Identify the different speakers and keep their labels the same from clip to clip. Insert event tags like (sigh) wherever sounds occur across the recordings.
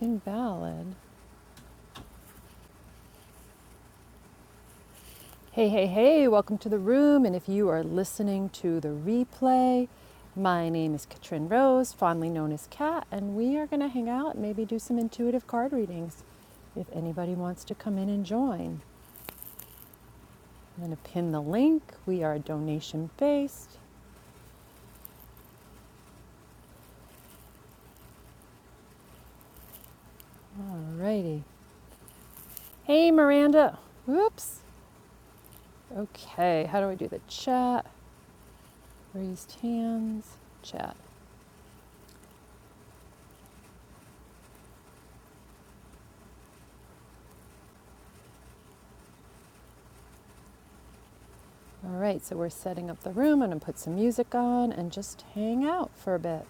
Speaker 1: Invalid. Hey, hey, hey, welcome to the room. And if you are listening to the replay, my name is Katrin Rose, fondly known as Kat, and we are going to hang out and maybe do some intuitive card readings if anybody wants to come in and join. I'm going to pin the link. We are donation based. Alrighty. Hey, Miranda. Whoops. Okay, how do I do the chat? Raised hands, chat. All right, so we're setting up the room. I'm gonna put some music on and just hang out for a bit.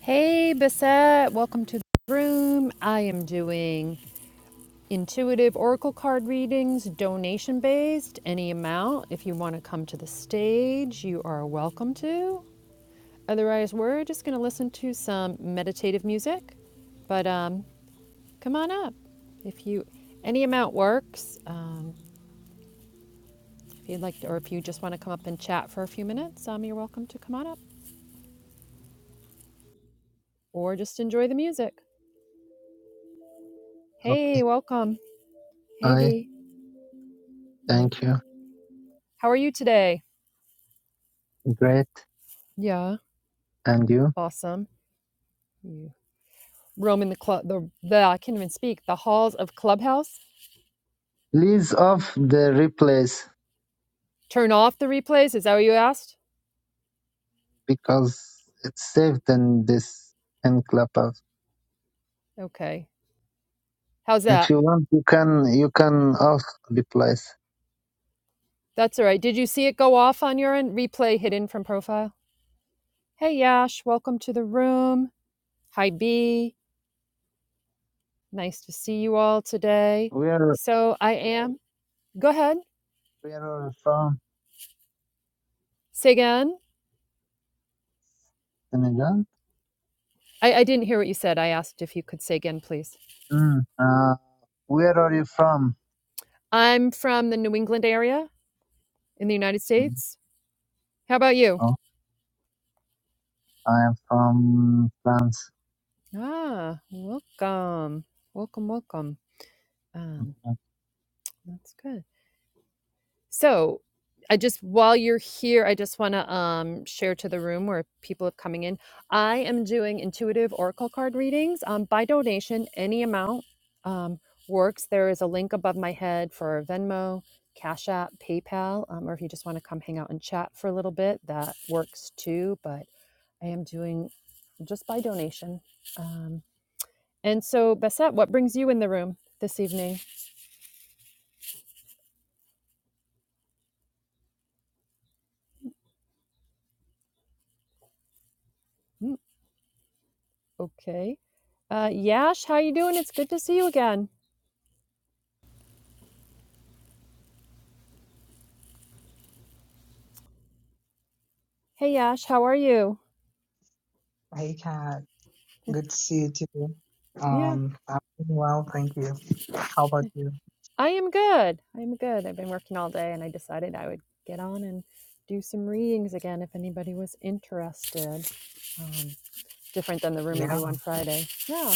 Speaker 1: Hey, Bissette, welcome to the room. I am doing intuitive oracle card readings, donation based, any amount. If you wanna come to the stage, you are welcome to. Otherwise, we're just gonna listen to some meditative music. But um, come on up. If you, any amount works. Um, if you'd like to, or if you just want to come up and chat for a few minutes, um, you're welcome to come on up. or just enjoy the music.
Speaker 2: Okay.
Speaker 1: Hey, welcome. Hey,
Speaker 2: Hi.
Speaker 1: B. Let me.
Speaker 2: Thank you.
Speaker 1: How are you today?
Speaker 2: Great.
Speaker 1: Yeah,
Speaker 2: And you?
Speaker 1: awesome. You roam in the club. The, the I can't even speak. The halls of Clubhouse.
Speaker 2: Please off the replays
Speaker 1: Turn off the replays. Is that what you asked?
Speaker 2: because it's saved in this in Clubhouse.
Speaker 1: Okay. How's
Speaker 2: If
Speaker 1: that?
Speaker 2: you want, you can you can off replays.
Speaker 1: That's all right. Did you see it go off on your end? Replay hidden from profile. Hey, Yash. Welcome to the room. Hi, B. Nice to see you all today.
Speaker 2: Where
Speaker 1: So I am. Go ahead.
Speaker 2: where are you from?
Speaker 1: Say again.
Speaker 2: Senegal.
Speaker 1: I, I didn't hear what you said. I asked if you could say again, please.
Speaker 2: Mm. Uh, where are you from?
Speaker 1: I'm from the New England area in the United
Speaker 2: Mm.
Speaker 1: States. How about you?
Speaker 2: Oh, I am from France.
Speaker 1: Ah, welcome. Welcome, welcome. Um,
Speaker 2: Mm-hmm.
Speaker 1: that's good. So, I just while you're here, I just want to um, share to the room where people are coming in. I am doing intuitive oracle card readings um, by donation. Any amount um, works. There is a link above my head for Venmo, Cash App, PayPal, um, or if you just want to come hang out and chat for a little bit, that works too. But I am doing just by donation. Um, and so, Bassett, what brings you in the room this evening? Hmm, okay. Uh, Yash, how you doing? It's good to see you again. Hey, Yash, how are you?
Speaker 3: Hey, Kat. Good to see you too.
Speaker 1: Yeah,
Speaker 3: Um, I'm doing well, thank you. How about you?
Speaker 1: I am good. I am good. I've been working all day, and I decided I would get on and do some readings again if anybody was interested. Um, different than the room I
Speaker 3: Yeah.
Speaker 1: do on Friday. Yeah,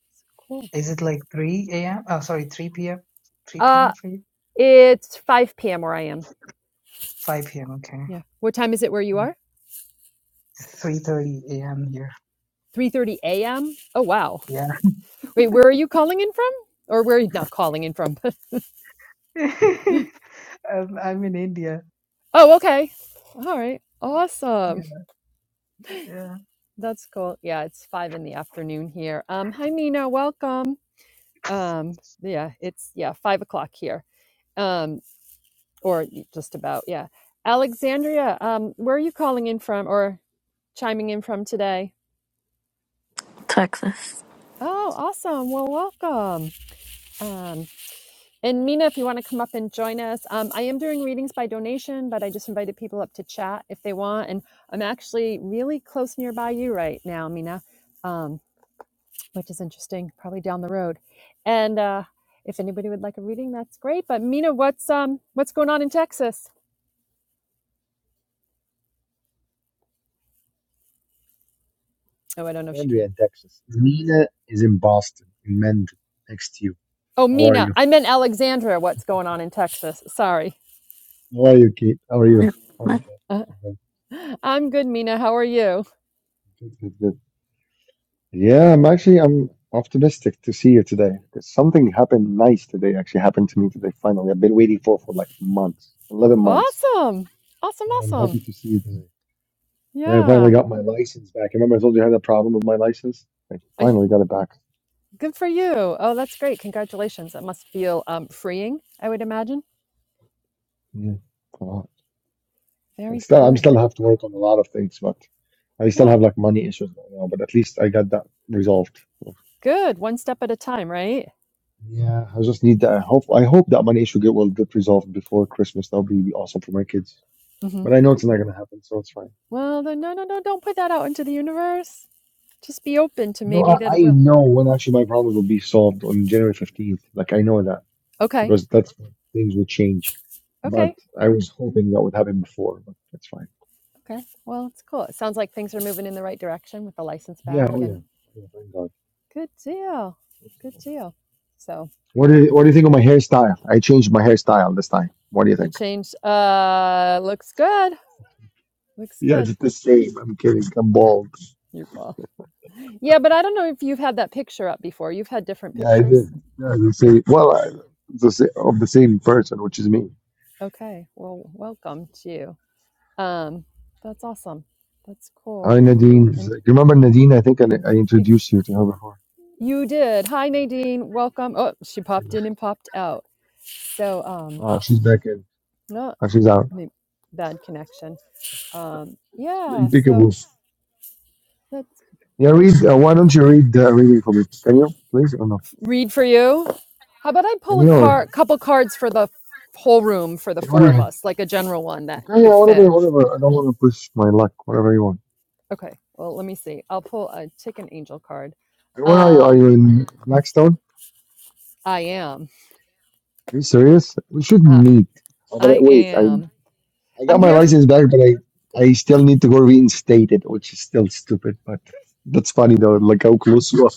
Speaker 1: it's cool.
Speaker 3: Is it like 3 a.m.? Oh, sorry, 3 p.m. 3
Speaker 1: Uh,
Speaker 3: p.m. for you?
Speaker 1: it's 5 p.m. where I am.
Speaker 3: 5 p.m. Okay.
Speaker 1: Yeah. What time is it where you are?
Speaker 3: 3:30 a.m. here.
Speaker 1: 3:30 a.m. Oh wow.
Speaker 3: Yeah.
Speaker 1: Wait, where are you calling in from? Or where are you not calling in from?
Speaker 3: (laughs) um, I'm in India.
Speaker 1: (laughs) oh, okay. All right.
Speaker 3: Yeah.
Speaker 1: Awesome.
Speaker 3: Yeah.
Speaker 1: That's cool. Yeah, it's 5 in the afternoon here. Um hi Nina, welcome. Um yeah, it's yeah, 5 o'clock here. Um or just about, yeah. Alexandria, um where are you calling in from or chiming in from today?
Speaker 4: Texas
Speaker 1: Oh, awesome. Well, welcome. Um And Mina, if you want to come up and join us, um, I am doing readings by donation, but I just invited people up to chat if they want. And I'm actually really close nearby you right now, Mina, um, which is interesting, probably down the road. And uh, if anybody would like a reading, that's great. But Mina, what's um, what's going on in Texas? Oh, I don't know if she
Speaker 5: Andrea
Speaker 1: can.
Speaker 5: in Texas. Nina is in Boston, in Mendon, next to you.
Speaker 1: Oh,
Speaker 5: How are
Speaker 1: Mina,
Speaker 5: you?
Speaker 1: I meant Alexandra. What's going on in Texas? Sorry. (laughs)
Speaker 5: How are you, Kate? How are you? How are
Speaker 4: That's
Speaker 5: you?
Speaker 1: Uh, I'm good, Mina. How are you?
Speaker 5: Good, good, good. Yeah, I'm actually I'm optimistic to see you today because something happened nice today. Actually happened to me today. Finally, I've been waiting for for like months, eleven months.
Speaker 1: Awesome. Awesome.
Speaker 5: So I'm
Speaker 1: Awesome.
Speaker 5: happy to see you today. Yeah, I finally
Speaker 1: Yeah.
Speaker 5: got my license back. Remember, I told you I had a problem with my license. I
Speaker 1: I,
Speaker 5: finally got it back.
Speaker 1: Good for you. Oh, that's great. Congratulations. That must feel um, freeing, I would imagine.
Speaker 5: Yeah. And
Speaker 1: Very
Speaker 5: still, I'm
Speaker 1: cool.
Speaker 5: still have to work on a lot of things, but I still
Speaker 1: Yeah.
Speaker 5: have like money issues right now. But at least I got that resolved.
Speaker 1: Good. One step at a time, right?
Speaker 5: Yeah, I just need that. I hope I hope that money issue get will get resolved before Christmas. That will be awesome for my kids.
Speaker 1: hmm
Speaker 5: But I know it's not gonna happen, so it's fine.
Speaker 1: Well, then, no, no, no. Don't put that out into the universe. Just be open to
Speaker 5: No,
Speaker 1: maybe
Speaker 5: I,
Speaker 1: that
Speaker 5: I
Speaker 1: it will.
Speaker 5: know when actually my problems will be solved on January fifteenth. Like I know that
Speaker 1: Okay.
Speaker 5: because that's when things will change. But
Speaker 1: Okay.
Speaker 5: I was hoping that would happen before, but that's fine.
Speaker 1: Okay. Well, it's cool. It sounds like things are moving in the right direction with the license
Speaker 5: Yeah,
Speaker 1: back
Speaker 5: oh yeah,
Speaker 1: and
Speaker 5: Oh yeah thank God.
Speaker 1: good deal. Good deal. So
Speaker 5: What do you, what do you think of my hairstyle? I changed my hairstyle this time. What do you
Speaker 1: you
Speaker 5: think?
Speaker 1: changed. Uh, looks good. Looks
Speaker 5: Yeah,
Speaker 1: good.
Speaker 5: it's the same. I'm kidding. I'm bald.
Speaker 1: Your ball. (laughs) Yeah, but I don't know if you've had that picture up before. You've had different
Speaker 5: Yeah, I
Speaker 1: pictures.
Speaker 5: did. Yeah, the
Speaker 1: Yeah.
Speaker 5: same. Well, I, the sa- of the same person, which is me.
Speaker 1: Okay. Well, welcome to you. Um, that's awesome. That's cool.
Speaker 5: Hi, Nadine. Is-
Speaker 1: And
Speaker 5: You remember Nadine? I think I, I introduced you to her before.
Speaker 1: you did. Hi, Nadine. Welcome. Oh, she popped in and popped out. So, um,
Speaker 5: Uh, she's back in.
Speaker 1: no,
Speaker 5: Uh, she's out.
Speaker 1: maybe bad connection. Um, yeah. So
Speaker 5: Impeccable.
Speaker 1: that's
Speaker 5: Yeah,
Speaker 1: that's
Speaker 5: read. Uh,
Speaker 1: good.
Speaker 5: why don't you read uh, reading for me? Can you, please, or no?
Speaker 1: Read for you. How about I
Speaker 5: Can
Speaker 1: pull a
Speaker 5: you? Or,
Speaker 1: car, couple cards for the whole room for the four of
Speaker 5: whatever.
Speaker 1: us, like a general one that
Speaker 5: Okay, yeah,
Speaker 1: could fit.
Speaker 5: whatever, whatever. I don't want to push my luck. Whatever you want.
Speaker 1: Okay. Well, let me see. I'll pull a chicken angel card.
Speaker 5: And Where are you? Are
Speaker 1: Um,
Speaker 5: you in Blackstone?
Speaker 1: I am.
Speaker 5: Are you serious? We should
Speaker 1: Uh.
Speaker 5: meet. Oh, but I,
Speaker 1: I
Speaker 5: wait, I
Speaker 1: am.
Speaker 5: I got
Speaker 1: I'm
Speaker 5: my
Speaker 1: here. f-
Speaker 5: license back, but I I still need to go reinstate it, which is still stupid. But that's funny though.
Speaker 1: Okay.
Speaker 5: Like how close you are.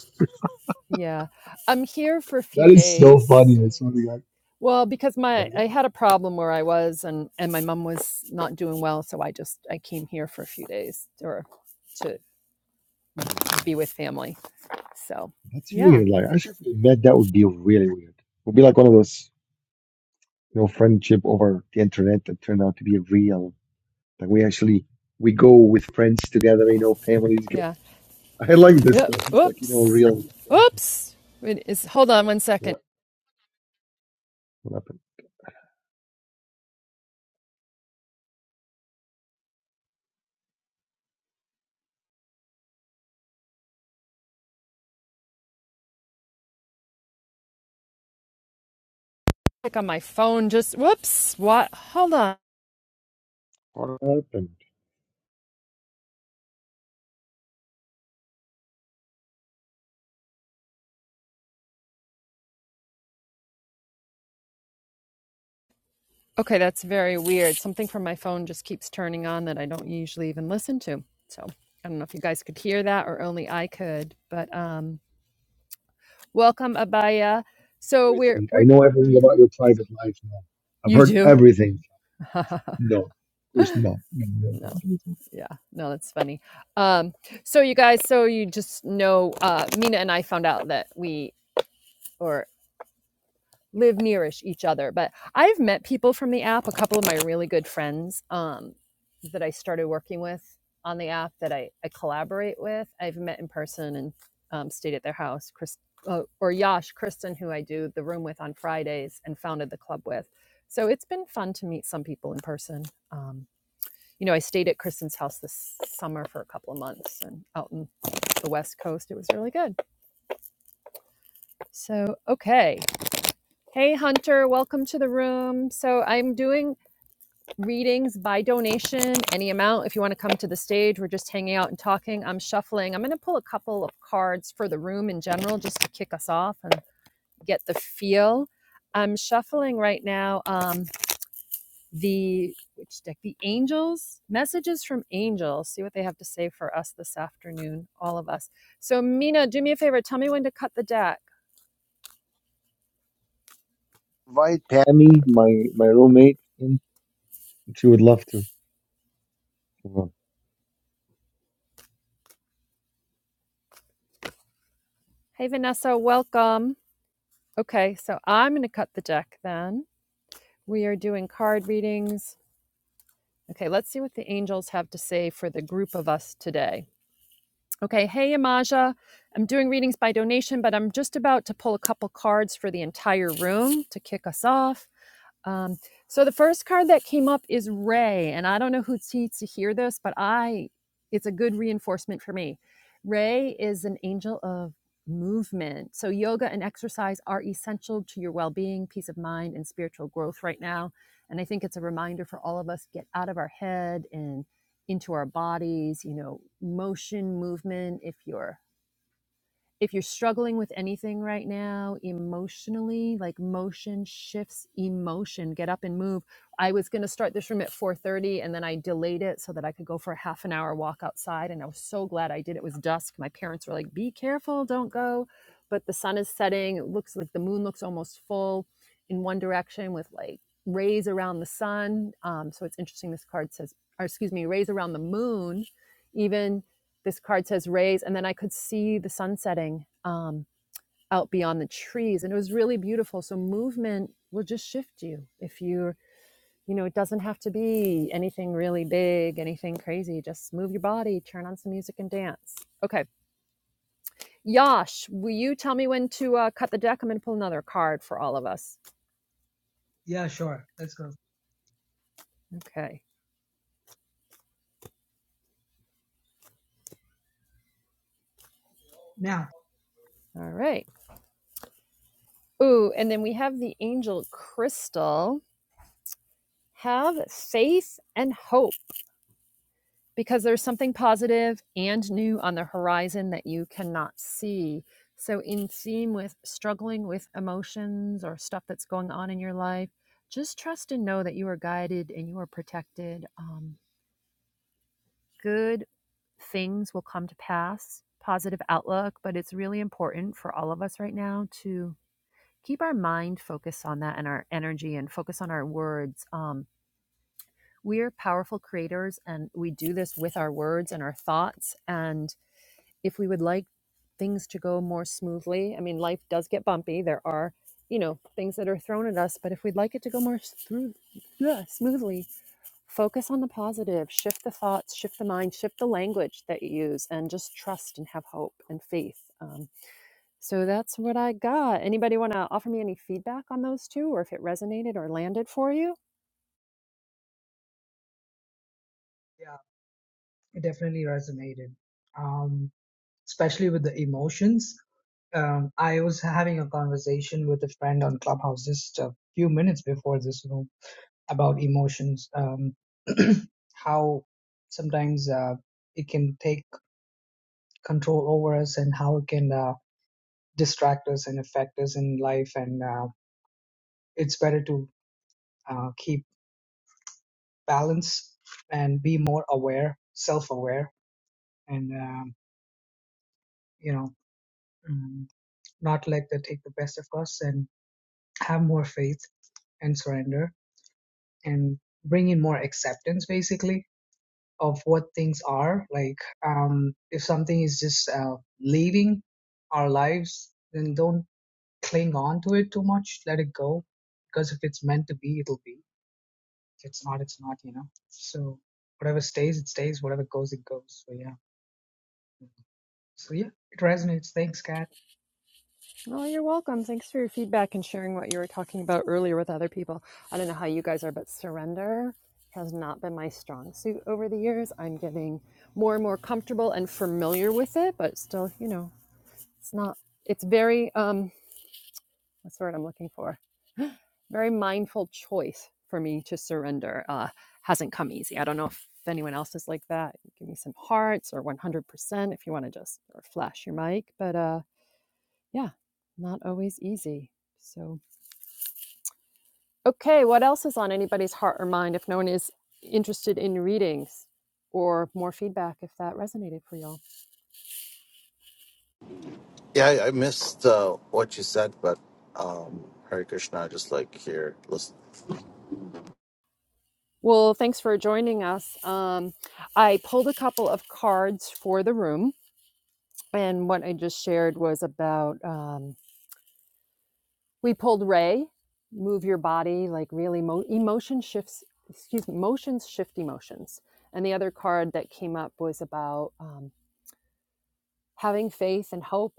Speaker 1: Yeah. I'm here for a few
Speaker 5: That is so
Speaker 1: days.
Speaker 5: funny. I swear to God.
Speaker 1: Well, because
Speaker 5: What
Speaker 1: my
Speaker 5: is it?
Speaker 1: I had a problem where I was and and my mom was not doing well, so I just I came here for a few days or to
Speaker 5: Oh my God.
Speaker 1: be with family. So,
Speaker 5: That's
Speaker 1: yeah.
Speaker 5: weird. Like actually, if we met, that would be really weird. It would be like one of those you know friendship over the internet that turned out to be real. Like we actually we go with friends together. You know, families get.
Speaker 1: Yeah.
Speaker 5: I like this
Speaker 1: Yeah.
Speaker 5: stuff. It's like you know,
Speaker 1: Oops.
Speaker 5: real friendship.
Speaker 1: Oops. It is hold on one second.
Speaker 5: What, what happened?
Speaker 1: Click on my phone just whoops. What? Hold on.
Speaker 5: What happened?
Speaker 1: Okay, that's very weird. Something from my phone just keeps turning on that I don't usually even listen to. So I don't know if you guys could hear that or only I could, but um welcome Abaya. So we're
Speaker 5: everything. I
Speaker 1: we're
Speaker 5: know everything about your private life now. I've
Speaker 1: you
Speaker 5: heard
Speaker 1: do?
Speaker 5: everything.
Speaker 1: (laughs)
Speaker 5: No, of course not. No, no,
Speaker 1: no.
Speaker 5: no, no, no.
Speaker 1: Yeah, no, that's funny. Um so you guys, so you just know uh Mina and I found out that we or live nearish each other. But I've met people from the app, a couple of my really good friends um, that I started working with on the app that I, I collaborate with. I've met in person and um, stayed at their house. Chris uh, or Yash Kristen, who I do the room with on Fridays and founded the club with. So it's been fun to meet some people in person. Um, you know, I stayed at Kristen's house this summer for a couple of months and out in the West Coast. It was really good. So, okay. Hey Hunter, welcome to the room. So I'm doing readings by donation, any amount. If you want to come to the stage, we're just hanging out and talking. I'm shuffling. I'm going to pull a couple of cards for the room in general just to kick us off and get the feel. I'm shuffling right now um the which deck? The angels, messages from angels. See what they have to say for us this afternoon, all of us. So Mina, do me a favor, tell me when to cut the deck.
Speaker 5: Invite Tammy, my my roommate, in she would love to.
Speaker 1: Hey Vanessa, welcome. Okay, so I'm going to cut the deck then. We are doing card readings. Okay, let's see what the angels have to say for the group of us today. Okay, hey Imaja, I'm doing readings by donation, but I'm just about to pull a couple cards for the entire room to kick us off. Um, so the first card that came up is Ray, and I don't know who needs to hear this, but I, it's a good reinforcement for me. Ray is an angel of movement. So yoga and exercise are essential to your well-being, peace of mind, and spiritual growth right now. And I think it's a reminder for all of us get out of our head and into our bodies. You know, motion, movement. If you're if you're struggling with anything right now emotionally like motion shifts emotion get up and move i was going to start this room at 4.30 and then i delayed it so that i could go for a half an hour walk outside and i was so glad i did it was dusk my parents were like be careful don't go but the sun is setting it looks like the moon looks almost full in one direction with like rays around the sun um, so it's interesting this card says or excuse me rays around the moon even this card says raise and then i could see the sun setting um, out beyond the trees and it was really beautiful so movement will just shift you if you're you know it doesn't have to be anything really big anything crazy just move your body turn on some music and dance okay yash will you tell me when to uh, cut the deck i'm going to pull another card for all of us
Speaker 3: Yeah, sure. Let's go.
Speaker 1: okay
Speaker 3: Now,
Speaker 1: all right ooh and then we have the angel crystal have faith and hope because there's something positive and new on the horizon that you cannot see. So, in theme with struggling with emotions or stuff that's going on in your life, just trust and know that you are guided and you are protected. Um, good things will come to pass, positive outlook, but it's really important for all of us right now to keep our mind focused on that and our energy and focus on our words. Um, we are powerful creators and we do this with our words and our thoughts. And if we would like things to go more smoothly, I mean, life does get bumpy. There are, you know, things that are thrown at us, but if we'd like it to go more s- through, yeah, smoothly, focus on the positive, shift the thoughts, shift the mind, shift the language that you use, and just trust and have hope and faith. Um, so that's what I got. Anybody want to offer me any feedback on those two or if it resonated or landed for you?
Speaker 3: yeah, it definitely resonated. Um, especially with the emotions. Um, I was having a conversation with a friend on Clubhouse just a few minutes before this room about emotions um, (clears throat) how sometimes uh, it can take control over us and how it can uh, distract us and affect us in life and uh, it's better to uh, keep balance and be more aware self-aware and um, you know mm, not let that take the best of us and have more faith and surrender and bring in more acceptance basically of what things are. Like, um, if something is just uh, leaving our lives, then don't cling on to it too much. Let it go, because if it's meant to be, it'll be. If it's not, it's not. You know. So whatever stays, it stays. Whatever goes, it goes. So yeah. So yeah, it resonates. Thanks, Kat.
Speaker 1: Oh, you're welcome. Thanks for your feedback and sharing what you were talking about earlier with other people. I don't know how you guys are, but surrender has not been my strong suit over the years. I'm getting more and more comfortable and familiar with it, but still, you know, it's not, it's very, um, what's the word I'm looking for? Very mindful choice for me to surrender. Uh, hasn't come easy. I don't know if anyone else is like that. Give me some hearts or 100% if you want to just or flash your mic, but uh, yeah, not always easy. So, Okay, what else is on anybody's heart or mind if no one is interested in readings or more feedback if that resonated for y'all?
Speaker 6: Yeah, I, I missed uh, what you said, but um, Hare Krishna, just like here, listen.
Speaker 1: Well, thanks for joining us. Um, I pulled a couple of cards for the room, and what I just shared was about um, we pulled Ray, move your body, like really mo- emotion shifts, excuse me, motions shift emotions. And the other card that came up was about um, having faith and hope.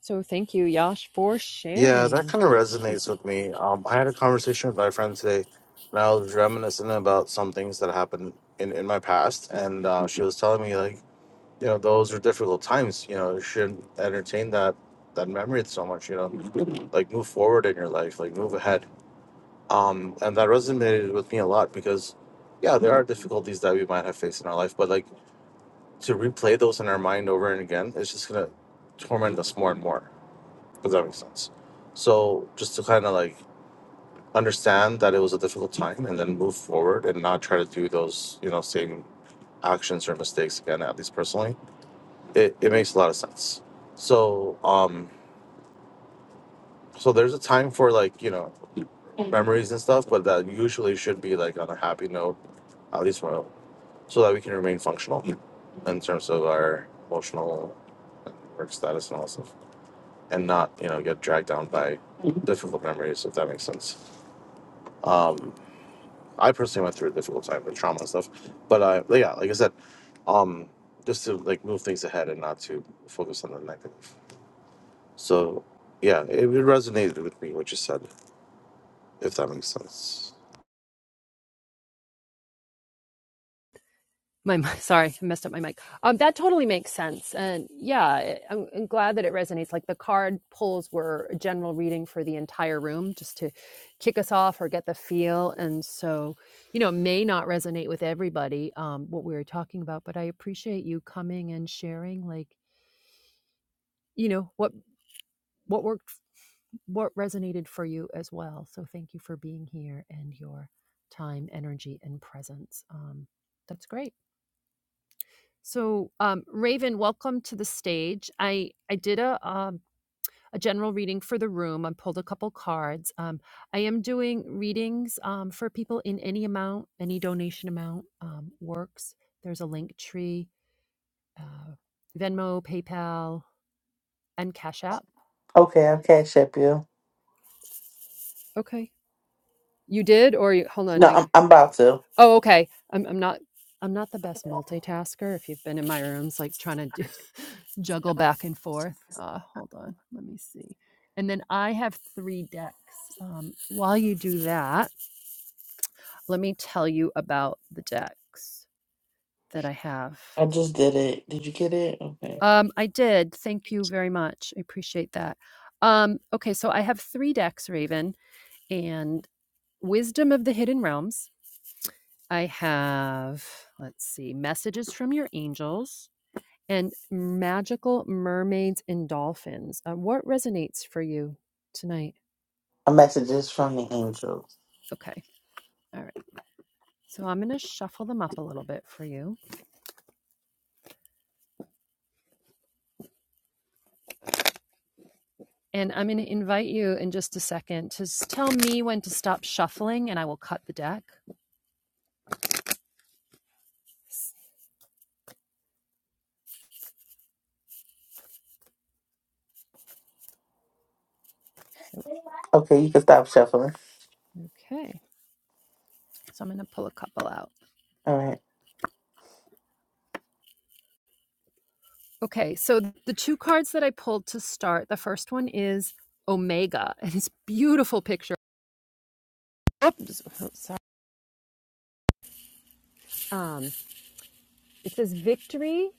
Speaker 1: So thank you, Yash, for
Speaker 6: Yeah, that
Speaker 1: sharing.
Speaker 6: kind of resonates with me. Um, I had a conversation with my friend today, and I was reminiscing about some things that happened in, in my past, and uh, she was telling me like, you know, those were difficult times. You know, you shouldn't entertain that that memory so much. You know, like move forward in your life, like move ahead. Um, and that resonated with me a lot because, yeah, there are difficulties that we might have faced in our life, but like to replay those in our mind over and again it's just gonna torment us more and more Does that make sense so just to kind of like understand that it was a difficult time and then move forward and not try to do those you know same actions or mistakes again at least personally it, it makes a lot of sense so um so there's a time for like you know memories and stuff but that usually should be like on a happy note at least for so that we can remain functional in terms of our emotional and work status and all that stuff and not you know get dragged down by mm-hmm. difficult memories if that makes sense um i personally went through a difficult time with trauma and stuff but uh yeah like i said um just to like move things ahead and not to focus on the negative so yeah it, it resonated with me what you said if that makes sense
Speaker 1: my (laughs) sorry i messed up my mic um that totally makes sense and yeah I'm, I'm glad that it resonates like the card pulls were a general reading for the entire room just to kick us off or get the feel and so you know may not resonate with everybody um what we were talking about but i appreciate you coming and sharing like you know what what worked what resonated for you as well so thank you for being here and your time energy and presence um that's great So, um, Raven, welcome to the stage. I I did a um, a general reading for the room. I pulled a couple cards. Um, I am doing readings um, for people in any amount, any donation amount um, works. There's a link tree, uh, Venmo, PayPal, and Cash App.
Speaker 7: Okay, I'll cash up you.
Speaker 1: Okay, you did, or you, hold on,
Speaker 7: No,
Speaker 1: I
Speaker 7: I'm I'm about to.
Speaker 1: Oh, okay. I'm I'm not I'm not the best multitasker. If you've been in my rooms, like trying to do, (laughs) juggle back and forth. Uh, hold on, let me see. And then I have three decks. Um, while you do that, let me tell you about the decks that I have.
Speaker 7: I just did it. Did you get it? Okay.
Speaker 1: Um, I did. Thank you very much. I appreciate that. Um, okay, so I have three decks, Raven, and Wisdom of the Hidden Realms. I have, let's see, Messages from Your Angels. and magical mermaids and dolphins. Uh, what resonates for you tonight?
Speaker 7: A message is from the angels.
Speaker 1: Okay. All right. So I'm going to shuffle them up a little bit for you. And I'm going to invite you in just a second to tell me when to stop shuffling and I will cut the deck.
Speaker 7: Okay, you can stop shuffling.
Speaker 1: Okay. So I'm going to pull a couple out.
Speaker 7: All right.
Speaker 1: Okay. So the two cards that I pulled to start, the first one is Omega and it's a beautiful picture. Oops. oh, sorry. Um, it says victory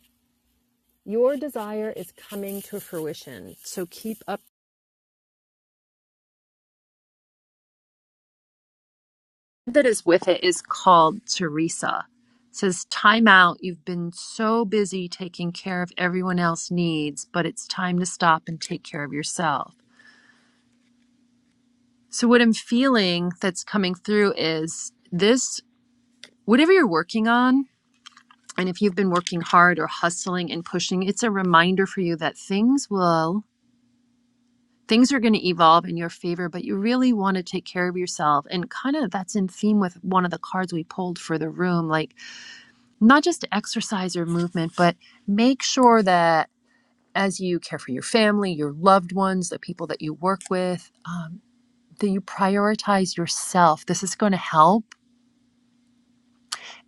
Speaker 1: Your desire is coming to fruition, so keep up. that is with it is called Teresa. It says, Time out. You've been so busy taking care of everyone else's needs, but it's time to stop and take care of yourself. So, what I'm feeling that's coming through is this whatever you're working on, and if you've been working hard or hustling and pushing, it's a reminder for you that things will. things are going to evolve in your favor, but you really want to take care of yourself. And kind of that's in theme with one of the cards we pulled for the room like, not just exercise or movement, but make sure that as you care for your family, your loved ones, the people that you work with, um, that you prioritize yourself. This is going to help.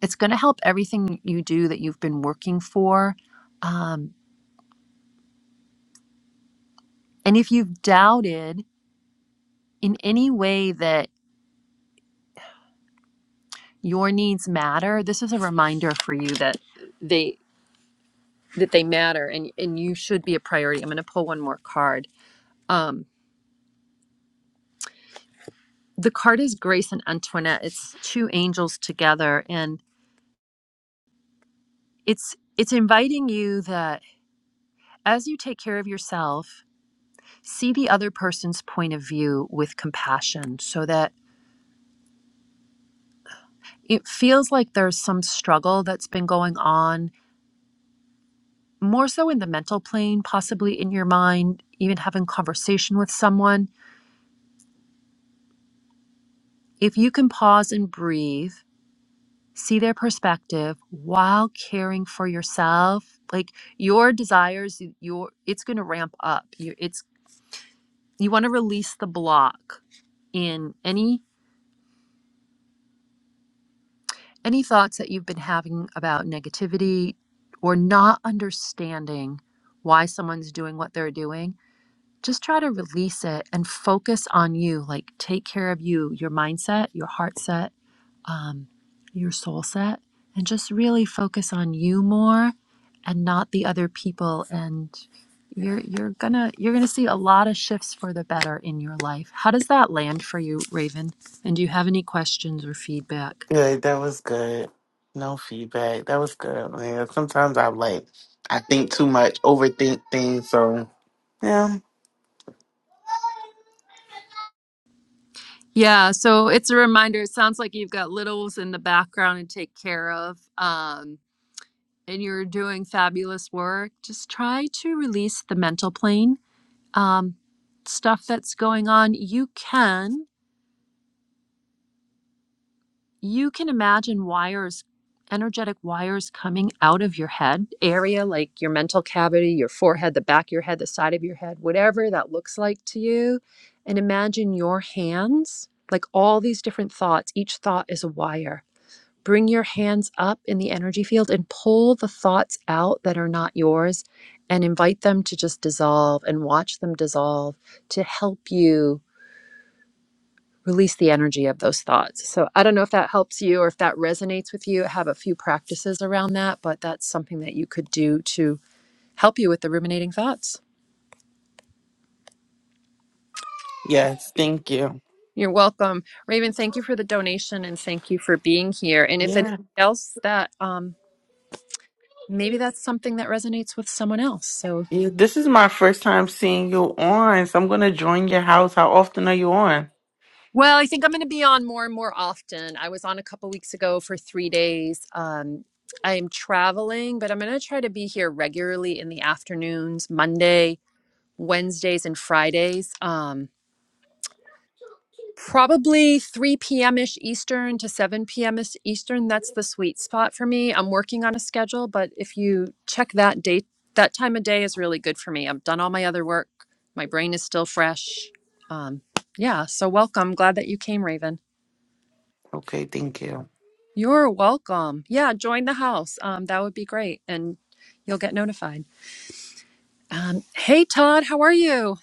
Speaker 1: It's going to help everything you do that you've been working for. Um, and if you've doubted in any way that your needs matter this is a reminder for you that they that they matter and and you should be a priority i'm going to pull one more card um the card is grace and antoinette it's two angels together and it's it's inviting you that as you take care of yourself see the other person's point of view with compassion so that it feels like there's some struggle that's been going on more so in the mental plane possibly in your mind even having conversation with someone If you can pause and breathe, see their perspective while caring for yourself, like your desires, your it's going to ramp up. You it's you want to release the block in any any thoughts that you've been having about negativity or not understanding why someone's doing what they're doing. Just try to release it and focus on you, like take care of you, your mindset, your heart set, um, your soul set and just really focus on you more and not the other people and you're you're gonna you're gonna see a lot of shifts for the better in your life how does that land for you raven and do you have any questions or feedback
Speaker 7: Good. That was good. No feedback. That was good, man. Sometimes I'm like, I think too much, overthink things. So, yeah.
Speaker 1: Yeah, so it's a reminder. It sounds like you've got littles in the background and take care of, um, and you're doing fabulous work. Just try to release the mental plane um, stuff that's going on. You can. you can imagine wires energetic wires coming out of your head area like your mental cavity your forehead the back of your head the side of your head whatever that looks like to you and imagine your hands like all these different thoughts each thought is a wire bring your hands up in the energy field and pull the thoughts out that are not yours and invite them to just dissolve and watch them dissolve to help you release the energy of those thoughts. So I don't know if that helps you or if that resonates with you. I have a few practices around that, but that's something that you could do to help you with the ruminating thoughts.
Speaker 7: Yes. Thank you.
Speaker 1: You're welcome. Raven, thank you for the donation and thank you for being here. And if anybody
Speaker 7: Yeah.
Speaker 1: else that um maybe that's something that resonates with someone else. So
Speaker 7: yeah. This is my first time seeing you on, so I'm gonna join your house. How often are you on?
Speaker 1: well, I think I'm going to be on more and more often. I was on a couple weeks ago for 3 days. Um I am traveling, but I'm going to try to be here regularly in the afternoons, Monday, Wednesdays and Fridays. Um, probably 3 p.m. ish Eastern to 7 p.m. ish Eastern. That's the sweet spot for me. I'm working on a schedule, but if you check that date, that time of day is really good for me. I've done all my other work. My brain is still fresh. Um, yeah, so welcome. Glad that you came, Raven.
Speaker 7: Okay. Thank you.
Speaker 1: You're welcome. Yeah, join the house. Um, that would be great, and you'll get notified. Um, hey, Todd, how are you?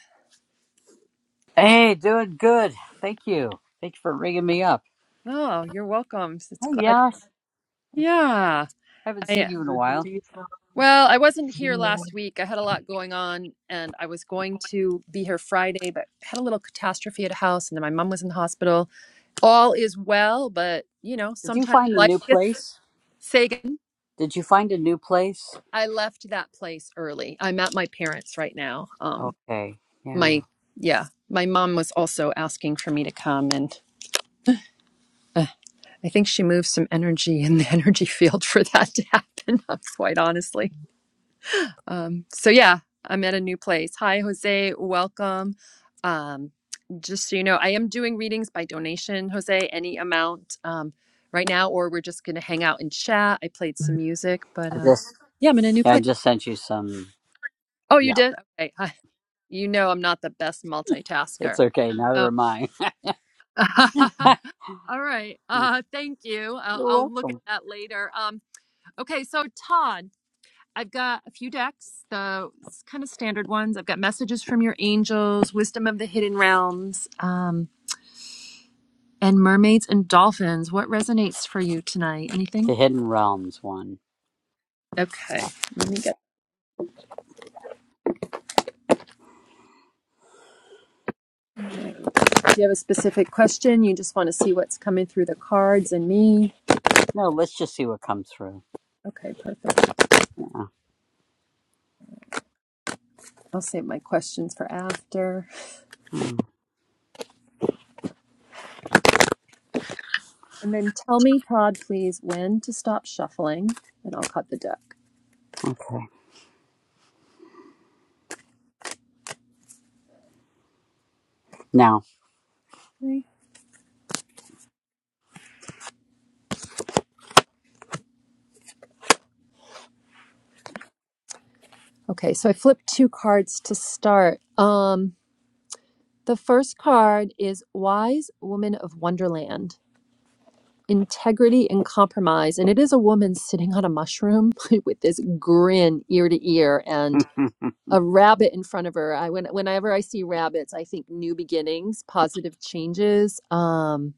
Speaker 8: Hey, doing good. Thank you. Thank you for ringing me up.
Speaker 1: Oh, you're welcome. It's
Speaker 8: Hey,
Speaker 1: glad.
Speaker 8: Yash.
Speaker 1: Yeah.
Speaker 8: Haven't
Speaker 1: I
Speaker 8: seen you in a
Speaker 3: Good to
Speaker 8: while.
Speaker 3: see you.
Speaker 1: Well, I wasn't here
Speaker 3: Sana.
Speaker 1: last week. I had a lot going on and I was going to be here Friday, but had a little catastrophe at a house and then my mom was in the hospital. All is well, but you know,
Speaker 8: Did you
Speaker 1: sometimes
Speaker 8: find a
Speaker 1: life
Speaker 8: new
Speaker 1: gets
Speaker 8: place?
Speaker 1: Sagan.
Speaker 8: Did you find a new place?
Speaker 1: I left that place early. I'm at my parents right now. Um
Speaker 8: Okay. Yeah.
Speaker 1: my yeah, my mom was also asking for me to come and uh, I think she moved some energy in the (laughs) energy field for that to happen, (laughs) quite honestly. Um, so yeah, I'm at a new place. Hi, Jose. Welcome. Um, just so you know, I am doing readings by donation, Jose, any amount um, right now, or we're just going to hang out and chat. I played some music, but
Speaker 8: I
Speaker 1: uh,
Speaker 8: just
Speaker 1: yeah, I'm in a new
Speaker 8: yeah, I
Speaker 1: place.
Speaker 8: just sent you some.
Speaker 1: Oh, you
Speaker 8: Yeah.
Speaker 1: did? Okay. (laughs) Hi. You know, I'm not the best multitasker.
Speaker 8: It's okay. Neither
Speaker 1: So,
Speaker 8: are mine.
Speaker 1: (laughs)
Speaker 8: (laughs)
Speaker 1: all right.
Speaker 8: You're
Speaker 1: Uh, thank you. I'll, I'll look at
Speaker 8: welcome.
Speaker 1: that later. Um, okay. So, Todd. I've got a few decks, the kind of standard ones. I've got Messages from Your Angels, Wisdom of the Hidden Realms, um, and Mermaids and Dolphins. What resonates for you tonight? Anything?
Speaker 8: The Hidden Realms one.
Speaker 1: Okay.
Speaker 8: Yeah.
Speaker 1: Let me get. Do you have a specific question? You just want to see what's coming through the cards and me?
Speaker 8: No, let's just see what comes through.
Speaker 1: Okay, perfect. I'll save my questions for after.
Speaker 8: Hmm,
Speaker 1: And then tell me, Todd, please, when to stop shuffling, and I'll cut the deck.
Speaker 8: okay. Now.
Speaker 1: Okay, so I flipped two cards to start. Um, The first card is Wise Woman of Wonderland, Integrity and Compromise. And it is a woman sitting on a mushroom (laughs) with this grin ear to ear
Speaker 8: (laughs)
Speaker 1: and a rabbit in front of her. I when, whenever I see rabbits, I think new beginnings, positive changes. Um,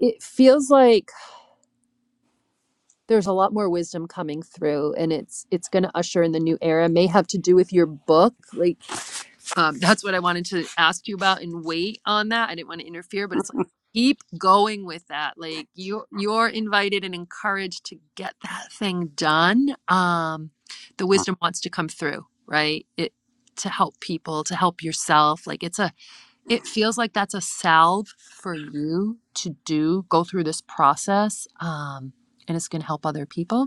Speaker 1: it feels like there's a lot more wisdom coming through and it's it's going to usher in the new era. May have to do with your book. Like um, that's what I wanted to ask you about and wait on that. I didn't want to interfere, but it's like keep going with that. Like you you're invited and encouraged to get that thing done. Um, the wisdom wants to come through, right? It to help people, to help yourself. Like it's a it feels like that's a salve for you to do, go through this process. Um, and it's gonna help other people.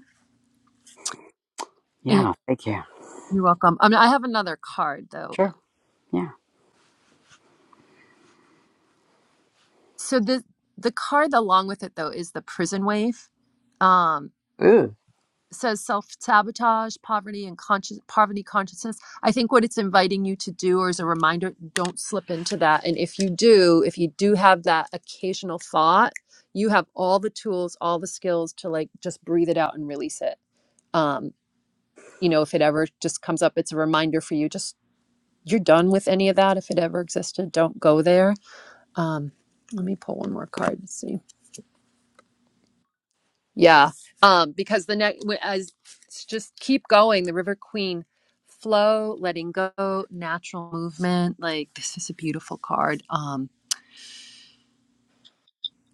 Speaker 1: And
Speaker 8: yeah. Thank you.
Speaker 1: you're welcome. I mean, I have another card though
Speaker 8: Sure. Yeah.
Speaker 1: So the the card along with it though is the prison wave. Um,
Speaker 8: Ooh.
Speaker 1: says self sabotage, poverty, and conscious poverty consciousness. I think what it's inviting you to do, or as a reminder, don't slip into that. And if you do, if you do have that occasional thought, you have all the tools, all the skills to like just breathe it out and release it. Um, you know, if it ever just comes up, it's a reminder for you. Just you're done with any of that. If it ever existed, don't go there. Um, let me pull one more card and see. Yeah, um, because the next as it's just keep going, the River Queen flow, letting go, natural movement. Like this is a beautiful card. Um,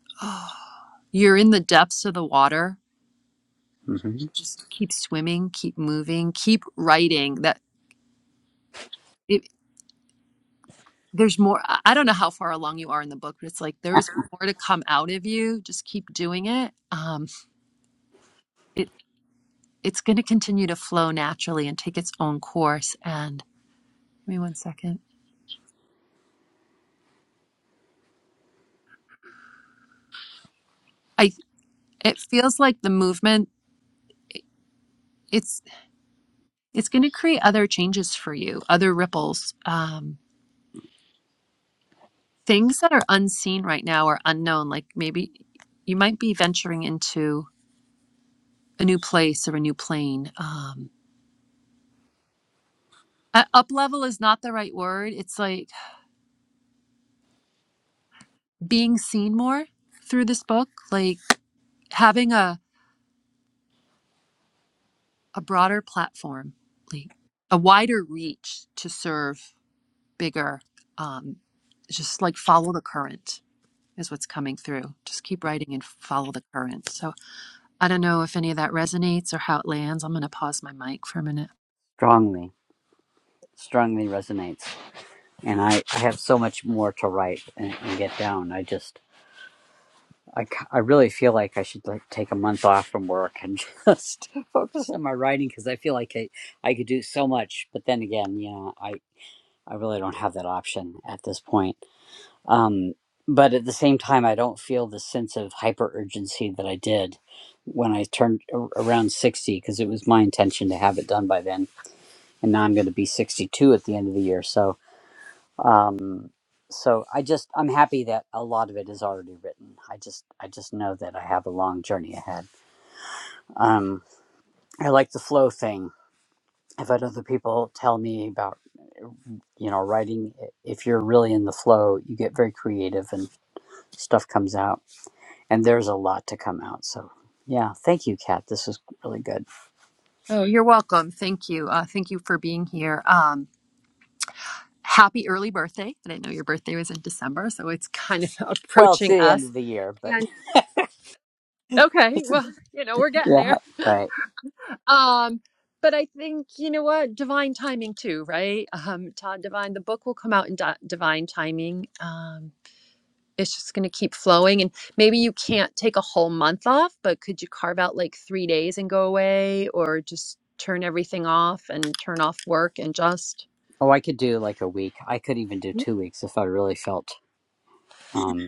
Speaker 1: (gasps) (sighs) you're in the depths of the water.
Speaker 8: hmm
Speaker 1: Just keep swimming, keep moving, keep writing. That it, there's more. I I don't know how far along you are in the book, but it's like there's more to come out of you. Just keep doing it. Um, it it's going to continue to flow naturally and take its own course. And give me one second. I. It feels like the movement it's it's going to create other changes for you, other ripples, um, things that are unseen right now or unknown. Like maybe you might be venturing into a new place or a new plane. Um, uh, up level is not the right word. It's like being seen more through this book, like having a a broader platform, like a wider reach to serve bigger. Um, just like follow the current. is what's coming through. Just keep writing and follow the current. So I don't know if any of that resonates or how it lands. I'm going to pause my mic for a minute.
Speaker 8: Strongly. Strongly resonates. and I, I have so much more to write and, and get down. I just I, c- I really feel like I should like take a month off from work and (laughs) just focus on my writing because I feel like I, I could do so much. But then again, you know, I, I really don't have that option at this point. Um, but at the same time, I don't feel the sense of hyper urgency that I did when I turned a- around 60 because it was my intention to have it done by then. And now I'm going to be 62 at the end of the year. So um so i just i'm happy that a lot of it is already written i just i just know that i have a long journey ahead um i like the flow thing i've had other people tell me about uh, you know writing if you're really in the flow you get very creative and stuff comes out and there's a lot to come out so yeah thank you kat this is really good
Speaker 1: Oh, you're welcome. Thank you. Uh, thank you for being here. Um, happy early birthday. I didn't know your birthday was in December, so it's kind of (laughs)
Speaker 8: well it's
Speaker 1: approaching
Speaker 8: the end
Speaker 1: us.
Speaker 8: of the year but
Speaker 1: And
Speaker 8: (laughs)
Speaker 1: okay, well, you know, we're getting
Speaker 8: yeah
Speaker 1: there.
Speaker 8: right
Speaker 1: Um, but I think, you know what, divine timing too, right? Um, Todd Divine, the book will come out in di- divine timing. Um, it's just going to keep flowing and maybe you can't take a whole month off but could you carve out like three days and go away or just turn everything off and turn off work and just
Speaker 8: oh i could do like a week i could even do two weeks if i really felt um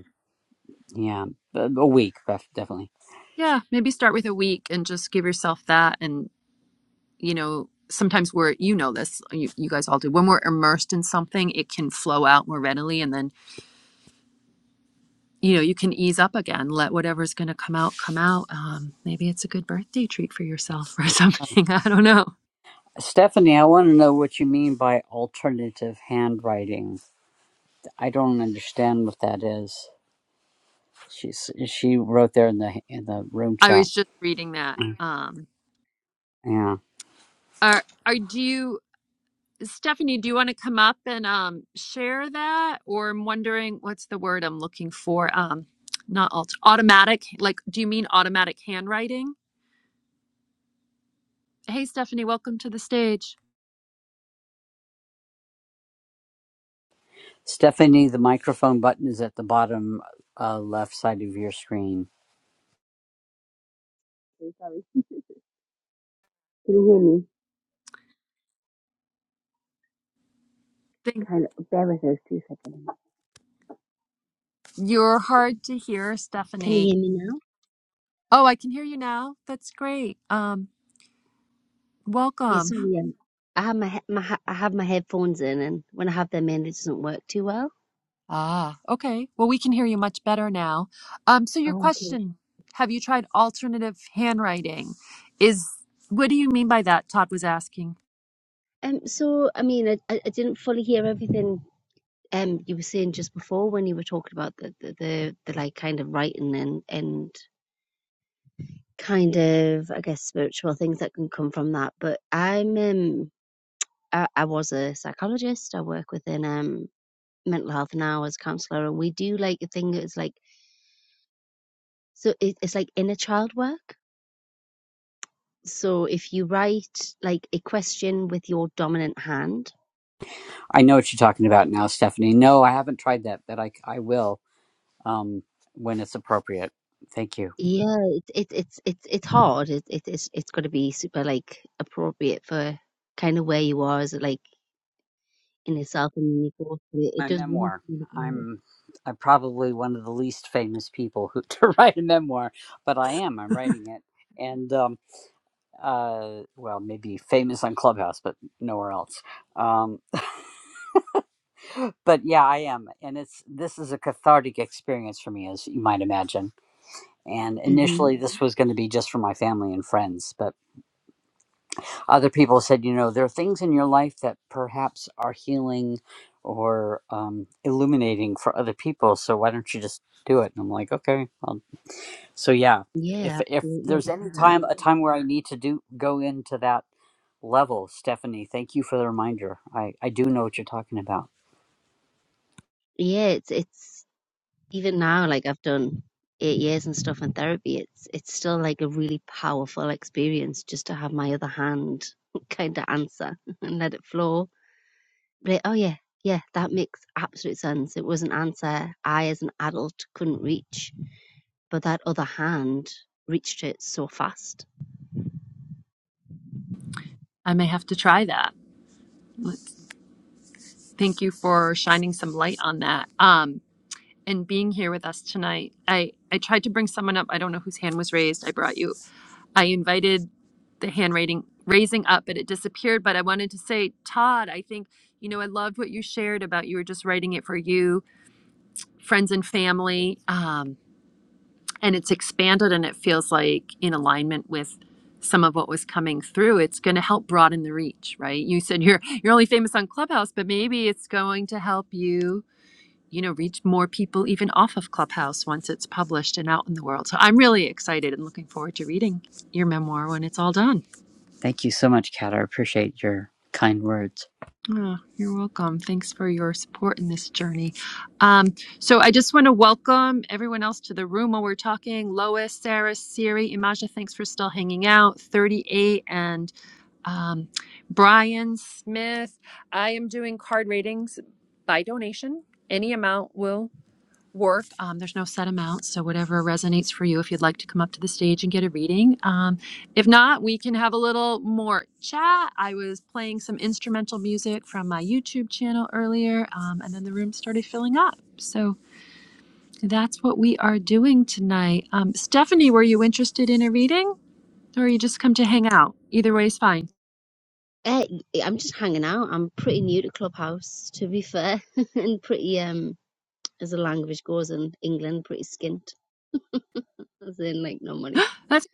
Speaker 8: Yeah, a a week, def- definitely.
Speaker 1: yeah maybe start with a week and just give yourself that and you know sometimes we're you know this you, you guys all do when we're immersed in something it can flow out more readily and then you know you can ease up again let whatever's going to come out come out um, maybe it's a good birthday treat for yourself or (laughs) something i don't know
Speaker 8: Stephanie, I want to know what you mean by alternative handwriting. I don't understand what that is. She's she wrote there in the in the room
Speaker 1: i
Speaker 8: chat.
Speaker 1: was just reading that Um,
Speaker 8: Yeah,
Speaker 1: Are are do you Stephanie, do you want to come up and um share that? Or I'm wondering what's the word I'm looking for? Um not alt- automatic, like do you mean automatic handwriting? Hey Stephanie, welcome to the stage.
Speaker 8: Stephanie, the microphone button is at the bottom uh, left side of your screen.
Speaker 9: i sorry. Can you hear me?
Speaker 1: Think
Speaker 9: Kind of. Bear with us two seconds.
Speaker 1: you're hard to hear, Stephanie.
Speaker 9: Hear me now?
Speaker 1: Oh, I can hear you now. That's great. Um
Speaker 9: Yeah,
Speaker 1: welcome.
Speaker 9: sorry. Yeah. I have my, he- my ha- I have my headphones in, and when I have them in, it doesn't work too well.
Speaker 1: Ah, okay. Well, we can hear you much better now. Um so your
Speaker 9: Oh,
Speaker 1: question, have you tried alternative handwriting? Is what do you mean by that? Todd was asking.
Speaker 9: Um. So I mean, I, I I didn't fully hear everything. Um, you were saying just before when you were talking about the the the, the like kind of writing and and kind of I guess spiritual things that can come from that. But I'm um I, I was a psychologist. I work within um mental health now as a counselor, and we do like a thing that's like So it, it's like inner child work. So if you write like a question with your dominant hand,
Speaker 8: I know what you're talking about now, Stephanie. No, I haven't tried that, but I I will um when it's appropriate. Thank you.
Speaker 9: yeah, it, it it's it's it's hard. It, it it's it's got to be super like appropriate for kind of where you are as like in yourself and your It, it
Speaker 8: my
Speaker 9: does work
Speaker 8: memoir.
Speaker 9: really well.
Speaker 8: I'm I'm probably one of the least famous people who (laughs) to write a memoir, but I am. I'm writing it, and um, uh, well, maybe famous on Clubhouse, but nowhere else. Um, but yeah, I am, and it's this is a cathartic experience for me, as you might imagine. And
Speaker 9: hmm
Speaker 8: initially, this was going to be just for my family and friends, but Other people said, you know, there are things in your life that perhaps are healing or um, illuminating for other people. So why don't you just do it? And I'm like, okay. I'll... So yeah, if
Speaker 9: Yeah,
Speaker 8: if
Speaker 9: absolutely. I love
Speaker 8: there's any
Speaker 9: That.
Speaker 8: time a time where I need to do go into that level, Stephanie, thank you for the reminder. I I do know what you're talking about.
Speaker 9: Yeah, it's it's even now, like I've done eight years and stuff in therapy, it's it's still like a really powerful experience just to have my other hand (laughs) kind of answer (laughs) and let it flow. But oh yeah, yeah, that makes absolute sense. It was an answer I, as an adult, couldn't reach, but that other hand reached it so fast.
Speaker 1: I may have to try that. Let's- Thank you for shining some light on that. Um, and being here with us tonight. I, I tried to bring someone up. I don't know whose hand was raised. I brought you. I invited the hand raising raising up, but it disappeared. But I wanted to say, Todd, I think, you know, I loved what you shared about you were just writing it for you, friends and family. Um, and it's expanded and it feels like in alignment with some of what was coming through it's going to help broaden the reach right you said you're you're only famous on clubhouse but maybe it's going to help you you know reach more people even off of clubhouse once it's published and out in the world so i'm really excited and looking forward to reading your memoir when it's all done
Speaker 8: Thank you so much, Kat. I appreciate your kind words.
Speaker 1: Oh, you're welcome. Thanks for your support in this journey. Um, so I just want to welcome everyone else to the room while we're talking. Lois, Sarah, Siri, Imaja, thanks for still hanging out. 38 and um, Brian Smith. I am doing card ratings by donation. Any amount will work. Um, there's no set amount, so whatever resonates for you. If you'd like to come up to the stage and get a reading, um, if not, we can have a little more chat. I was playing some instrumental music from my YouTube channel earlier, um, and then the room started filling up. So that's what we are doing tonight. Um, Stephanie, were you interested in a reading, or you just come to hang out? Either way is fine.
Speaker 9: Uh, I'm just hanging out. I'm pretty new to Clubhouse, to be fair, (laughs) and pretty um as the language goes in England, pretty skint. as in like no money.
Speaker 1: Let's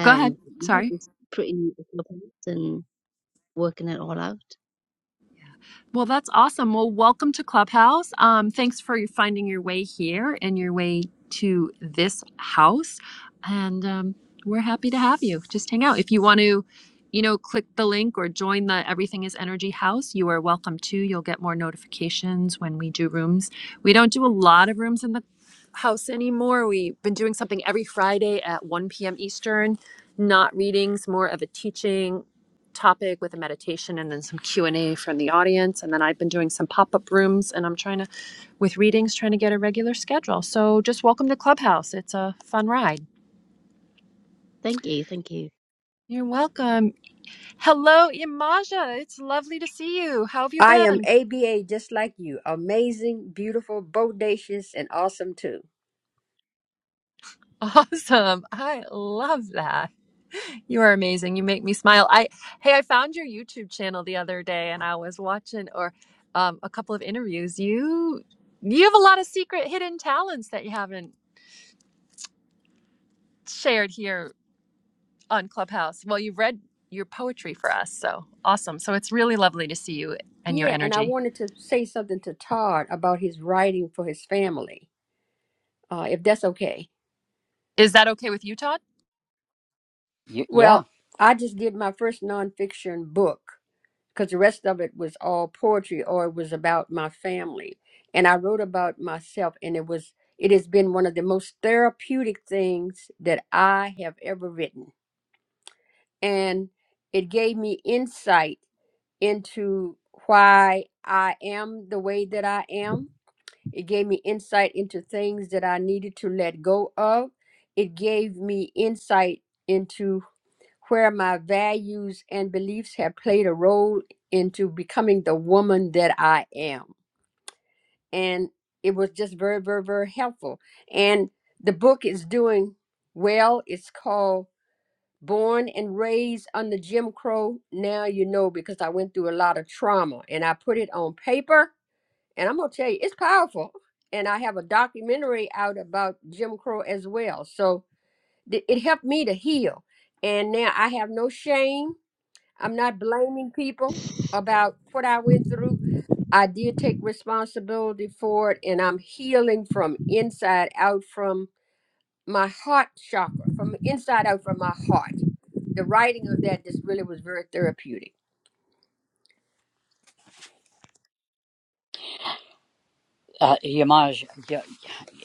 Speaker 1: go ahead.
Speaker 9: yeah,
Speaker 1: Sorry.
Speaker 9: just pretty open and working it all out.
Speaker 1: Well, that's awesome. Well, welcome to Clubhouse. Um, thanks for finding your way here and your way to this house. And um, we're happy to have you. Just hang out. If you want to, you know, click the link or join the Everything is Energy house, you are welcome to. You'll get more notifications when we do rooms. We don't do a lot of rooms in the house anymore. We've been doing something every Friday at 1 p.m. Eastern, not readings, more of a teaching topic with a meditation and then some q&a from the audience and then i've been doing some pop-up rooms and i'm trying to with readings trying to get a regular schedule so just welcome to clubhouse it's a fun ride
Speaker 9: Thank you, thank you.
Speaker 1: you're welcome hello imaja it's lovely to see you how have you
Speaker 10: I am
Speaker 1: been
Speaker 10: ABA just like you. Amazing, beautiful, bodacious, and awesome too.
Speaker 1: (laughs) awesome i love that you are amazing you make me smile i hey i found your youtube channel the other day and i was watching or um, a couple of interviews you you have a lot of secret hidden talents that you haven't shared here on Clubhouse. Well, you have read your poetry for us, so awesome. So it's really lovely to see you and your
Speaker 10: Yeah, and I
Speaker 1: energy.
Speaker 10: wanted to say something to Todd about his writing for his family, uh, if that's okay.
Speaker 1: Is that okay with you, Todd?
Speaker 8: Y- yeah,
Speaker 10: Well, I just did my first nonfiction book because the rest of it was all poetry or it was about my family. And I wrote about myself, and it was it has been one of the most therapeutic things that I have ever written. And it gave me insight into why I am the way that I am. It gave me insight into things that I needed to let go of. It gave me insight into where my values and beliefs have played a role into becoming the woman that I am. And it was just very, very, very helpful. And the book is doing well. It's called born and raised under Jim Crow, now you know because I went through a lot of trauma and I put it on paper. And I'm going to tell you, it's powerful. And I have a documentary out about Jim Crow as well. So th- it helped me to heal. And now I have no shame. I'm not blaming people about what I went through. I did take responsibility for it and I'm healing from inside out from my heart chakra from the inside out from my heart. The writing of that just really was very therapeutic.
Speaker 8: uh, Yamaj. Yeah,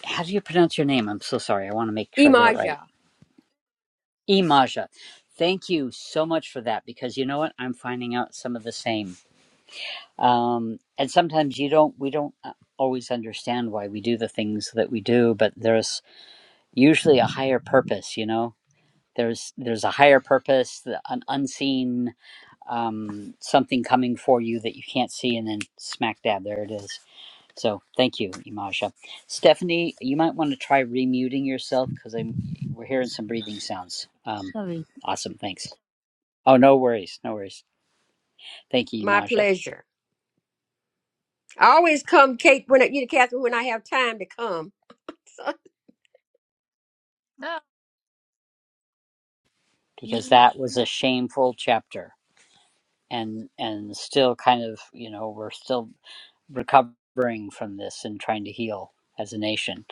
Speaker 8: how do you pronounce your name? I'm so sorry. I want to make sure I get it right.
Speaker 10: Imaja,
Speaker 8: Imaja. Thank you so much for that because you know what? I'm finding out some of the same. Um, and sometimes you don't, we don't uh, always understand why we do the things that we do, but there's usually a higher purpose, you know? There's, there's a higher purpose, the- an unseen um, something coming for you that you can't see, and then smack dab, there it is. So thank you, Imaja. Stephanie, you might want to try remuting yourself because I'm we're hearing some breathing sounds. Um,
Speaker 9: Sorry.
Speaker 8: awesome, thanks. Oh, no worries, no worries. Thank you,
Speaker 10: my
Speaker 8: Masha,
Speaker 10: pleasure. I always come, Kate, when I, you know, Catherine, when I have time to come. (laughs) So-
Speaker 1: No.
Speaker 8: because that was a shameful chapter, and and still kind of you know we're still recovering from this and trying to heal as a nation.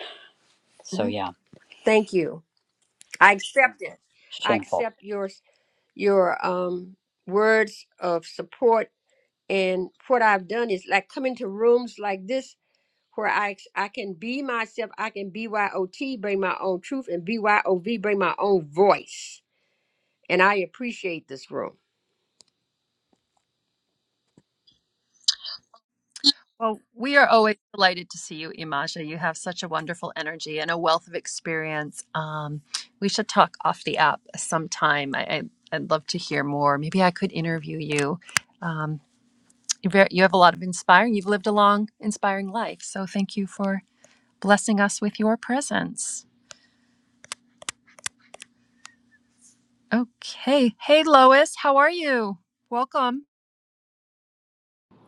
Speaker 8: So
Speaker 10: Mhm.
Speaker 8: yeah,
Speaker 10: Thank you. I accept it. I
Speaker 8: shameful.
Speaker 10: accept your your um words of support. And what I've done is like come into rooms like this where I I can be myself. I can BYOT, bring my own truth, and BYOV, bring my own voice and I appreciate this room.
Speaker 1: Well, we are always delighted to see you, Imaja. You have such a wonderful energy and a wealth of experience. Um, we should talk off the app sometime. I, I, I'd love to hear more. Maybe I could interview you. Um, you're very, you have a lot of inspiring. You've lived a long, inspiring life. So thank you for blessing us with your presence. Okay. Hey, Lois, how are you? Welcome.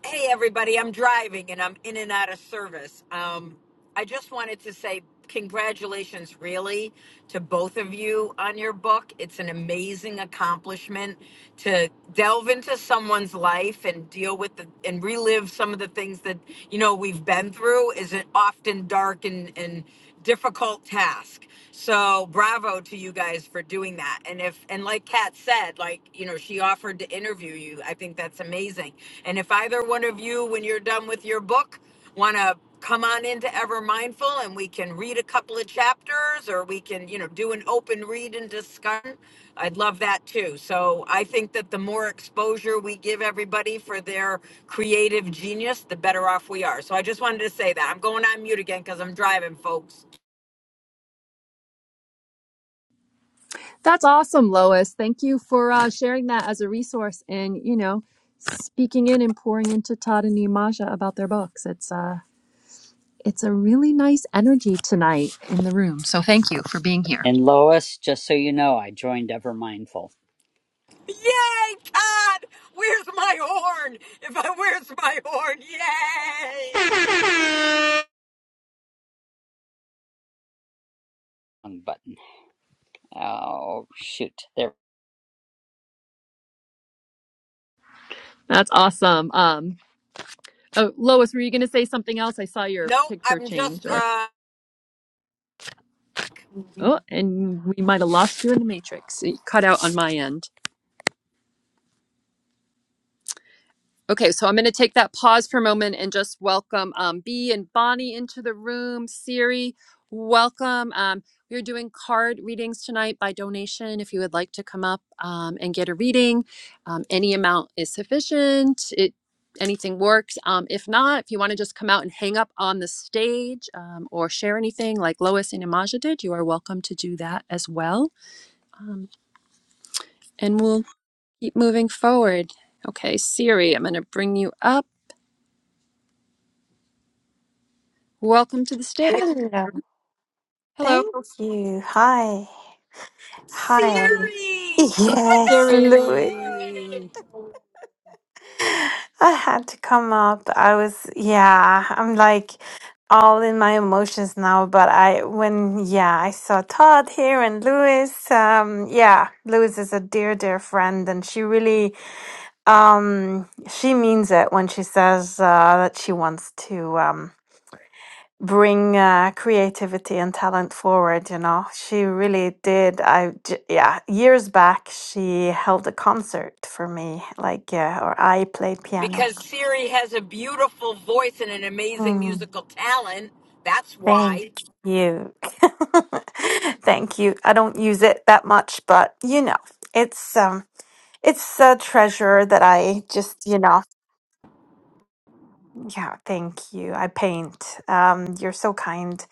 Speaker 11: Hey, everybody, I'm driving and I'm in and out of service. Um, I just wanted to say congratulations, really, to both of you on your book. It's an amazing accomplishment to delve into someone's life and deal with the, and relive some of the things that, you know, we've been through is often dark and, and difficult task. So bravo to you guys for doing that. And if and like Kat said, like, you know, she offered to interview you. I think that's amazing. And if either one of you, when you're done with your book, wanna come on into Ever Mindful and we can read a couple of chapters or we can, you know, do an open read and discussion. I'd love that too. So I think that the more exposure we give everybody for their creative genius, the better off we are. So I just wanted to say that. I'm going on mute again because I'm driving, folks.
Speaker 1: That's awesome, Lois. Thank you for uh, sharing that as a resource and, you know, speaking in and pouring into Todd and Imaja about their books. It's uh it's a really nice energy tonight in the room. So, thank you for being here.
Speaker 8: And Lois, just so you know, I joined Ever Mindful.
Speaker 11: Yay, Todd! Where's my horn? If I where's my horn? Yay!
Speaker 8: Wrong button. Oh shoot, there.
Speaker 1: That's awesome. Um oh, Lois, were you going to say something else? I saw your
Speaker 11: No,
Speaker 1: picture
Speaker 11: I'm
Speaker 1: change
Speaker 11: just
Speaker 1: or
Speaker 11: uh
Speaker 1: Oh, and we might have lost you in the matrix. It cut out on my end. Okay, so I'm going to take that pause for a moment and just welcome um, B and Bonnie into the room. Siri, welcome. Um, we're doing card readings tonight by donation. If you would like to come up um, and get a reading, um, any amount is sufficient. It anything works. Um, if not, if you want to just come out and hang up on the stage um, or share anything like Lois and Imaja did, you are welcome to do that as well. Um, and we'll keep moving forward. Okay, Siri, I'm going to bring you up. Welcome to the stage.
Speaker 12: Hello,
Speaker 1: Hello.
Speaker 12: thank you. Hi, hi.
Speaker 11: Siri. Oh my
Speaker 12: Yes,
Speaker 11: god, it's
Speaker 12: Louis.
Speaker 11: Siri.
Speaker 8: Siri.
Speaker 12: I had to come up. I was, yeah, I'm like all in my emotions now. But I, when, yeah, I saw Todd here and Louis. Um, yeah, Louis is a dear, dear friend, and she really, um, she means it when she says uh, that she wants to. um. bring uh, creativity and talent forward you know she really did i j- yeah years back she held a concert for me like uh, or i played piano
Speaker 11: because Siri has a beautiful voice and an amazing
Speaker 12: Mm,
Speaker 11: musical talent. That's
Speaker 12: thank
Speaker 11: why.
Speaker 12: you (laughs) thank you i don't use it that much but you know it's um it's a treasure that i just you know yeah thank you i paint um you're so kind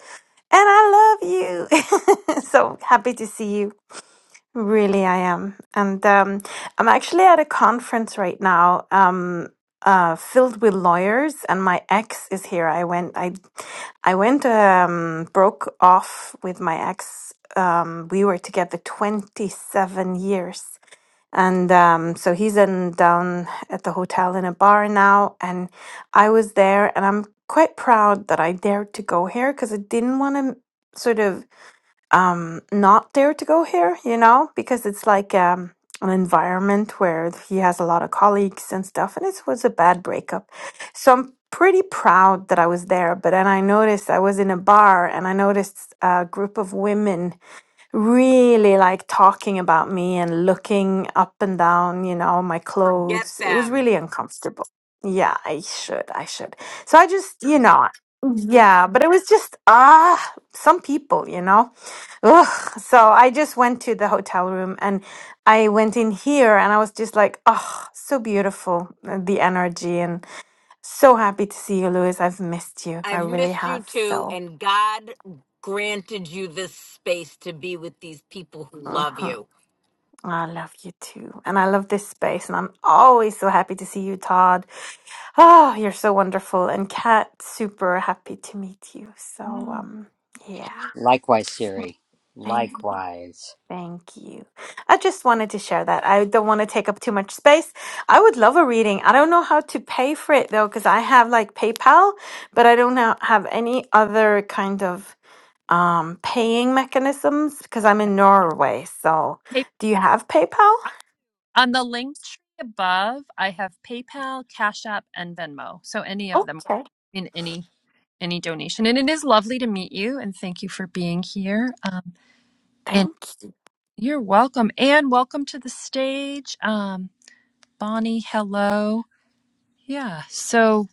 Speaker 12: and i love you (laughs) so happy to see you Really, I am. And um, I'm actually at a conference right now, um, uh, filled with lawyers, and my ex is here. I went, I, I went, um, broke off with my ex. Um, we were together 27 years. And um, so he's in down at the hotel in a bar now, and I was there, and I'm quite proud that I dared to go here because I didn't want to sort of um not dare to go here you know because it's like um an environment where he has a lot of colleagues and stuff and it was a bad breakup so i'm pretty proud that i was there but then i noticed i was in a bar and i noticed a group of women really like talking about me and looking up and down, you know, my
Speaker 11: Forget
Speaker 12: clothes. It was
Speaker 11: them.
Speaker 12: really uncomfortable. Yeah, I should. I should. So I just, you know, yeah, but it was just, ah, some people, you know. Ugh. So I just went to the hotel room and I went in here and I was just like, oh, so beautiful, uh, the energy. And so happy to see you, Louis. I've missed you. I
Speaker 11: I've
Speaker 12: really
Speaker 11: missed you
Speaker 12: have.
Speaker 11: too,
Speaker 12: So.
Speaker 11: and God granted you this space to be with these people who love
Speaker 12: mhm.
Speaker 11: you.
Speaker 12: Oh, I love you too. And I love this space. And I'm always so happy to see you, Todd. Oh, you're so wonderful. And Kat, super happy to meet you. So,
Speaker 1: Mm,
Speaker 12: um, yeah,
Speaker 8: Likewise, Siri.
Speaker 12: thank you.
Speaker 8: Likewise,
Speaker 12: Thank you. I just wanted to share that. I don't want to take up too much space. I would love a reading. I don't know how to pay for it though, because I have like PayPal, but I don't ha- have any other kind of um paying mechanisms because I'm
Speaker 1: yeah.
Speaker 12: in Norway. So,
Speaker 1: Pay-
Speaker 12: do you have PayPal?
Speaker 1: I- on the link tree above, I have PayPal, Cash App, and Venmo. So any of them
Speaker 12: Okay.
Speaker 1: in any any donation. And it is lovely to meet you and thank you for being here. Um, and
Speaker 12: Thank you.
Speaker 1: you're welcome. And welcome to the stage. Um, Bonnie, hello. Yeah. So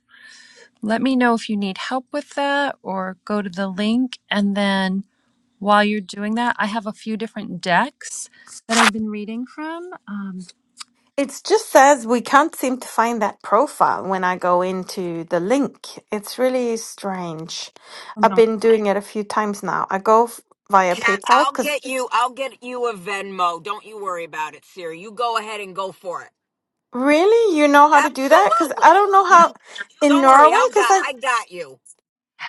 Speaker 1: let me know if you need help with that or go to the link and then While you're doing that, I have a few different decks that I've been reading from. Um,
Speaker 12: It just says we can't seem to find that profile when I go into the link. It's really strange.
Speaker 1: from
Speaker 12: I've
Speaker 1: our-
Speaker 12: been doing it a few times now. I go f- via
Speaker 11: Cat,
Speaker 12: PayPal
Speaker 11: I'll
Speaker 12: because
Speaker 11: get you. I'll get you a Venmo. Don't you worry about it, Siri. You go ahead and go for it.
Speaker 12: really, you know how to do that? Because
Speaker 11: Absolutely.
Speaker 12: I don't know how
Speaker 11: You
Speaker 12: in
Speaker 11: don't worry.
Speaker 12: Norway.
Speaker 11: I'll
Speaker 12: Because
Speaker 11: got.
Speaker 12: I
Speaker 11: I got you.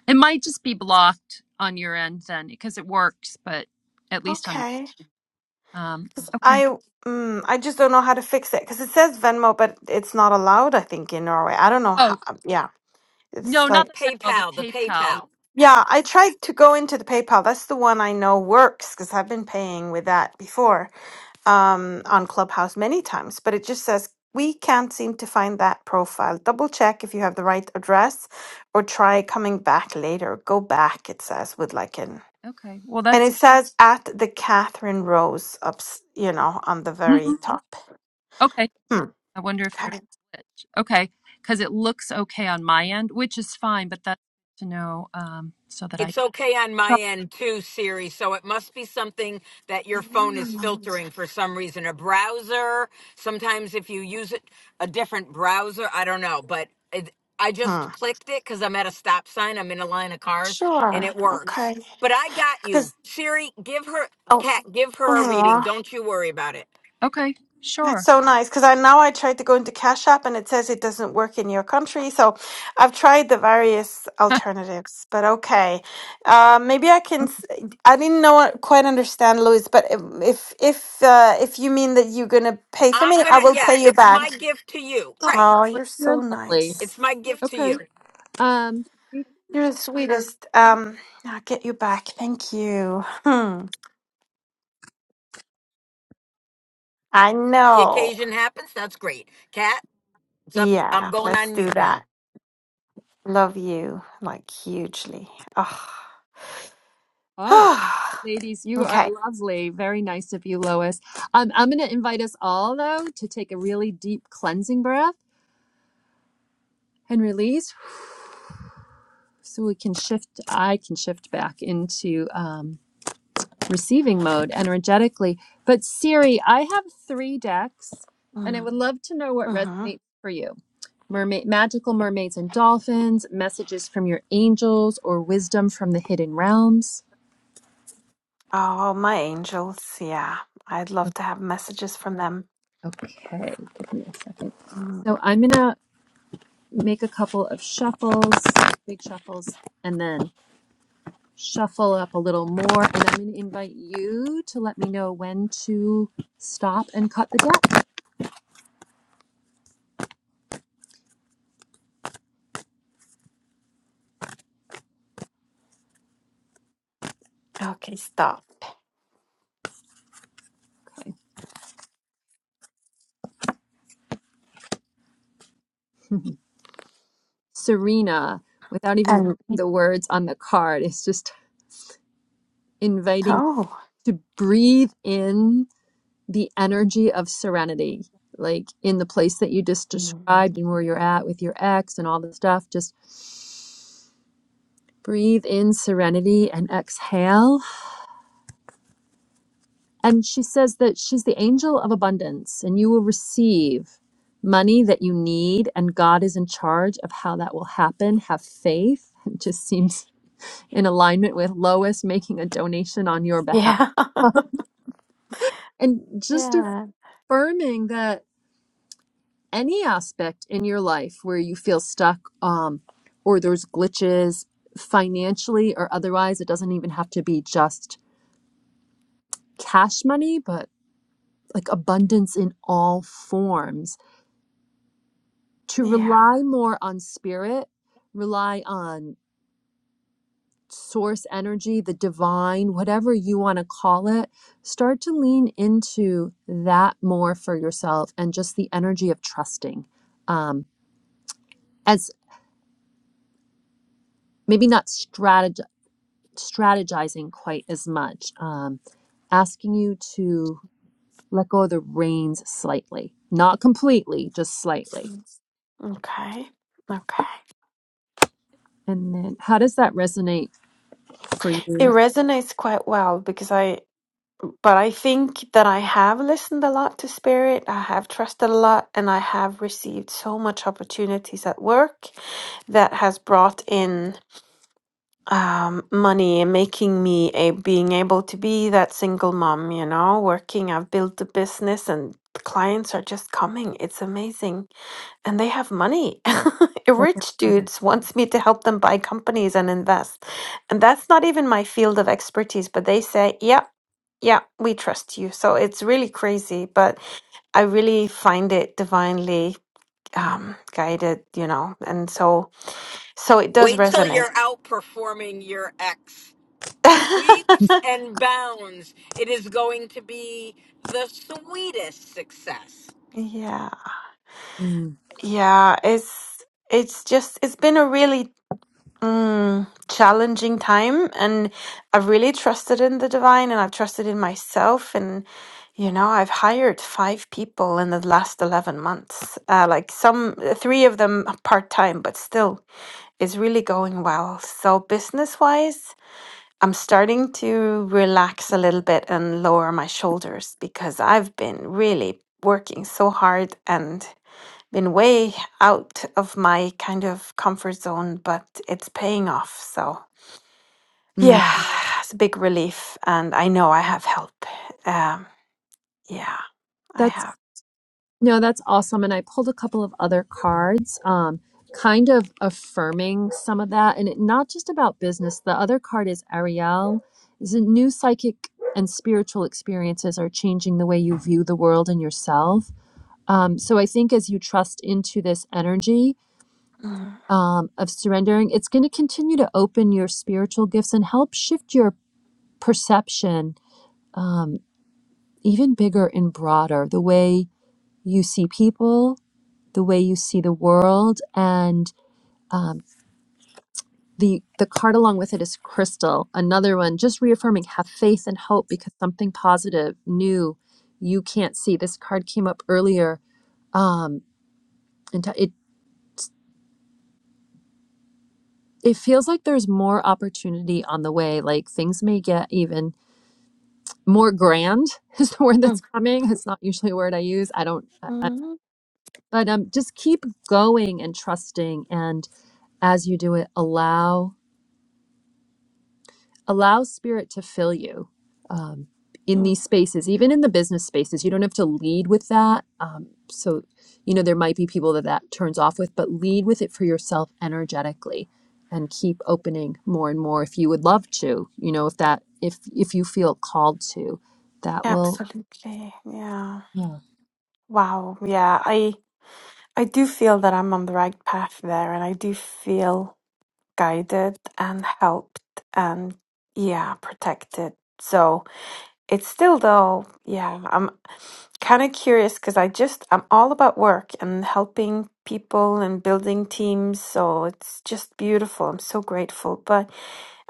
Speaker 1: it might just be blocked on your end then because it works, but at least on my.
Speaker 12: okay,
Speaker 1: Um, okay.
Speaker 12: I mm, I just don't know how to fix it because it says Venmo, but it's not allowed. I think in Norway. I don't know how.
Speaker 1: Oh,
Speaker 12: um, Yeah,
Speaker 1: no,
Speaker 12: it's
Speaker 1: not
Speaker 12: like
Speaker 1: the Venmo, the
Speaker 11: PayPal. The
Speaker 1: PayPal.
Speaker 11: PayPal.
Speaker 12: yeah. I tried to go into the PayPal. That's the one I know works because I've been paying with that before um, on Clubhouse many times, but it just says we can't seem to find that profile. Double check if you have the right address or try coming back later. Go back, it says, with like an.
Speaker 1: Okay. Well,
Speaker 12: And
Speaker 1: that's
Speaker 12: it says at the Catherine Rose, ups, you know, on the very
Speaker 1: Mhm.
Speaker 12: top.
Speaker 1: okay.
Speaker 12: Hmm.
Speaker 1: I wonder if there's
Speaker 12: Okay.
Speaker 1: a glitch. Okay. Because it looks okay on my end, which is fine, but that's good to know um, so that I.
Speaker 11: It's okay on my end too, Siri. So it must be something that your phone is
Speaker 12: Yeah.
Speaker 11: filtering for some reason. A browser. Sometimes if you use it, a different browser. I don't know, but it, I
Speaker 12: Hmm.
Speaker 11: just clicked it because I'm at a stop sign. I'm in a line of cars, and
Speaker 12: Sure.
Speaker 11: it works.
Speaker 12: Okay.
Speaker 11: But I got you,
Speaker 12: Because,
Speaker 11: Siri. Give her cat. Give her a
Speaker 12: oh,
Speaker 11: reading. Don't you worry about it.
Speaker 1: Okay.
Speaker 12: That's
Speaker 1: Sure.
Speaker 12: so nice because I now I tried to go into Cash App and it says it doesn't work in your country. So I've tried the various
Speaker 1: (laughs)
Speaker 12: alternatives, but okay, uh, maybe I can. s- I didn't know uh, quite understand, Louis, but if if uh, if you mean that you're gonna pay for
Speaker 11: I'm
Speaker 12: me, I
Speaker 11: gonna.
Speaker 12: will
Speaker 11: Yeah,
Speaker 12: pay you
Speaker 11: it's
Speaker 12: back.
Speaker 11: my gift to you.
Speaker 1: Oh,
Speaker 11: Right.
Speaker 12: Oh, you're
Speaker 1: you're
Speaker 12: so
Speaker 1: lovely.
Speaker 12: nice.
Speaker 11: It's my gift to you.
Speaker 1: Okay. Um,
Speaker 12: You're the sweetest. Um, I'll get you back. Thank you. Hmm. I
Speaker 11: The
Speaker 12: know.
Speaker 11: occasion happens. That's great, Cat. It's up. I'm
Speaker 12: Yeah,
Speaker 11: going
Speaker 12: let's
Speaker 11: on
Speaker 12: do
Speaker 11: mute now.
Speaker 12: that. Love you like hugely. Oh.
Speaker 1: All right.
Speaker 12: (sighs)
Speaker 1: Ladies, you are
Speaker 12: okay.
Speaker 1: lovely. Very nice of you, Lois. Um, I'm going to invite us all, though, to take a really deep cleansing breath and release so we can shift. I can shift back into um, receiving mode energetically. But, Siri, I have three decks, and I
Speaker 12: Mm,
Speaker 1: would love to know what
Speaker 12: Mm-hmm.
Speaker 1: resonates for you mermaid magical mermaids and dolphins messages from your angels or wisdom from the hidden realms
Speaker 12: Oh, my angels. Yeah. I'd love to have messages from them.
Speaker 1: okay give me a second
Speaker 12: Mm.
Speaker 1: so i'm gonna make a couple of shuffles, big shuffles, and then shuffle up a little more. And I'm going to invite you to let me know when to stop and cut the deck.
Speaker 12: Okay, stop.
Speaker 1: Okay. (laughs) Serena, without even reading
Speaker 12: And
Speaker 1: the words on the card, is just inviting
Speaker 12: oh,
Speaker 1: to breathe in the energy of serenity. Like in the place that you just
Speaker 12: Mm.
Speaker 1: described and where you're at with your ex and all the stuff, just breathe in serenity and exhale And she says that she's the angel of abundance and you will receive money that you need. And God is in charge of how that will happen. Have faith. (laughs) It just seems in alignment with Lois making a donation on your behalf.
Speaker 12: yeah. (laughs)
Speaker 1: And just
Speaker 12: Yeah.
Speaker 1: affirming that any aspect in your life where you feel stuck um, or there's glitches financially or otherwise, it doesn't even have to be just cash money, but like abundance in all forms to
Speaker 12: Yeah.
Speaker 1: rely more on spirit, rely on source energy, the divine, whatever you want to call it, start to lean into that more for yourself and just the energy of trusting. Um, as maybe not strateg- strategizing quite as much, um, asking you to let go of the reins slightly, not completely, just slightly.
Speaker 12: Mm. Okay. Okay.
Speaker 1: And then how does that resonate for
Speaker 12: It
Speaker 1: you?
Speaker 12: resonates quite well because I, but I think that I have listened a lot to spirit. I have trusted a lot and I have received so much opportunities at work that has brought in um, money and making me a being able to be that single mom, you know, working. I've built a business and clients are just coming. It's amazing. And they have money. (laughs)
Speaker 1: That's,
Speaker 12: Rich dudes wants me to help them buy companies and invest. And that's not even my field of expertise, but they say, yeah, yeah, we trust you. So it's really crazy, but I really find it divinely um, guided, you know, and so so it does
Speaker 11: Wait till
Speaker 12: resonate.
Speaker 11: you're outperforming your ex.
Speaker 12: (laughs)
Speaker 11: Leaps and bounds. It is going to be the sweetest success.
Speaker 12: Yeah,
Speaker 1: Mm,
Speaker 12: yeah, it's it's just it's been a really mm, challenging time, and I've really trusted in the divine, and I've trusted in myself, and you know, I've hired five people in the last 11 months. Uh, like some three of them part time, but still, it's really going well. So business-wise, I'm starting to relax a little bit and lower my shoulders because I've been really working so hard and been way out of my kind of comfort zone, but it's paying off. So,
Speaker 1: mm.
Speaker 12: yeah, it's a big relief. And I know I have help. Um, yeah, I
Speaker 1: That's
Speaker 12: have.
Speaker 1: No, that's awesome. And I pulled a couple of other cards, um, kind of affirming some of that. And it, not just about business. The other card is Ariel. Is a new psychic and spiritual experiences are changing the way you view the world and yourself. Um, so I think as you trust into this energy
Speaker 12: Mm,
Speaker 1: um, of surrendering, it's going to continue to open your spiritual gifts and help shift your perception um, even bigger and broader. The way you see people, the way you see the world and the the card along with it is crystal another one just reaffirming have faith and hope because something positive new you can't see this card came up earlier um and t- it it feels like there's more opportunity on the way like things may get even more grand (laughs) is the word
Speaker 12: mm,
Speaker 1: that's coming it's not usually a word i use i don't I, I-
Speaker 12: mm,
Speaker 1: but um just keep going and trusting and as you do it allow allow spirit to fill you um, in
Speaker 12: mm.
Speaker 1: these spaces even in the business spaces you don't have to lead with that um, so you know there might be people that that turns off with but lead with it for yourself energetically and keep opening more and more if you would love to you know if that if if you feel called to that will
Speaker 12: Absolutely. Yeah.
Speaker 1: yeah
Speaker 12: Wow. Yeah. I I do feel that I'm on the right path there, and I do feel guided and helped and yeah, protected. So it's still though, yeah. I'm. kind of curious because I just I'm all about work and helping people and building teams, so it's just beautiful. I'm so grateful, but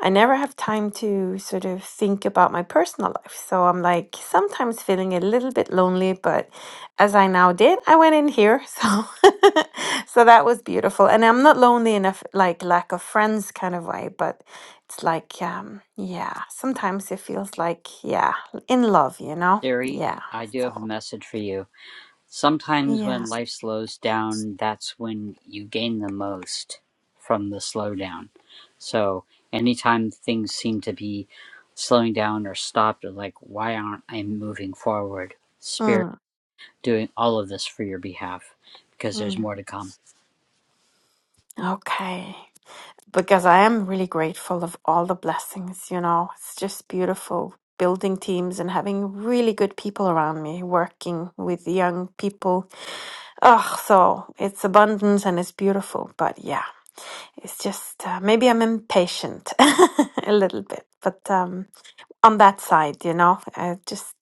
Speaker 12: I never have time to sort of think about my personal life. So I'm like sometimes feeling a little bit lonely, but as I now did, I went in here. So (laughs) so that was beautiful. And I'm not lonely enough like lack of friends kind of way, but it's like um yeah, sometimes it feels like yeah, in love, you know?
Speaker 8: Siri.
Speaker 12: Yeah.
Speaker 8: I do have a
Speaker 12: So.
Speaker 8: message for you. Sometimes
Speaker 12: Yeah.
Speaker 8: when life slows down, that's when you gain the most from the slowdown. So anytime things seem to be slowing down or stopped, or like, why aren't I moving forward? Spirit
Speaker 12: Mm,
Speaker 8: doing all of this for your behalf because there's
Speaker 12: mm.
Speaker 8: more to come.
Speaker 12: Okay. Because I am really grateful of all the blessings, you know. It's just beautiful building teams and having really good people around me, working with young people. Oh, so it's abundance and it's beautiful. But yeah, it's just uh, maybe I'm impatient (laughs) a little bit. But um on that side, you know. I just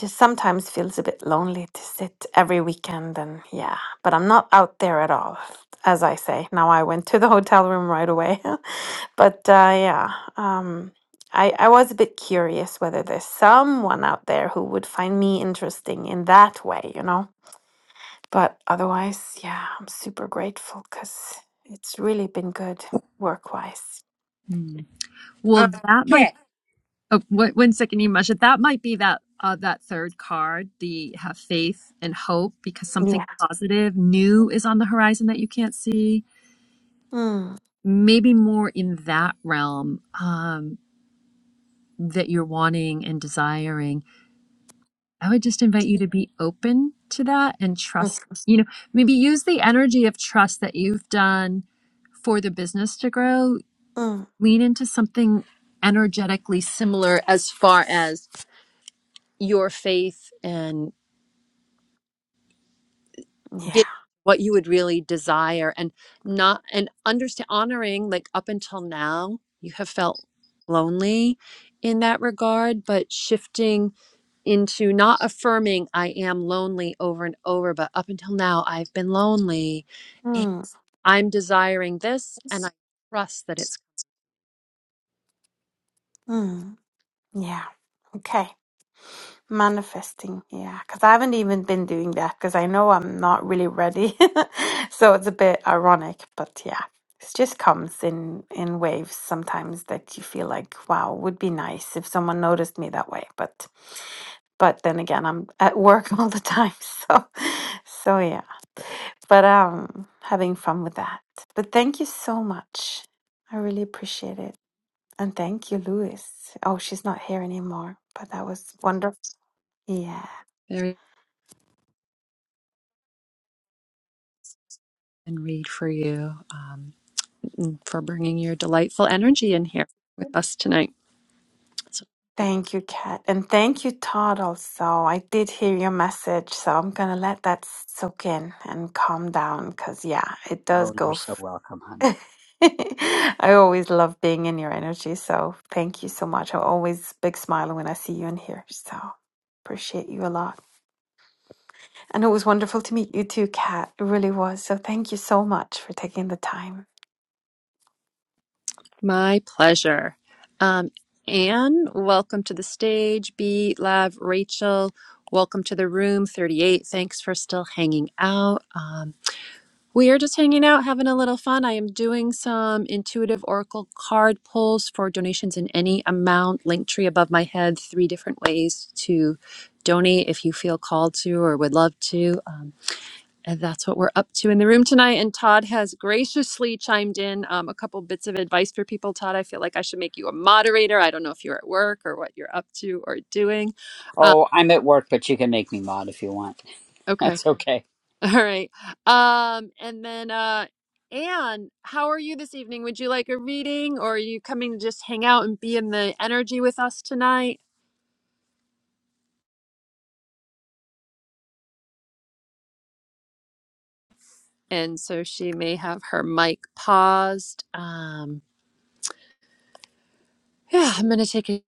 Speaker 12: just sometimes feels a bit lonely to sit every weekend and yeah, but I'm not out there at all. As I say, now I went to the (laughs) hotel room right away. (laughs) but uh, yeah, um, I, I was a bit curious whether there's someone out there who would find me interesting in that way, you know. But otherwise, yeah, I'm super grateful because it's really been good work wise.
Speaker 1: Mm.
Speaker 10: Uh,
Speaker 1: well that might
Speaker 10: Cat,
Speaker 1: Oh, wh- one second, Imasha. That might be that uh, that third card, the have faith and hope, because something
Speaker 12: Yeah.
Speaker 1: positive, new is on the horizon that you can't see.
Speaker 12: Mm,
Speaker 1: Maybe more in that realm um, that you're wanting and desiring. I would just invite you to be open to that and
Speaker 12: mm,
Speaker 1: trust. You know, maybe use the energy of trust that you've done for the business to grow.
Speaker 12: mm,
Speaker 1: Lean into something energetically similar as far as your faith and
Speaker 12: yeah.
Speaker 1: get what you would really desire and not and understand honoring like up until now you have felt lonely in that regard but shifting into not affirming i am lonely over and over but up until now i've been lonely and
Speaker 12: Mm.
Speaker 1: i'm desiring this and i trust that it's
Speaker 12: Mm, yeah. Okay. Manifesting. Yeah. Because I haven't even been doing that because I know I'm not really ready. (laughs) so it's a bit ironic, but yeah. It just comes in in waves sometimes that you feel like, wow, would be nice if someone noticed me that way. But but then again, I'm at work (laughs) all the time, so so yeah. But um having fun with that. But thank you so much. I really appreciate it. And thank you, Louis. Oh, she's not here anymore, but that was wonderful. Yeah.
Speaker 1: very and read for you um, and for bringing your delightful energy in here with us tonight
Speaker 12: Thank you, Kat. And thank you, Todd, also. I did hear your message, so I'm going to let that soak in and calm down because, yeah, it does
Speaker 8: Oh,
Speaker 12: go.
Speaker 8: you're so
Speaker 12: F-
Speaker 8: welcome, hon.
Speaker 12: (laughs) I always love being in your energy. So thank you so much. I always big smile when I see you in here. So appreciate you a lot. And it was wonderful to meet you too, Kat. It really was. So thank you so much for taking the time.
Speaker 1: My pleasure. Um, Anne, welcome to the stage. B, Lav, Rachel, welcome to the room 38. Thanks for still hanging out. Um, we are just hanging out, having a little fun. I am doing some intuitive oracle card pulls for donations in any amount. Link tree above my head, three different ways to donate if you feel called to or would love to. Um, and that's what we're up to in the room tonight. And Todd has graciously chimed in um, a couple bits of advice for people. Todd, I feel like I should make you a moderator. I don't know if you're at work or what you're up to or doing. Um,
Speaker 8: Oh, I'm at work, but you can make me mod if you want. (laughs)
Speaker 1: okay.
Speaker 8: That's okay.
Speaker 1: (laughs) All right. Um, and then, uh, Anne, how are you this evening? Would you like a reading or are you coming to just hang out and be in the energy with us tonight? And so she may have her mic paused. Um, (sighs) yeah, I'm going to take it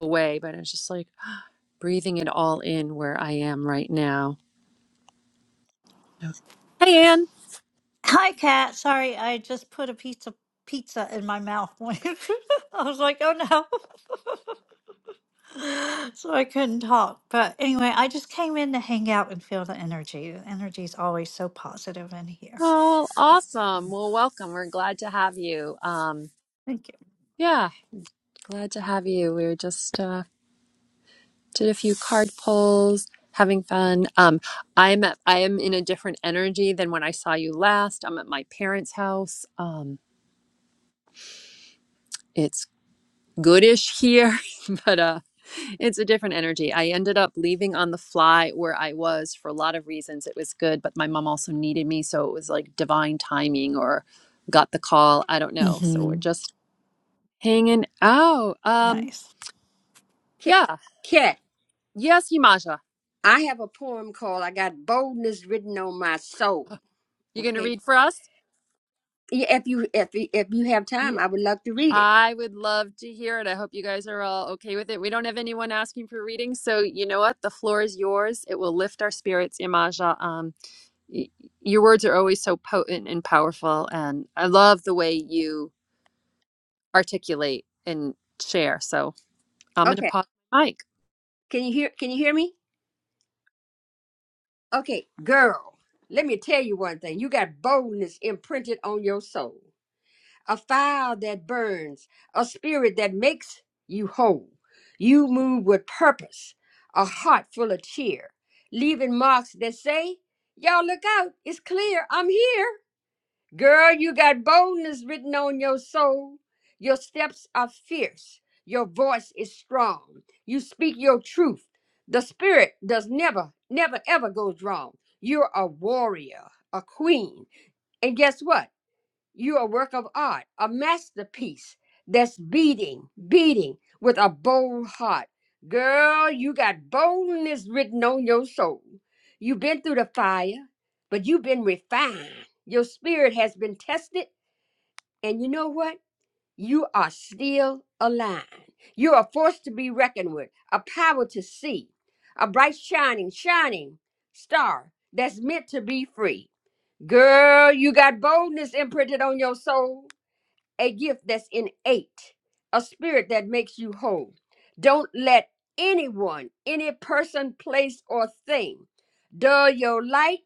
Speaker 1: away, but it's just like, breathing it all in where I am right now. Okay. Hey, Anne.
Speaker 13: Hi, Kat. Sorry, I just put a pizza pizza in my mouth. (laughs) I was like, oh no. (laughs) so I couldn't talk. But anyway, I just came in to hang out and feel the energy. The energy is always so positive in here.
Speaker 1: Oh, awesome. Well, welcome. We're glad to have you. Um,
Speaker 13: Thank
Speaker 1: yeah, glad to have you. We were just uh, did a few card pulls, having fun. Um, I'm at, I am in a different energy than when I saw you last. I'm at my parents' house. Um, it's goodish here, (laughs) but uh, it's a different energy. I ended up leaving on the fly where I was for a lot of reasons. It was good, but my mom also needed me, so it was like divine timing or got the call. I don't
Speaker 13: you.
Speaker 1: know. So we're
Speaker 13: hmm
Speaker 1: just hanging out. Um,
Speaker 13: Nice.
Speaker 10: Cat,
Speaker 1: yeah.
Speaker 10: Cat.
Speaker 1: Yes, Yimasha.
Speaker 10: I have a poem called "I Got Boldness Written on My Soul."
Speaker 1: You gonna
Speaker 10: Okay,
Speaker 1: read for us?
Speaker 10: Yeah, if you if you- if you have time,
Speaker 1: Yeah.
Speaker 10: I would love to read it.
Speaker 1: I would love to hear it. I hope you guys are all okay with it. We don't have anyone asking for readings, so you know what? The floor is yours. It will lift our spirits, Imaja. y- your words are always so potent and powerful and i love the way you articulate and share so i'm going to
Speaker 10: Okay,
Speaker 1: pause mike
Speaker 10: can you hear Can you hear me? Okay, girl, let me tell you one thing. You got boldness imprinted on your soul. a fire that burns, a spirit that makes you whole. You move with purpose, a heart full of cheer, leaving marks that say, Y'all look out, it's clear, I'm here. Girl, you got boldness written on your soul. Your steps are fierce, your voice is strong. You speak your truth. The spirit does never, never, ever goes wrong. You're a warrior, a queen. And guess what? You're a work of art, a masterpiece that's beating, beating with a bold heart. Girl, you got boldness written on your soul. You've been through the fire, but you've been refined. Your spirit has been tested, and you know what? You are still aligned. You are a force to be reckoned with, a power to see, a bright, shining, shining star that's meant to be free. Girl, you got boldness imprinted on your soul a gift that's innate, a spirit that makes you whole. Don't let anyone, any person, place, or thing dull your light,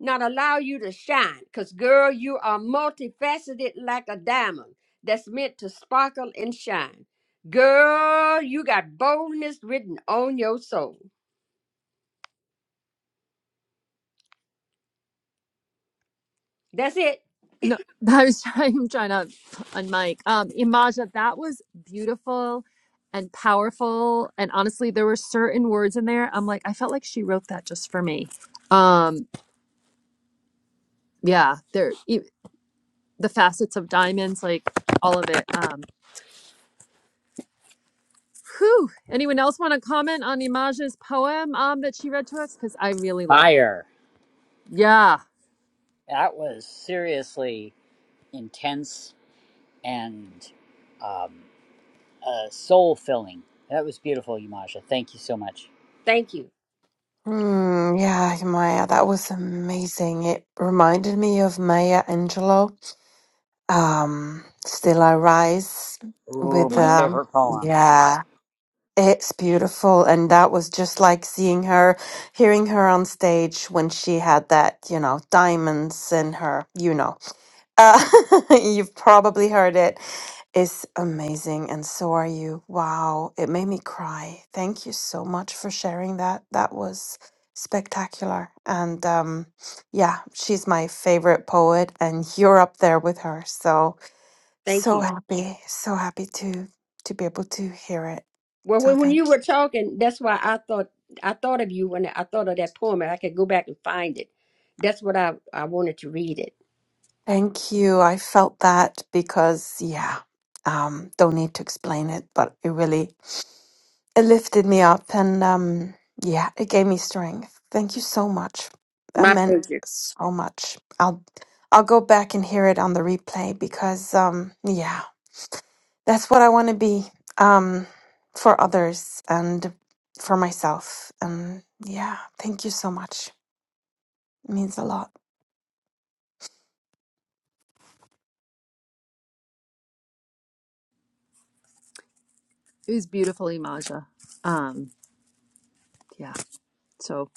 Speaker 10: not allow you to shine. Because, girl, you are multifaceted like a diamond that's meant to sparkle and shine. Girl, you got boldness written on your soul. That's it.
Speaker 1: No, (laughs) I was trying, I'm trying to unmic. Um, Imaja, that was beautiful and powerful. And honestly, there were certain words in there. I'm like, I felt like she wrote that just for me. Um, yeah, there, e- the facets of diamonds, like all of it. Um, whew. Anyone else want to comment on Imaja's poem um, that she read to us? Because I really love.
Speaker 8: Fire.
Speaker 1: Yeah,
Speaker 8: That was seriously intense and um, uh, soul filling. That was beautiful, Umasha. Thank you so much.
Speaker 10: Thank you.
Speaker 12: Mm, yeah, Maya, that was amazing. It reminded me of Maya Angelou, um, Still I Rise
Speaker 8: Ooh,
Speaker 12: with
Speaker 8: my
Speaker 10: hmm
Speaker 12: um
Speaker 8: favorite poem.
Speaker 12: yeah, it's beautiful and that was just like seeing her, hearing her on stage when she had that, you know, diamonds in her, you know. Uh, (laughs) you've probably heard it. It's amazing, and so are you. Wow, it made me cry. Thank you so much for sharing that. That was spectacular. And um, yeah, she's my favorite poet, and you're up there with her. So
Speaker 10: Thank you.
Speaker 12: so happy, so happy to to be able to hear it.
Speaker 10: Well,
Speaker 12: So
Speaker 10: when, when
Speaker 12: thank
Speaker 10: you were talking, that's why I thought I thought of you when I thought of that poem, and I could go back and find it. That's what I I wanted to read it.
Speaker 12: thank you. I felt that because yeah, um, don't need to explain it, but it really it lifted me up and um yeah it gave me strength thank you so much that
Speaker 10: My
Speaker 12: meant
Speaker 10: pleasure.
Speaker 12: so much i'll i'll go back and hear it on the replay because um yeah that's what i want to be um for others and for myself and yeah thank you so much it means a lot
Speaker 1: it was beautiful, Imaja. Um, yeah. So,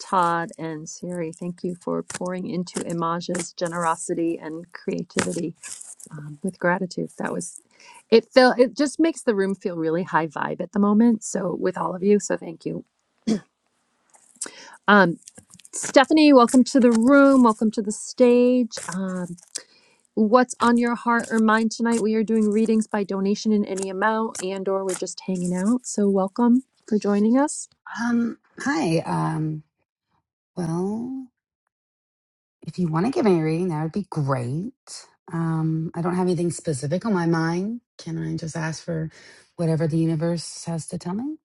Speaker 1: Todd and Siri, thank you for pouring into Imaja's generosity and creativity um, with gratitude. That was it. Felt it just makes the room feel really high vibe at the moment. So, with all of you, so thank you, um, Stephanie. Welcome to the room. Welcome to the stage. Um, what's on your heart or mind tonight we are doing readings by donation in any amount and or we're just hanging out so welcome for joining us
Speaker 14: Um, hi. Um, well, if you want to give me a reading, that would be great. Um, I don't have anything specific on my mind. Can I just ask for whatever the universe has to tell me?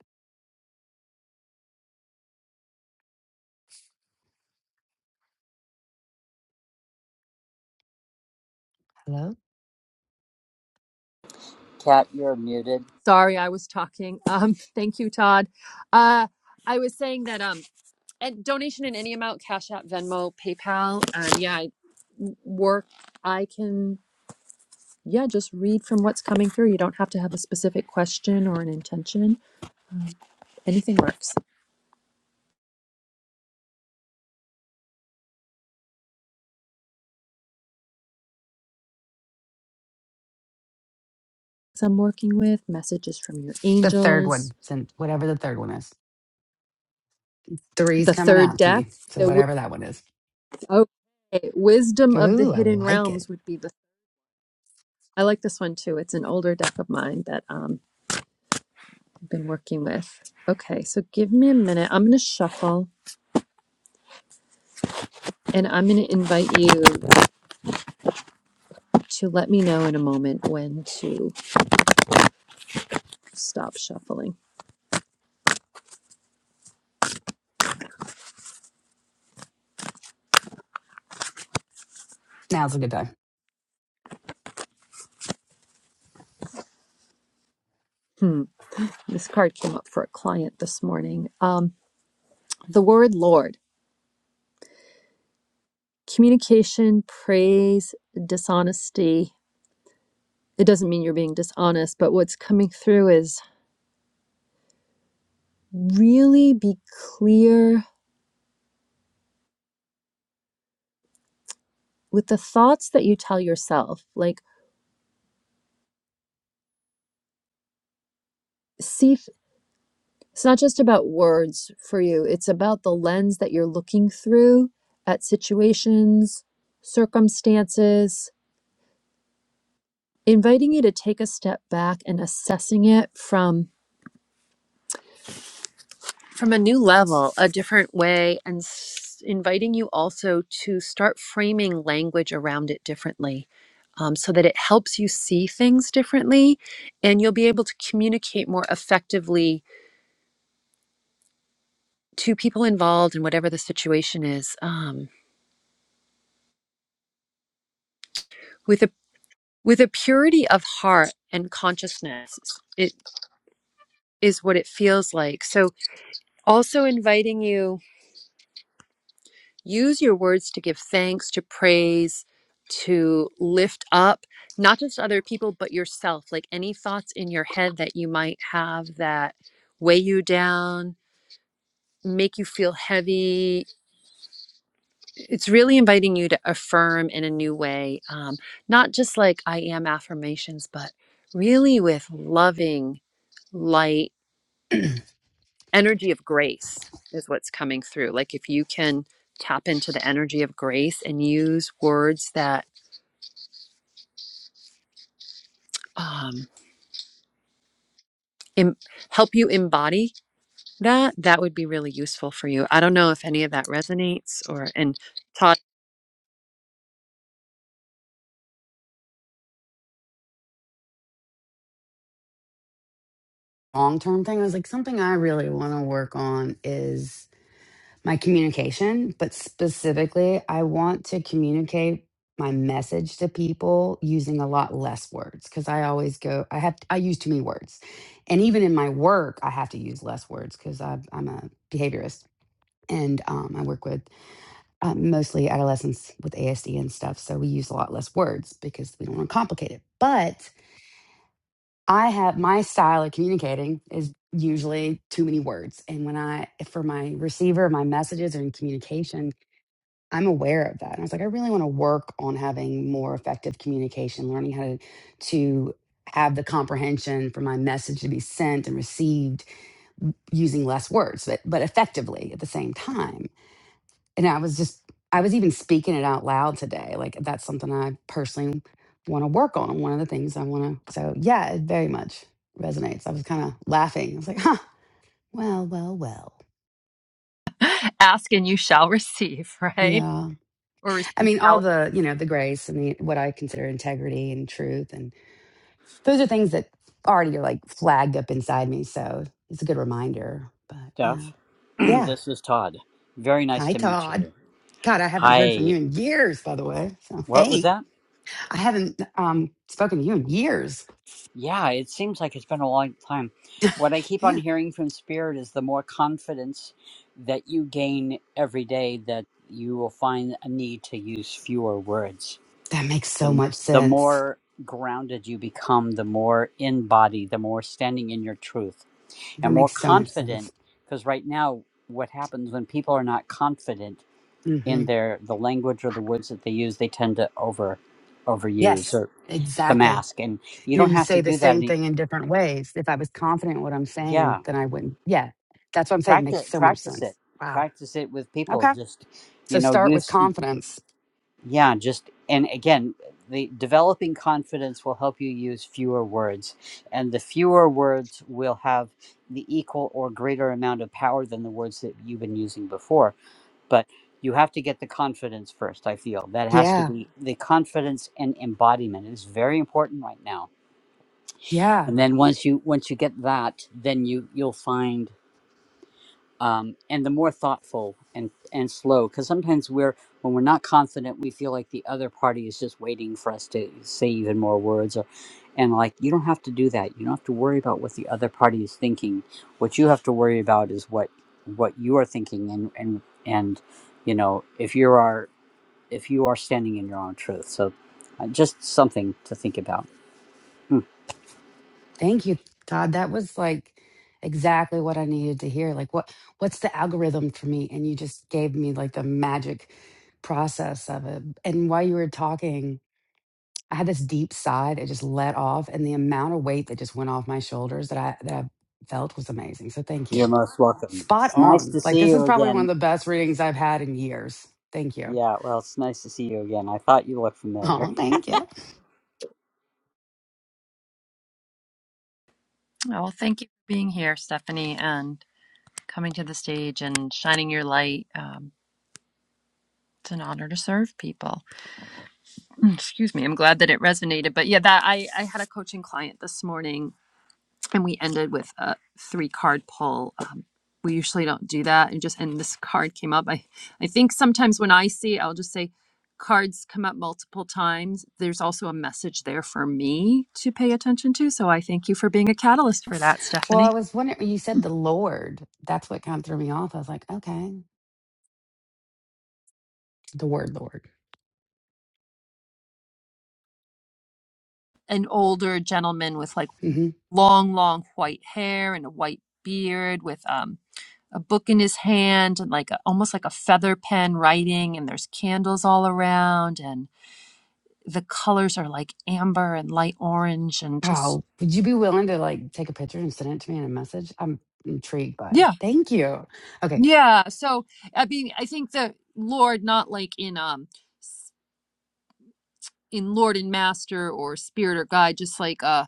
Speaker 14: Hello?
Speaker 8: Cat, you're muted.
Speaker 1: Sorry, I was talking. (laughs) Um, thank you, Todd. Uh, I was saying that um, and donation in any amount, Cash App, Venmo, PayPal, and yeah, I work. I can yeah, just read from what's coming through. You don't have to have a specific question or an intention. Um, anything works. So I'm working with messages from your
Speaker 14: The third one,
Speaker 1: angels.
Speaker 14: since whatever the third one is. Three's
Speaker 1: The
Speaker 14: coming
Speaker 1: third
Speaker 14: out to
Speaker 1: deck,
Speaker 14: me. So
Speaker 1: the wi-
Speaker 14: whatever that one is.
Speaker 1: oh, okay, wisdom of the
Speaker 14: Ooh, I
Speaker 1: hidden
Speaker 14: like it.
Speaker 1: realms would be the. I like this one too. It's an older deck of mine that um, been working with. Okay, so give me a minute. I'm going to shuffle and I'm going to invite you to let me know in a moment when to stop shuffling.
Speaker 14: Now's a good time.
Speaker 1: Hmm, this card came up for a client this morning. Um, the word Lord, communication, praise, dishonesty. It doesn't mean you're being dishonest, but what's coming through is really be clear with the thoughts that you tell yourself. Like, see. It's not just about words for you, it's about the lens that you're looking through at situations, circumstances, inviting you to take a step back and assessing it from from a new level, a different way and s- inviting you also to start framing language around it differently. um, so that it helps you see things differently and you'll be able to communicate more effectively to people involved in whatever the situation is um, with a with a purity of heart and consciousness it is what it feels like so also inviting you use your words to give thanks to praise to lift up not just other people but yourself like any thoughts in your head that you might have that weigh you down make you feel heavy it's really inviting you to affirm in a new way um, not just like i am affirmations but really with loving light energy of grace is what's coming through. Like if you can tap into the energy of grace and use words that um, em- help you embody that, that would be really useful for you. I don't know if any of that resonates or, and Todd,
Speaker 14: Long term thing, I was like, something I really want to work on is my communication, but specifically, I want to communicate my message to people using a lot less words because I always go, I have, I use too many words. And even in my work, I have to use less words because I'm a behaviorist and um, I work with uh, mostly adolescents with ASD and stuff. So we use a lot less words because we don't want to complicate it. But I have my style of communicating is usually too many words. And when I, for my receiver, my messages are in communication, I'm aware of that. And I was like, I really want to work on having more effective communication, learning how to to have the comprehension for my message to be sent and received using less words, but but effectively at the same time. And I was just I was even speaking it out loud today. Like that's something I personally want to work on. and One of the things I want to so yeah, it very much resonates. I was kind of laughing. I was like, huh, well, well, well.
Speaker 1: (laughs) ask and you shall (laughs) receive, right?
Speaker 14: Yeah.
Speaker 1: Or
Speaker 14: I
Speaker 1: receive
Speaker 14: mean, all
Speaker 1: shall.
Speaker 14: the, you know, the grace and the, what I consider integrity and truth. And those are things that already are like flagged up inside me. So it's a good reminder. But yeah.
Speaker 8: Stuff. (clears throat)
Speaker 14: Yeah.
Speaker 8: this is Todd. Very nice
Speaker 14: Hi,
Speaker 8: to meet
Speaker 14: Todd.
Speaker 8: you.
Speaker 14: God, I haven't heard from
Speaker 8: Hi.
Speaker 14: you in years, by the way. So,
Speaker 8: What was
Speaker 14: hey,
Speaker 8: that?
Speaker 14: I haven't um, spoken to you in years.
Speaker 8: Yeah, it seems like it's been a long time. What I keep on
Speaker 14: Yeah.
Speaker 8: hearing from Spirit is the more confidence that you gain every day, that you will find a need to use fewer words.
Speaker 14: That makes so
Speaker 8: The,
Speaker 14: much
Speaker 8: the
Speaker 14: sense.
Speaker 8: more grounded you become, the more in body, the more standing in your truth
Speaker 14: That
Speaker 8: and more
Speaker 14: makes so much sense.
Speaker 8: confident because right now what happens when people are not confident in
Speaker 14: hmm
Speaker 8: their the language or the words that they use they tend to over overuse
Speaker 14: Yes,
Speaker 8: or to
Speaker 14: exactly.
Speaker 8: mask and you
Speaker 14: you know,
Speaker 8: don't
Speaker 14: you
Speaker 8: have to
Speaker 14: say the
Speaker 8: do that
Speaker 14: same
Speaker 8: any
Speaker 14: thing in different ways. If I was confident in what I'm saying,
Speaker 8: yeah
Speaker 14: then I wouldn't. Yeah, that's what I'm saying. It makes
Speaker 8: practice
Speaker 14: so much
Speaker 8: practice
Speaker 14: sense.
Speaker 8: it
Speaker 14: Wow.
Speaker 8: practice it with people
Speaker 14: Okay.
Speaker 8: just you
Speaker 14: So
Speaker 8: know
Speaker 14: start with
Speaker 8: use
Speaker 14: confidence.
Speaker 8: yeah just and again the developing confidence will help you use fewer words and the fewer words will have the equal or greater amount of power than the words that you've been using before but you have to get the confidence first i feel that has to
Speaker 14: Yeah.
Speaker 8: be the confidence and embodiment is very important right now
Speaker 14: Yeah.
Speaker 8: and then once you once you get that then you you'll find um, and the more thoughtful and and slow because sometimes we're when we're not confident we feel like the other party is just waiting for us to say even more words or and like you don't have to do that you don't have to worry about what the other party is thinking what you have to worry about is what what you are thinking and and and you know if you are if you are standing in your own truth. So, uh, just something to think about. Hmm,
Speaker 14: Thank you, Todd. That was like exactly what I needed to hear. Like, what what's the algorithm for me? And you just gave me like the magic process of it. And while you were talking, I had this deep sigh that just let off, and the amount of weight that just went off my shoulders that I that I felt was amazing. So thank
Speaker 8: You're
Speaker 14: you.
Speaker 8: most welcome.
Speaker 14: Spot
Speaker 8: It's nice
Speaker 14: on.
Speaker 8: to
Speaker 14: Like
Speaker 8: see
Speaker 14: this is
Speaker 8: you
Speaker 14: probably one
Speaker 8: again.
Speaker 14: of the best readings I've had in years. Thank you.
Speaker 8: Yeah, well, it's nice to see you again. I thought you looked familiar.
Speaker 14: Oh,
Speaker 8: (laughs)
Speaker 14: thank you.
Speaker 1: Oh, Well, thank you for being here, Stephanie, and coming to the stage and shining your light. Um, it's an honor to serve people. Mm, excuse me i'm glad that it resonated but yeah that i i had a coaching client this morning and we ended with a three card pull um, we usually don't do that and just and this card came up i i think sometimes when i see i'll just say cards come up multiple times there's also a message there for me to pay attention to so i thank you for being a catalyst for that
Speaker 14: Well, I
Speaker 1: stephanie
Speaker 14: was wondering. You said the Lord. That's what kind of threw me off. I was like, okay, the word Lord.
Speaker 1: an older gentleman with like
Speaker 14: hmm
Speaker 1: long long white hair and a white beard with um. a book in his hand and like a, almost like a feather pen writing and there's candles all around and the colors are like amber and light orange and just
Speaker 14: Oh, would you be willing to like take a picture and send it to me in a message? I'm intrigued by. It.
Speaker 1: yeah
Speaker 14: Thank you. Okay,
Speaker 1: yeah so i mean i think the lord not like in um s- in lord and master or spirit or guide just like a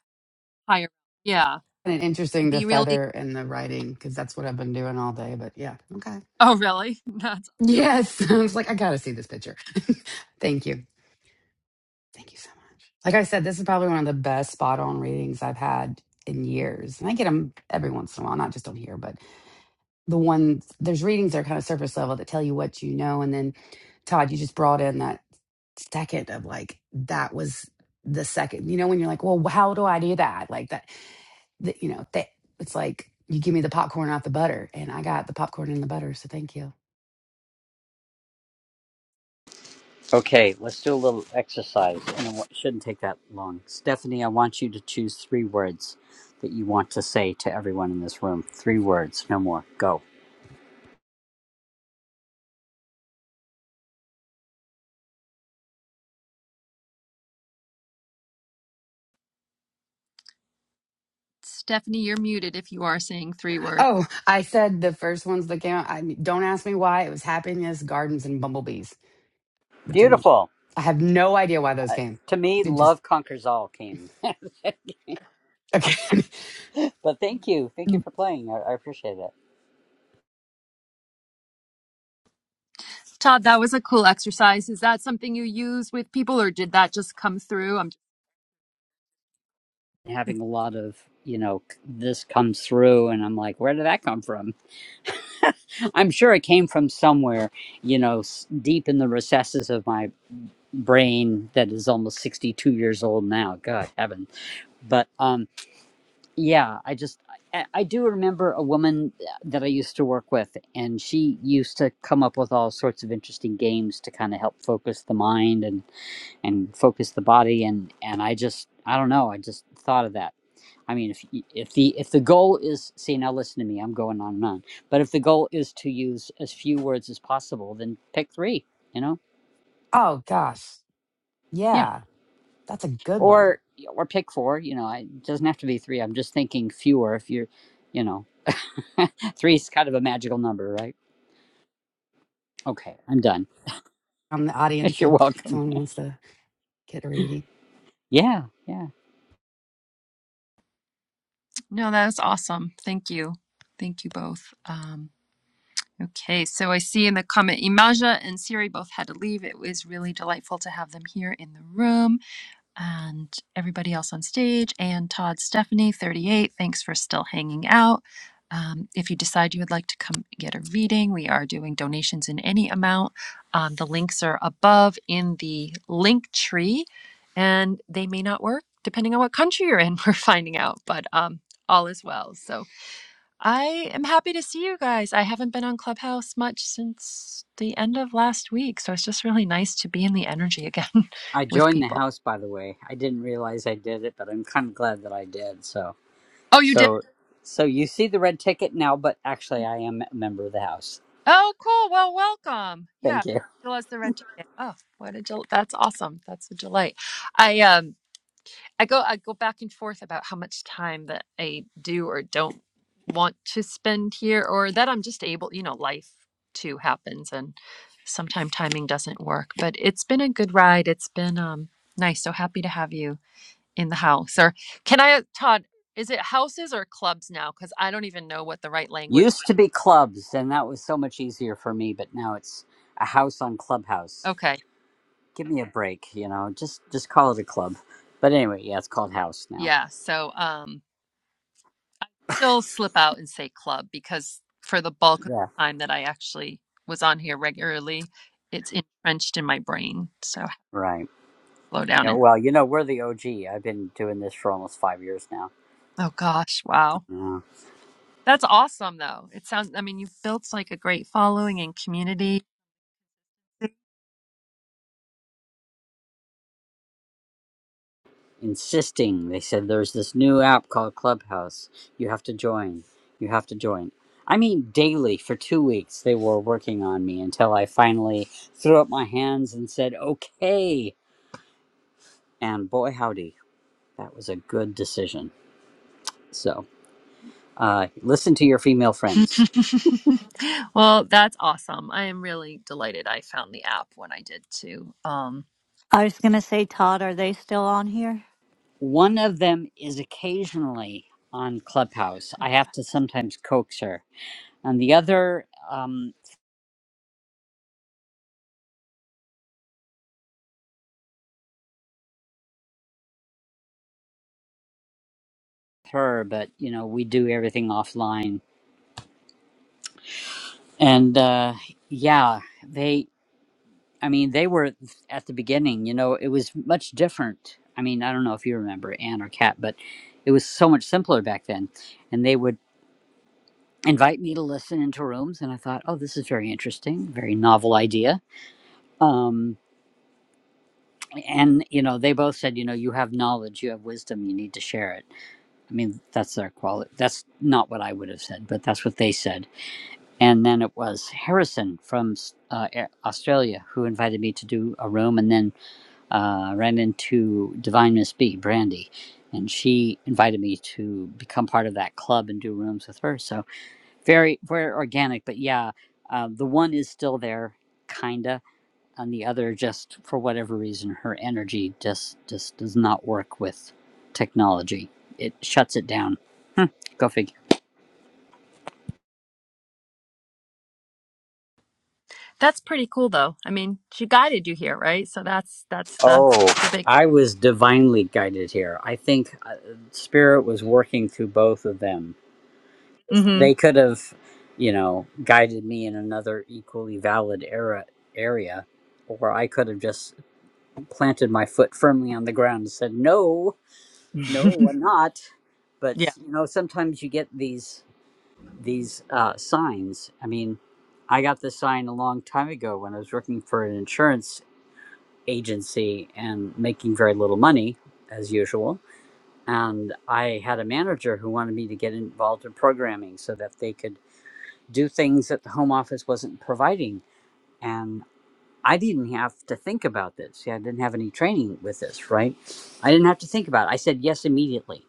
Speaker 1: higher yeah
Speaker 14: and interesting the
Speaker 1: be really
Speaker 14: feather and the writing because that's what I've been doing all day. But yeah, okay.
Speaker 1: oh really (laughs) that's
Speaker 14: Yes. (laughs) I was like, I gotta see this picture. (laughs) Thank you. Thank you so much. Like I said, this is probably one of the best spot on readings I've had in years. And I get them every once in a while, not just on here, but the ones, there's readings that are kind of surface level that tell you what you know. And then, Todd, you just brought in that second of like, that was the second, you know, when you're like, well, how do I do that? Like that, that you know, that it's like, you give me the popcorn, not the butter. And I got the popcorn and the butter. So thank you.
Speaker 8: Okay, let's do a little exercise, and it wa- shouldn't take that long. Stephanie, I want you to choose three words that you want to say to everyone in this room. Three words, no more. Go.
Speaker 1: stephanie you're muted if you are saying three words
Speaker 14: Oh, I said the first ones that came out. I mean, don't ask me why. It was happiness, gardens, and bumblebees, which I'm.
Speaker 8: Beautiful.
Speaker 14: I have no idea why those
Speaker 8: Uh,
Speaker 14: came.
Speaker 8: to me,
Speaker 14: It just
Speaker 8: love conquers all came. (laughs) but
Speaker 14: okay.
Speaker 8: thank you. Thank you for playing. I, I appreciate it.
Speaker 1: todd that was a cool exercise is that something you use with people or did that just come through I'm
Speaker 8: having a lot of you know this comes through and i'm like where did that come from i'm sure it came from somewhere you know s- deep in the recesses of my brain that is almost 62 years old now god heaven but um yeah i just I, I do remember a woman uh, that i used to work with and she used to come up with all sorts of interesting games to kind of help focus the mind and and focus the body and and i just i don't know i just thought of that I mean, if if the if the goal is see now, listen to me. I'm going on and on. But if the goal is to use as few words as possible, then pick three. You know,
Speaker 14: (laughs) oh gosh,
Speaker 8: yeah,
Speaker 14: yeah, that's a good one.
Speaker 8: or or pick four. You know, I, it doesn't have to be three. I'm just thinking fewer. If you're, you know, (laughs) three's kind of a magical number, right? Okay, I'm done.
Speaker 14: I'm the
Speaker 8: (laughs)
Speaker 14: audience,
Speaker 8: You're
Speaker 14: if
Speaker 8: welcome.
Speaker 14: someone wants to get reading.
Speaker 8: Yeah, yeah.
Speaker 1: No, that was awesome. Thank you. Thank you both. Um, okay, so I see in the comment, Imaja and Siri both had to leave. It was really delightful to have them here in the room and everybody else on stage, and Todd Stephanie, 38. Thanks for still hanging out. Um, if you decide you would like to come get a reading, we are doing donations in any amount. Um, the links are above in the link tree, and they may not work depending on what country you're in. (laughs) We're finding out, but um, all is well. So I am happy to see you guys. I haven't been on Clubhouse much since the end of last week, so it's just really nice to be in the energy again (laughs)
Speaker 8: I
Speaker 1: with
Speaker 8: joined the
Speaker 1: people.
Speaker 8: house, by the way. I didn't realize I did it, but I'm kind of glad that I did. So,
Speaker 1: Oh, you did?
Speaker 8: so, so you see the red ticket now, but actually, I am a member of the house.
Speaker 1: Oh, cool. Well, welcome. Yeah,
Speaker 8: Thank you.
Speaker 1: still has the red ticket. Oh, what a del- that's awesome. That's a delight. I um I go I go back and forth about how much time that I do or don't want to spend here or that I'm just able, you know, life too happens and sometimes timing doesn't work. But it's been a good ride. It's been um nice. So happy to have you in the house. Or can I Todd, is it houses or clubs now? Because I don't even know what the right language.
Speaker 8: Used to be clubs, and that was so much easier for me. But now it's a house on Clubhouse.
Speaker 1: Okay.
Speaker 8: Give me a break, you know. Just just call it a club. But anyway, yeah, it's called House now.
Speaker 1: Yeah. So um still slip out and say club because for the bulk of
Speaker 8: Yeah,
Speaker 1: the time that I actually was on here regularly, it's entrenched in my brain. So I have to
Speaker 8: right.
Speaker 1: slow down
Speaker 8: Yeah,
Speaker 1: and
Speaker 8: well, you know, we're the OG. I've been doing this for almost five years now.
Speaker 1: oh gosh, wow.
Speaker 8: Yeah.
Speaker 1: That's awesome though. It sounds I mean you've built like a great following and community.
Speaker 8: Insisting, they said there's this new app called Clubhouse. You have to join. You have to join. I mean, daily for two weeks they were working on me until I finally threw up my hands and said, "Okay." And boy, howdy! That was a good decision. So, uh, listen to your female
Speaker 1: (laughs)
Speaker 8: friends.
Speaker 1: well, that's awesome. I am really delighted I found the app when I did too. Um
Speaker 13: I was going to say, Todd, are they still on here?
Speaker 8: One of them is occasionally on Clubhouse. I
Speaker 13: Okay.
Speaker 8: have to sometimes coax her, and the other, um, her. But you know, we do everything offline. And uh, yeah, they. I mean, they were at the beginning. You know, it was much different. I mean, I don't know if you remember Anne or Kat, but it was so much simpler back then. And they would invite me to listen into rooms and i thought oh this is very interesting very novel idea um, and you know they both said you know you have knowledge you have wisdom you need to share it i mean that's their quality that's not what i would have said but that's what they said and then it was harrison from uh, australia who invited me to do a room and then uh, ran into divine miss b brandy and she invited me to become part of that club and do rooms with her so very very organic but yeah uh, the one is still there kinda and the other just for whatever reason her energy just just does not work with technology it shuts it down go figure
Speaker 1: that's pretty cool though. I mean, she guided you here, right? So that's that's the
Speaker 8: Oh,
Speaker 1: the big
Speaker 8: I was divinely guided here. I think uh, spirit was working through both of them. They
Speaker 1: Mhm.
Speaker 8: could have, you know, guided me in another equally valid era area, or I could have just planted my foot firmly on the ground and said no. no i'm
Speaker 1: (laughs)
Speaker 8: not but
Speaker 1: yeah.
Speaker 8: you know sometimes you get these these uh, signs i mean i got this sign a long time ago when i was working for an insurance agency and making very little money as usual and i had a manager who wanted me to get involved in programming so that they could do things that the home office wasn't providing and i didn't have to think about this See, i didn't have any training with this right i didn't have to think about it i said yes immediately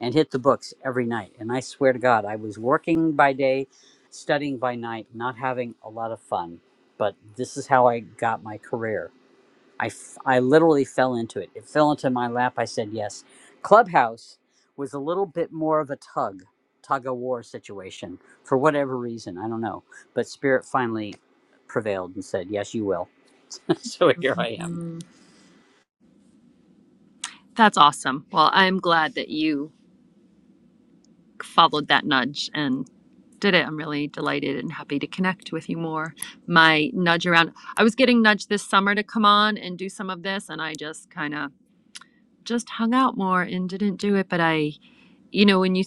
Speaker 8: and hit the books every night. And I swear to God, I was working by day, studying by night, not having a lot of fun. But this is how I got my career. I, f- I literally fell into it. It fell into my lap. I said yes. Clubhouse was a little bit more of a tug, tug of war situation for whatever reason. I don't know. But Spirit finally prevailed and said, yes, you will. (laughs) so here I am.
Speaker 1: That's awesome. Well, I'm glad that you followed that nudge and did it. I'm really delighted and happy to connect with you more. My nudge around, I was getting nudged this summer to come on and do some of this, and I just kind of just hung out more and didn't do it. But I, you know, when you,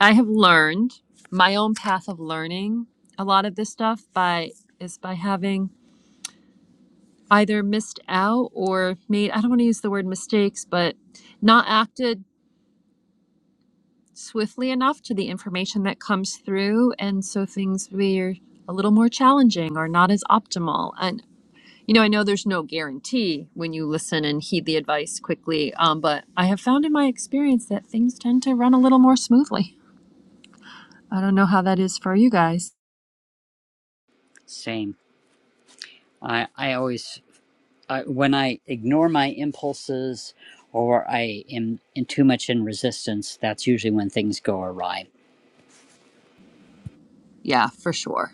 Speaker 1: I have learned my own path of learning a lot of this stuff by is by having either missed out or made, I don't want to use the word mistakes, but not acted swiftly enough to the information that comes through and so things were a little more challenging or not as optimal and you know i know there's no guarantee when you listen and heed the advice quickly um, but i have found in my experience that things tend to run a little more smoothly i don't know how that is for you guys
Speaker 8: Same. I, I always I, when I ignore my impulses or I am in too much in resistance, that's usually when things go awry.
Speaker 1: yeah for sure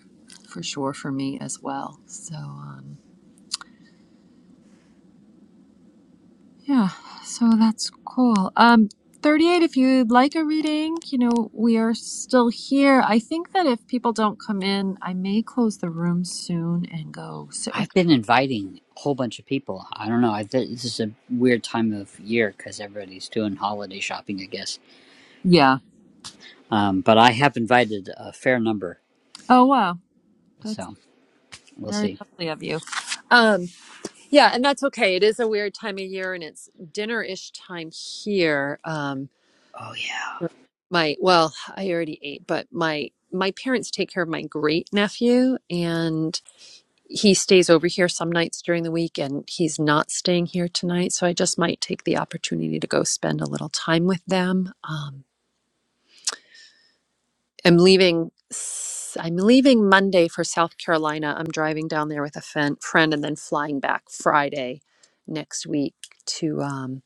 Speaker 1: for sure for me as well so um, Yeah, so that's cool. Um, 38, if you'd like a reading, you know, we are still here. I think that if people don't come in, I may close the room soon and go sit with.
Speaker 8: I've been inviting a whole bunch of people. I don't know. I, this is a weird time of year because everybody's doing holiday shopping, I guess.
Speaker 1: Yeah.
Speaker 8: Um, but I have invited a fair number,
Speaker 1: Oh, wow. That's
Speaker 8: so we'll
Speaker 1: very
Speaker 8: see.
Speaker 1: lovely of you. Um, yeah, and that's okay. It is a weird time of year and it's dinner-ish time here. Um,
Speaker 8: Oh yeah.
Speaker 1: my, well, I already ate, but my my parents take care of my great nephew and he stays over here some nights during the week and he's not staying here tonight so i just might take the opportunity to go spend a little time with them um, i'm leaving i i'm leaving monday for south carolina i'm driving down there with a fen- friend and then flying back friday next week to um,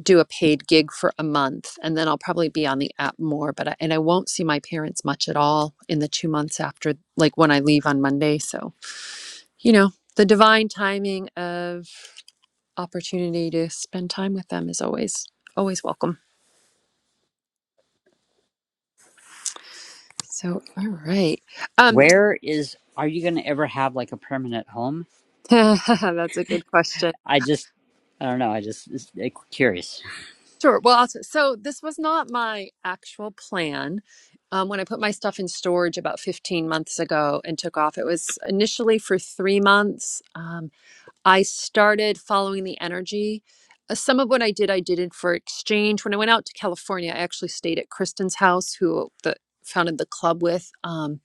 Speaker 1: do a paid gig for a month and then i'll probably be on the app more but I, and i won't see my parents much at all in the two months after like when i leave on monday so you know the divine timing of opportunity to spend time with them is always always welcome. So, all right. Um
Speaker 8: Where is? Are you going to ever have like a permanent home?
Speaker 1: (laughs) that's a good question.
Speaker 8: I just, I don't know. I just it's, it's curious.
Speaker 1: Sure. Well, I'll t- so this was not my actual plan. Um, when I put my stuff in storage about 15 months ago and took off, it was initially for three months. Um, I started following the energy. Uh, some of what I did, I did it for exchange. When I went out to California, I actually stayed at Kristen's house, who the founded the club with. Um,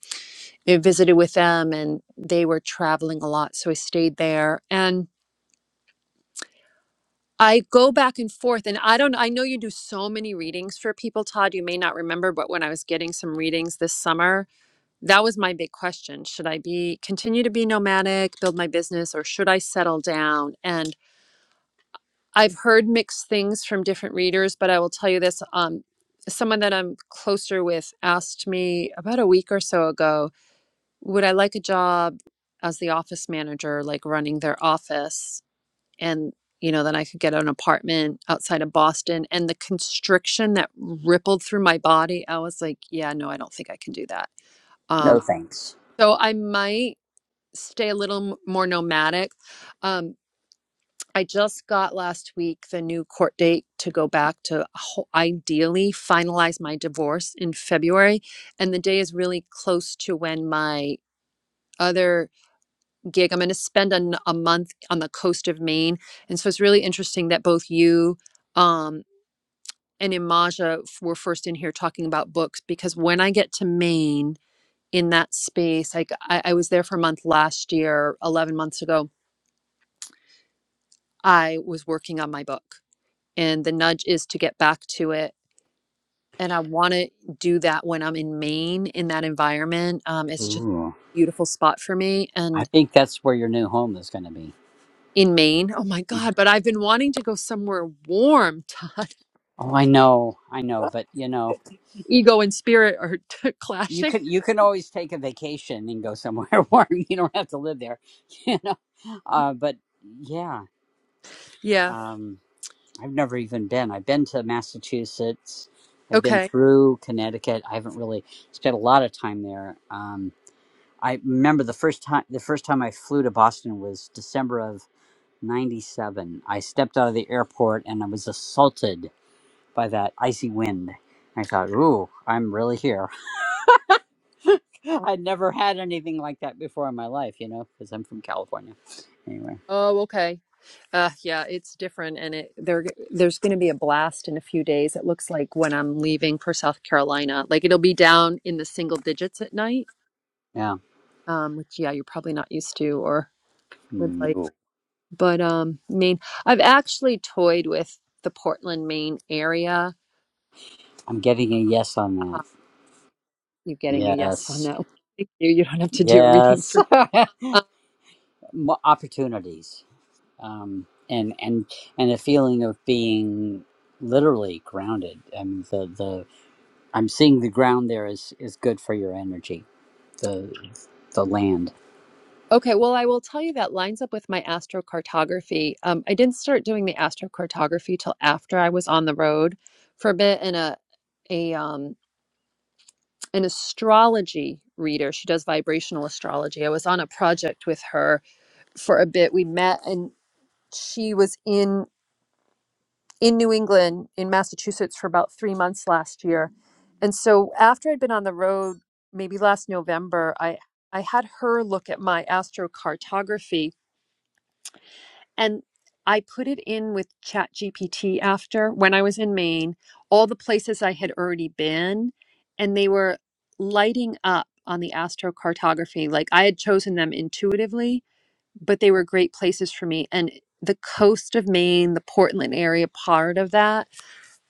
Speaker 1: I visited with them and they were traveling a lot. So I stayed there and I go back and forth. And I don't, I know you do so many readings for people, Todd. You may not remember, but when I was getting some readings this summer, that was my big question. Should I be, continue to be nomadic, build my business, or should I settle down? And I've heard mixed things from different readers, but I will tell you this. Um, someone that I'm closer with asked me about a week or so ago Would I like a job as the office manager, like running their office? And, you know, then I could get an apartment outside of Boston. And the constriction that rippled through my body, I was like, yeah, no, I don't think I can do that.
Speaker 8: No
Speaker 1: Um,
Speaker 8: thanks.
Speaker 1: so I might stay a little m- more nomadic. Um, I just got last week the new court date to go back to ho- ideally finalize my divorce in February. And the day is really close to when my other gig. I'm going to spend an, a month on the coast of Maine. And so it's really interesting that both you um, and Imaja were first in here talking about books because when I get to Maine in that space, like I, I was there for a month last year, 11 months ago, I was working on my book. And the nudge is to get back to it. And I want to do that when I'm in Maine in that environment. Um, it's just a
Speaker 8: Ooh.
Speaker 1: beautiful spot for me.
Speaker 8: I
Speaker 1: And
Speaker 8: think that's where your new home is going to be.
Speaker 1: in Maine. Oh my God, but I've been wanting to go somewhere warm, (laughs) Todd.
Speaker 8: Oh, I know, I know, but you know,
Speaker 1: ego and spirit are (laughs)
Speaker 8: you
Speaker 1: clashing.
Speaker 8: can you can always take a vacation and go somewhere (laughs) warm. You don't have to live there, (laughs) you know. Uh, but yeah,
Speaker 1: Yeah.
Speaker 8: um, I've never even been. I've been to Massachusetts. I've been
Speaker 1: Okay.
Speaker 8: through Connecticut. I haven't really spent a lot of time there. Um, I remember the first time the first time I flew to Boston was December of '97. I stepped out of the airport and I was assaulted by that icy wind. I thought, "Ooh, I'm really here." I'd never had anything like that before in my life, you know, because I'm from California. Anyway,
Speaker 1: Oh, okay. Uh, yeah, it's different, and it there there's going to be a blast in a few days. It looks like when I'm leaving for South Carolina, like it'll be down in the single digits at night,
Speaker 8: yeah,
Speaker 1: um, which yeah, you're probably not used to or would like.
Speaker 8: no,
Speaker 1: But um, Maine, I've actually toyed with the Portland, Maine area.
Speaker 8: I'm getting a yes on
Speaker 1: Uh,
Speaker 8: that.
Speaker 1: you're getting a yes on
Speaker 8: Yes,
Speaker 1: that. (laughs) one. Thank you. You don't have to do a reading
Speaker 8: yes,
Speaker 1: for me.
Speaker 8: (laughs) Mo- opportunities, um, and and and a feeling of being literally grounded. I mean, the the I'm seeing the ground there is is good for your energy. The the land.
Speaker 1: Okay, well, I will tell you that lines up with my astrocartography. Um, I didn't start doing the astrocartography till after I was on the road for a bit in a a um, an astrology reader. She does vibrational astrology. I was on a project with her for a bit. We met, and she was in in New England, in Massachusetts, for about three months last year. And so, after I'd been on the road, maybe last November, I I had her look at my astrocartography And I put it in with ChatGPT after when I was in Maine, all the places I had already been, and they were lighting up on the astrocartography. Like I had chosen them intuitively, but they were great places for me. And the coast of Maine, the Portland area part of that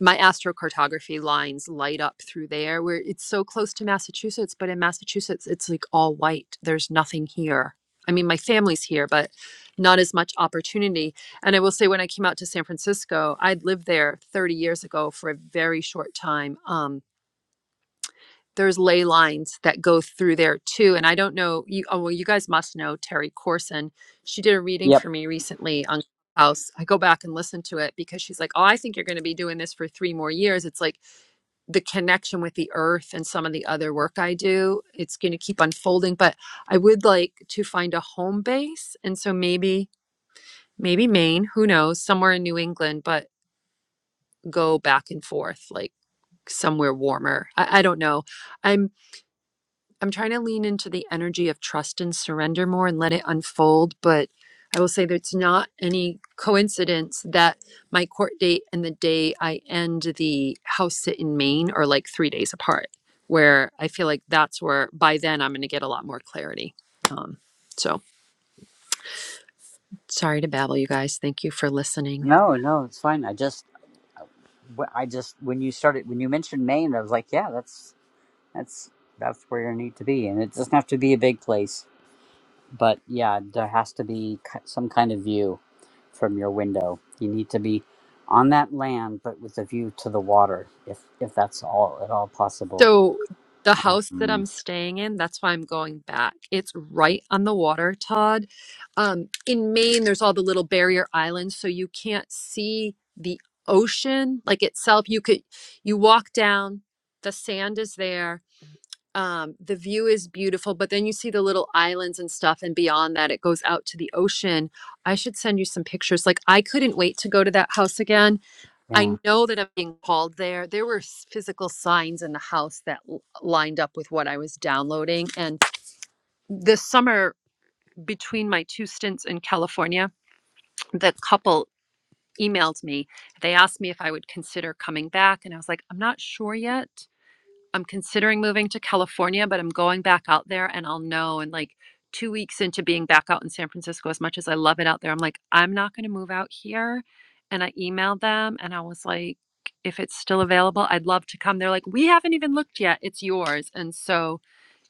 Speaker 1: my astrocartography lines light up through there where it's so close to Massachusetts, but in Massachusetts, it's like all white. There's nothing here. I mean, my family's here, but not as much opportunity. And I will say, when I came out to San Francisco, I'd lived there 30 years ago for a very short time. Um, there's ley lines that go through there too. And I don't know, you, oh, well, you guys must know Terry Corson. She did a reading
Speaker 8: Yep.
Speaker 1: for me recently on house. I go back and listen to it because she's like, "Oh, I think you're going to be doing this for 3 more years." It's like the connection with the earth and some of the other work I do, it's going to keep unfolding. But I would like to find a home base. And so maybe, maybe Maine, who knows, somewhere in New England, but go back and forth, like somewhere warmer. I, I don't know. I'm. I'm trying to lean into the energy of trust and surrender more and let it unfold. But I will say that it's not any coincidence that my court date and the day I end the house sit in Maine are like three days apart, where I feel like that's where by then I'm going to get a lot more clarity. Um, so sorry to babble, you guys. Thank you for listening.
Speaker 8: No, no, it's fine. I just, wh- I just when you started when you mentioned Maine, I was like, yeah, that's That's that's where you need to be, and it doesn't have to be a big place. But yeah, there has to be some kind of view from your window. You need to be on that land, but with a view to the water, if if that's all at all possible.
Speaker 1: So the house that
Speaker 8: Mm.
Speaker 1: I'm staying in, that's why I'm going back. It's right on the water, Todd. Um, in Maine, there's all the little barrier islands, so you can't see the ocean like itself. You could you walk down, the sand is there. Um, the view is beautiful, but then you see the little islands and stuff, and beyond that, it goes out to the ocean. I should send you some pictures. Like, I couldn't wait to go to that house again
Speaker 8: Yeah,
Speaker 1: I know that I'm being called there. There were s- physical signs in the house that l- lined up with what I was downloading. And this summer, between my two stints in California, the couple emailed me. They asked me if I would consider coming back. And I was like, I'm not sure yet. I'm considering moving to California, but I'm going back out there and I'll know in like two weeks into being back out in San Francisco, as much as I love it out there, I'm like, I'm not going to move out here. And I emailed them and I was like, if it's still available, I'd love to come. They're like, we haven't even looked yet. It's yours. And so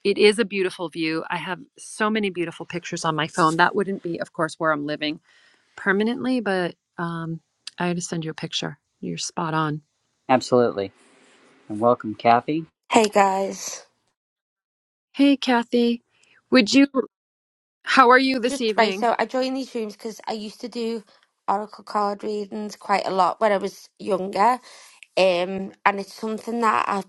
Speaker 1: it is a beautiful view. I have so many beautiful pictures on my phone. That wouldn't be, of course, where I'm living permanently, but um, I had to send you a picture. You're spot on.
Speaker 8: absolutely. And welcome, Kathy.
Speaker 15: Hey guys,
Speaker 1: Hey, Kathy. Would you How are you this
Speaker 15: just right.
Speaker 1: evening?
Speaker 15: So I joined these rooms because I used to do oracle card readings quite a lot when I was younger, um, and it's something that I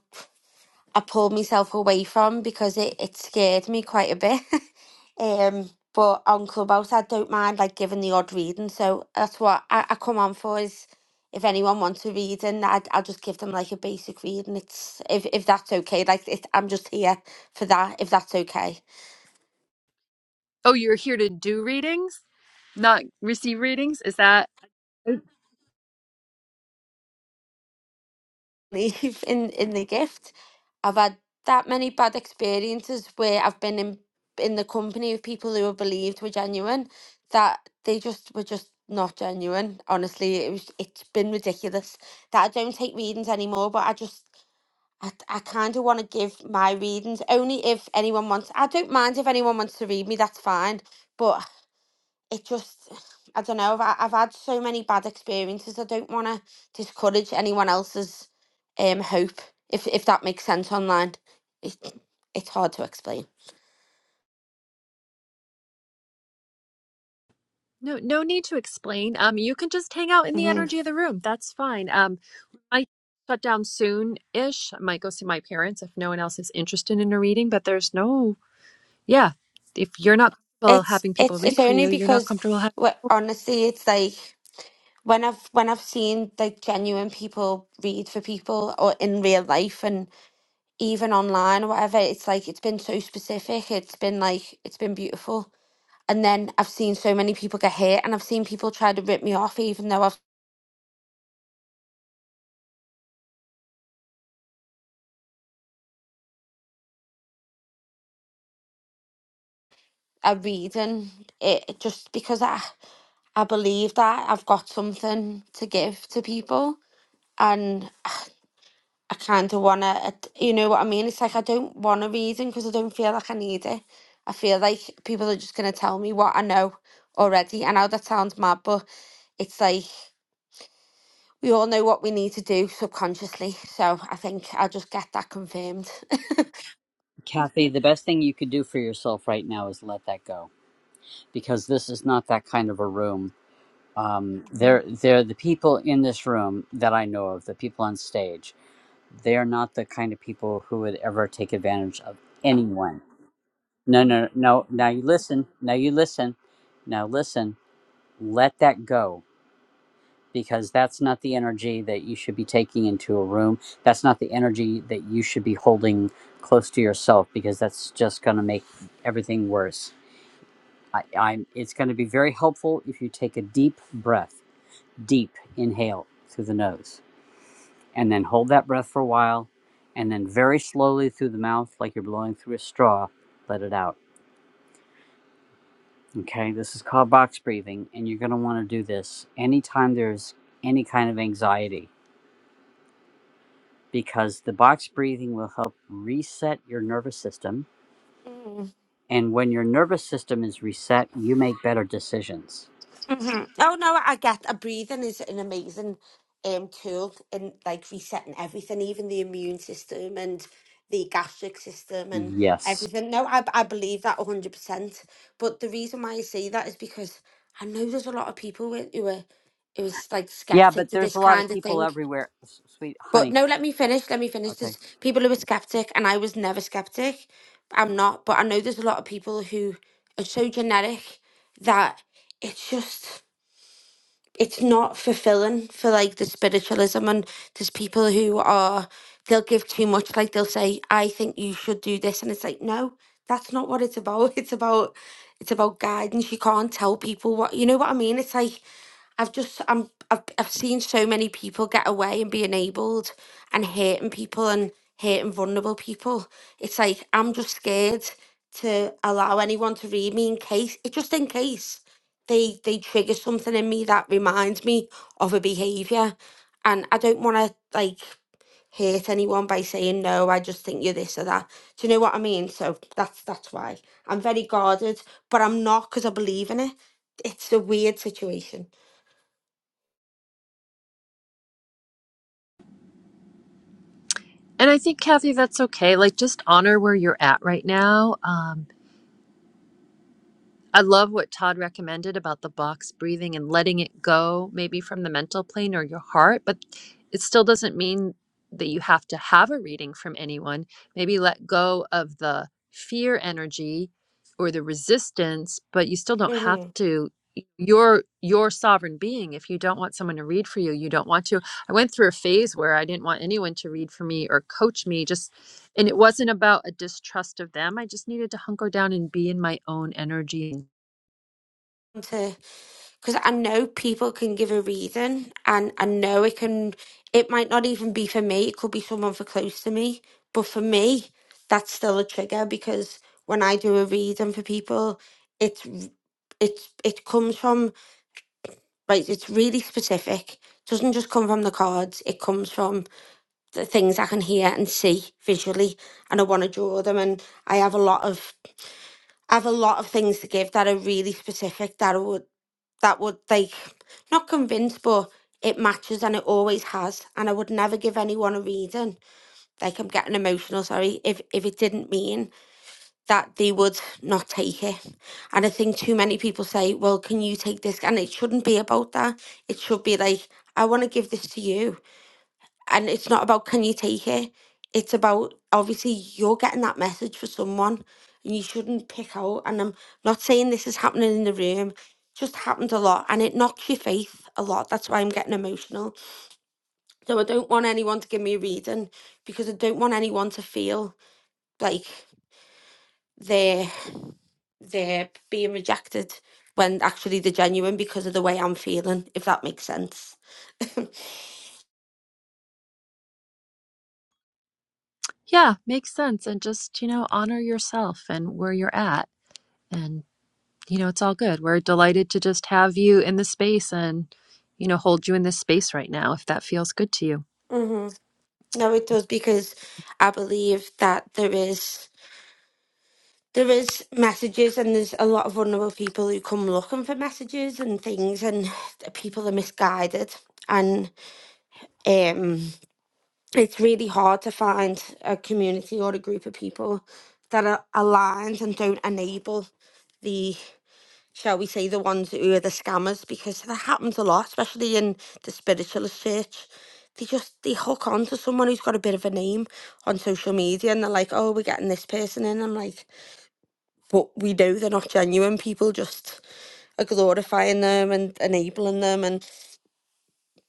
Speaker 15: I pulled myself away from because it it scared me quite a bit. (laughs) um, but on Clubhouse, I don't mind like giving the odd reading, so that's what I, I come on for. Is if anyone wants a reading, I'd, I'll just give them like a basic reading. It's if if that's okay. Like it, I'm just here for that. If that's okay.
Speaker 1: Oh, you're here to do readings, not receive readings? Is that
Speaker 15: leave in in the gift. I've had that many bad experiences where I've been in in the company of people who were believed were genuine that they just were just not genuine. Honestly, it was it's been ridiculous that I don't take readings anymore, but I just I, I kind of want to give my readings only if anyone wants. I don't mind if anyone wants to read me, that's fine. But it just I don't know. I've I've had so many bad experiences. I don't want to discourage anyone else's um hope. If if that makes sense online, it, it's hard to explain.
Speaker 1: No, no need to explain. Um, you can just hang out in the
Speaker 15: hmm
Speaker 1: energy of the room. That's fine. Um, I shut down soon-ish. I might go see my parents if no one else is interested in a reading, but there's no, yeah. If you're not comfortable
Speaker 15: It's
Speaker 1: having people
Speaker 15: it's it's
Speaker 1: read for
Speaker 15: only
Speaker 1: you, you're not
Speaker 15: because
Speaker 1: comfortable having
Speaker 15: wh- honestly, it's like when I've when I've seen like genuine people read for people or in real life and even online or whatever. It's like it's been so specific. It's been like it's been beautiful And then I've seen so many people get hurt, and I've seen people try to rip me off, even though I've I read and it just because I I believe that I've got something to give to people, and I kind of wanna, you know what I mean? It's like I don't want a reading because I don't feel like I need it. I feel like people are just gonna tell me what I know already. I know that sounds mad, but it's like we all know what we need to do subconsciously. So I think I'll just get that confirmed.
Speaker 8: Kathy, the best thing you could do for yourself right now is let that go, because this is not that kind of a room. Um, they're they're the people in this room that I know of, the people on stage they are not the kind of people who would ever take advantage of anyone. No, no, no. Now you listen. Now you listen. Now listen. Let that go because that's not the energy that you should be taking into a room. That's not the energy that you should be holding close to yourself because that's just going to make everything worse. I, I'm, it's going to be very helpful if you take a deep breath, deep inhale through the nose and then hold that breath for a while, and then very slowly through the mouth, like you're blowing through a straw, let it out. Okay, this is called box breathing, and you're going to want to do this anytime there's any kind of anxiety because the box breathing will help reset your nervous system.
Speaker 15: Mm.
Speaker 8: And when your nervous system is reset, you make better decisions.
Speaker 15: hmm Oh no, I get a breathing is an amazing um tool in like resetting everything, even the immune system and the gastric system and
Speaker 8: Yes.
Speaker 15: everything. No, I I believe that one hundred percent. But the reason why I say that is because I know there's a lot of people with, who are who is like
Speaker 8: Yeah,
Speaker 15: skeptic
Speaker 8: but
Speaker 15: to this
Speaker 8: there's a lot of
Speaker 15: kind of
Speaker 8: people
Speaker 15: thing.
Speaker 8: everywhere. S- Sweet
Speaker 15: But
Speaker 8: honey.
Speaker 15: no, let me finish. Let me finish.
Speaker 8: Okay.
Speaker 15: There's people who are skeptic, and I was never skeptic. I'm not, but I know there's a lot of people who are so genetic that it's just it's not fulfilling for like the spiritualism and there's people who are they'll give too much like they'll say i think you should do this and it's like no that's not what it's about (laughs) it's about it's about guidance you can't tell people what you know what i mean it's like I've just I'm I've I've seen so many people get away and be enabled and hurting people and hurting vulnerable people. It's like I'm just scared to allow anyone to read me in case it just in case they they trigger something in me that reminds me of a behavior and I don't want to like hurt anyone by saying no I just think you're this or that. Do you know what I mean? So that's that's why I'm very guarded, but I'm not because I believe in it. It's a weird situation.
Speaker 1: And I think, Kathy, that's okay. Like, just honor where you're at right now. Um, I love what Todd recommended about the box breathing and letting it go, maybe from the mental plane or your heart, but it still doesn't mean that you have to have a reading from anyone. Maybe let go of the fear energy or the resistance, but you still don't have
Speaker 15: Mm-hmm.
Speaker 1: to you're your sovereign being if you don't want someone to read for you you don't want to I went through a phase where I didn't want anyone to read for me or coach me just and it wasn't about a distrust of them. I just needed to hunker down and be in my own energy.
Speaker 15: To because I know people can give a reason, and I know it can. It might not even be for me. It could be someone for close to me, but for me, that's still a trigger because when I do a reason for people, it's r- it's it comes from right. It's really specific. doesn't just come from the cards. It comes from the things I can hear and see visually, and I want to draw them. And I have a lot of I have a lot of things to give that are really specific. That I would that would like not convince, but it matches and it always has and i would never give anyone a reason like i'm getting emotional sorry if if it didn't mean that they would not take it and i think too many people say well can you take this and it shouldn't be about that it should be like i want to give this to you and it's not about can you take it it's about obviously you're getting that message for someone and you shouldn't pick out and i'm not saying this is happening in the room just happens a lot and it knocks your faith a lot that's why i'm getting emotional so i don't want anyone to give me a reading because i don't want anyone to feel like they're they're being rejected when actually they're genuine because of the way I'm feeling, if that makes sense. (laughs)
Speaker 1: Yeah, makes sense and just, you know, honor yourself and where you're at and you know, it's all good. We're delighted to just have you in this space and you know, hold you in this space right now if that feels good to you.
Speaker 15: hmm No, it does because I believe that there is there is messages and there's a lot of vulnerable people who come looking for messages and things and (sighs) people are misguided and um it's really hard to find a community or a group of people that are aligned and don't enable the shall we say the ones who are the scammers because that happens a lot especially in the spiritualist church they just they hook on to someone who's got a bit of a name on social media and they're like oh we're getting this person in i'm like but we know they're not genuine. People just are glorifying them and enabling them, and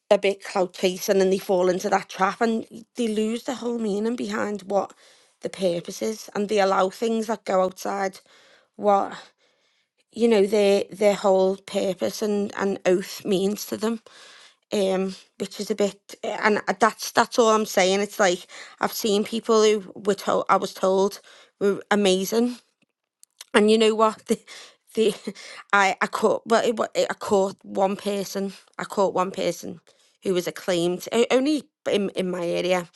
Speaker 15: they're a bit clout chasing, and they fall into that trap, and they lose the whole meaning behind what the purpose is, and they allow things that go outside what you know their their whole purpose and and oath means to them. Um, which is a bit, and that's that's all I'm saying. It's like I've seen people who were told I was told were amazing And you know what? (laughs) The, the I I caught well it, wa- I caught one person. I caught one person who was acclaimed o- only in in my area,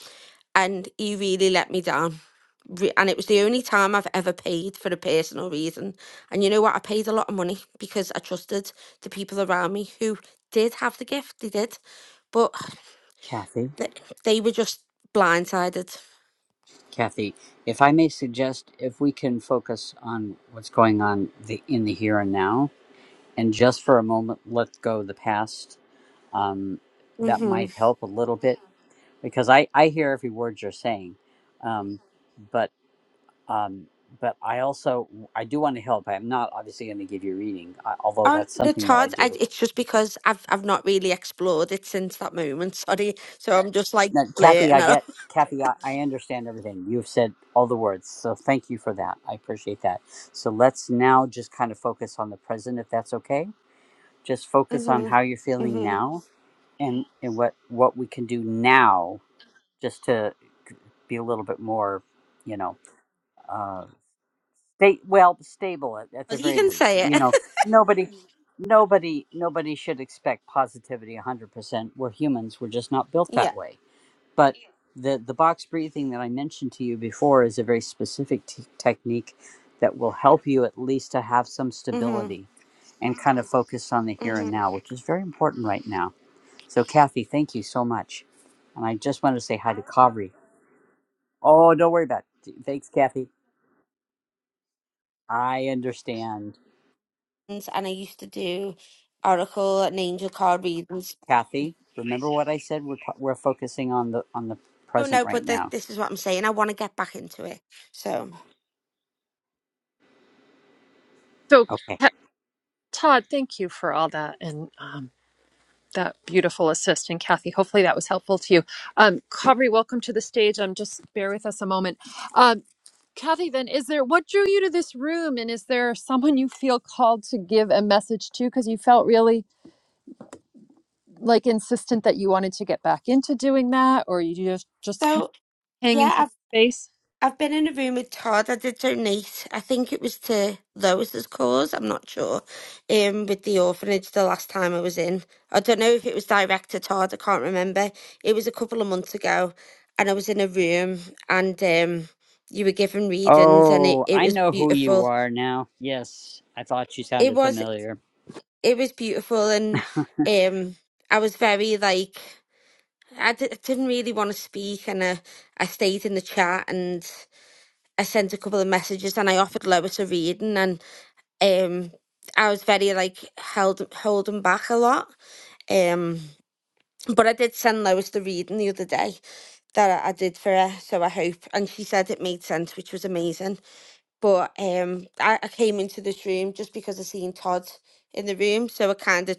Speaker 15: and he really let me down. Re- And it was the only time I've ever paid for a personal reason. And you know what? I paid a lot of money because I trusted the people around me who did have the gift. They did, but
Speaker 8: Kathy.
Speaker 15: they, they were just blindsided.
Speaker 8: Kathy, if I may suggest, if we can focus on what's going on the, in the here and now, and just for a moment let go of the past, um, that
Speaker 15: Mm-hmm.
Speaker 8: might help a little bit because I, I hear every word you're saying, um, but um, but I also I do want to help. I'm not obviously going to give you a reading, a- although
Speaker 15: Um,
Speaker 8: that's
Speaker 15: it's
Speaker 8: something that I
Speaker 15: hard. I,
Speaker 8: do
Speaker 15: it's just because I've I've not really explored it since that moment. Sorry, so I'm just like
Speaker 8: Now, Kathy,
Speaker 15: blatant.
Speaker 8: I
Speaker 15: out.
Speaker 8: get
Speaker 15: (laughs)
Speaker 8: Kathy. I, I understand everything you've said, all the words. So thank you for that. I appreciate that. So let's now just kind of focus on the present, if that's okay. Just focus on
Speaker 15: Mhm.
Speaker 8: how you're feeling
Speaker 15: Mhm.
Speaker 8: now, and and what what we can do now, just to be a little bit more, you know, uh, stay well stable at, at the
Speaker 15: You
Speaker 8: very
Speaker 15: can
Speaker 8: least.
Speaker 15: say it.
Speaker 8: You
Speaker 15: (laughs)
Speaker 8: know, nobody. Nobody, nobody should expect positivity 100%. We're humans. We're just not built that
Speaker 15: Yeah.
Speaker 8: way But the the box breathing that I mentioned to you before is a very specific t- technique that will help you at least to have some
Speaker 15: Mhm.
Speaker 8: stability and kind of focus on the here and
Speaker 15: Mhm.
Speaker 8: now, which is very important right now. So, Kathy, thank you so much. And I just want to say hi to Kavri. Oh, don't worry about it. Thanks, Kathy. I understand.
Speaker 15: and I used to do Oracle and Angel card readings.
Speaker 8: Kathy, remember what I said? We're, t- we're focusing on the on the
Speaker 15: Oh
Speaker 8: present
Speaker 15: no,
Speaker 8: right
Speaker 15: but th-
Speaker 8: now.
Speaker 15: this is what I'm saying. I want to get back into it. So,
Speaker 1: So
Speaker 8: Okay.
Speaker 1: Ca- Todd, thank you for all that and um that beautiful assist and kathy hopefully that was helpful to you um kavri welcome to the stage i'm just bear with us a moment um kathy then is there what drew you to this room and is there someone you feel called to give a message to because you felt really like insistent that you wanted to get back into doing that or you just just kind of
Speaker 15: so
Speaker 1: hang into
Speaker 15: yeah,
Speaker 1: the space
Speaker 15: I've been in a room with Todd. I did donate. I think it was to Lois's cause. I'm not sure. Um, with the orphanage the last time I was in. I don't know if it was direct to Todd. I can't remember. It was a couple of months ago, and I was in a room, and um, you were given readings, and it
Speaker 8: Oh,
Speaker 15: it
Speaker 8: I
Speaker 15: was
Speaker 8: know who you
Speaker 15: beautiful.
Speaker 8: are now. Yes, I thought you
Speaker 15: It
Speaker 8: sounded
Speaker 15: was
Speaker 8: familiar.
Speaker 15: it was beautiful, and
Speaker 8: (laughs)
Speaker 15: um, I was very like I d- I didn't really want to speak, and I I stayed in the chat and. I sent a couple of messages and I offered Lois a reading and um I was very like held holding back a lot. Um but I did send Lois the reading the other day that I, I did for her, so I hope and she said it made sense, which was amazing. But um I, I came into this room just because I seen Todd in the room, so I kinda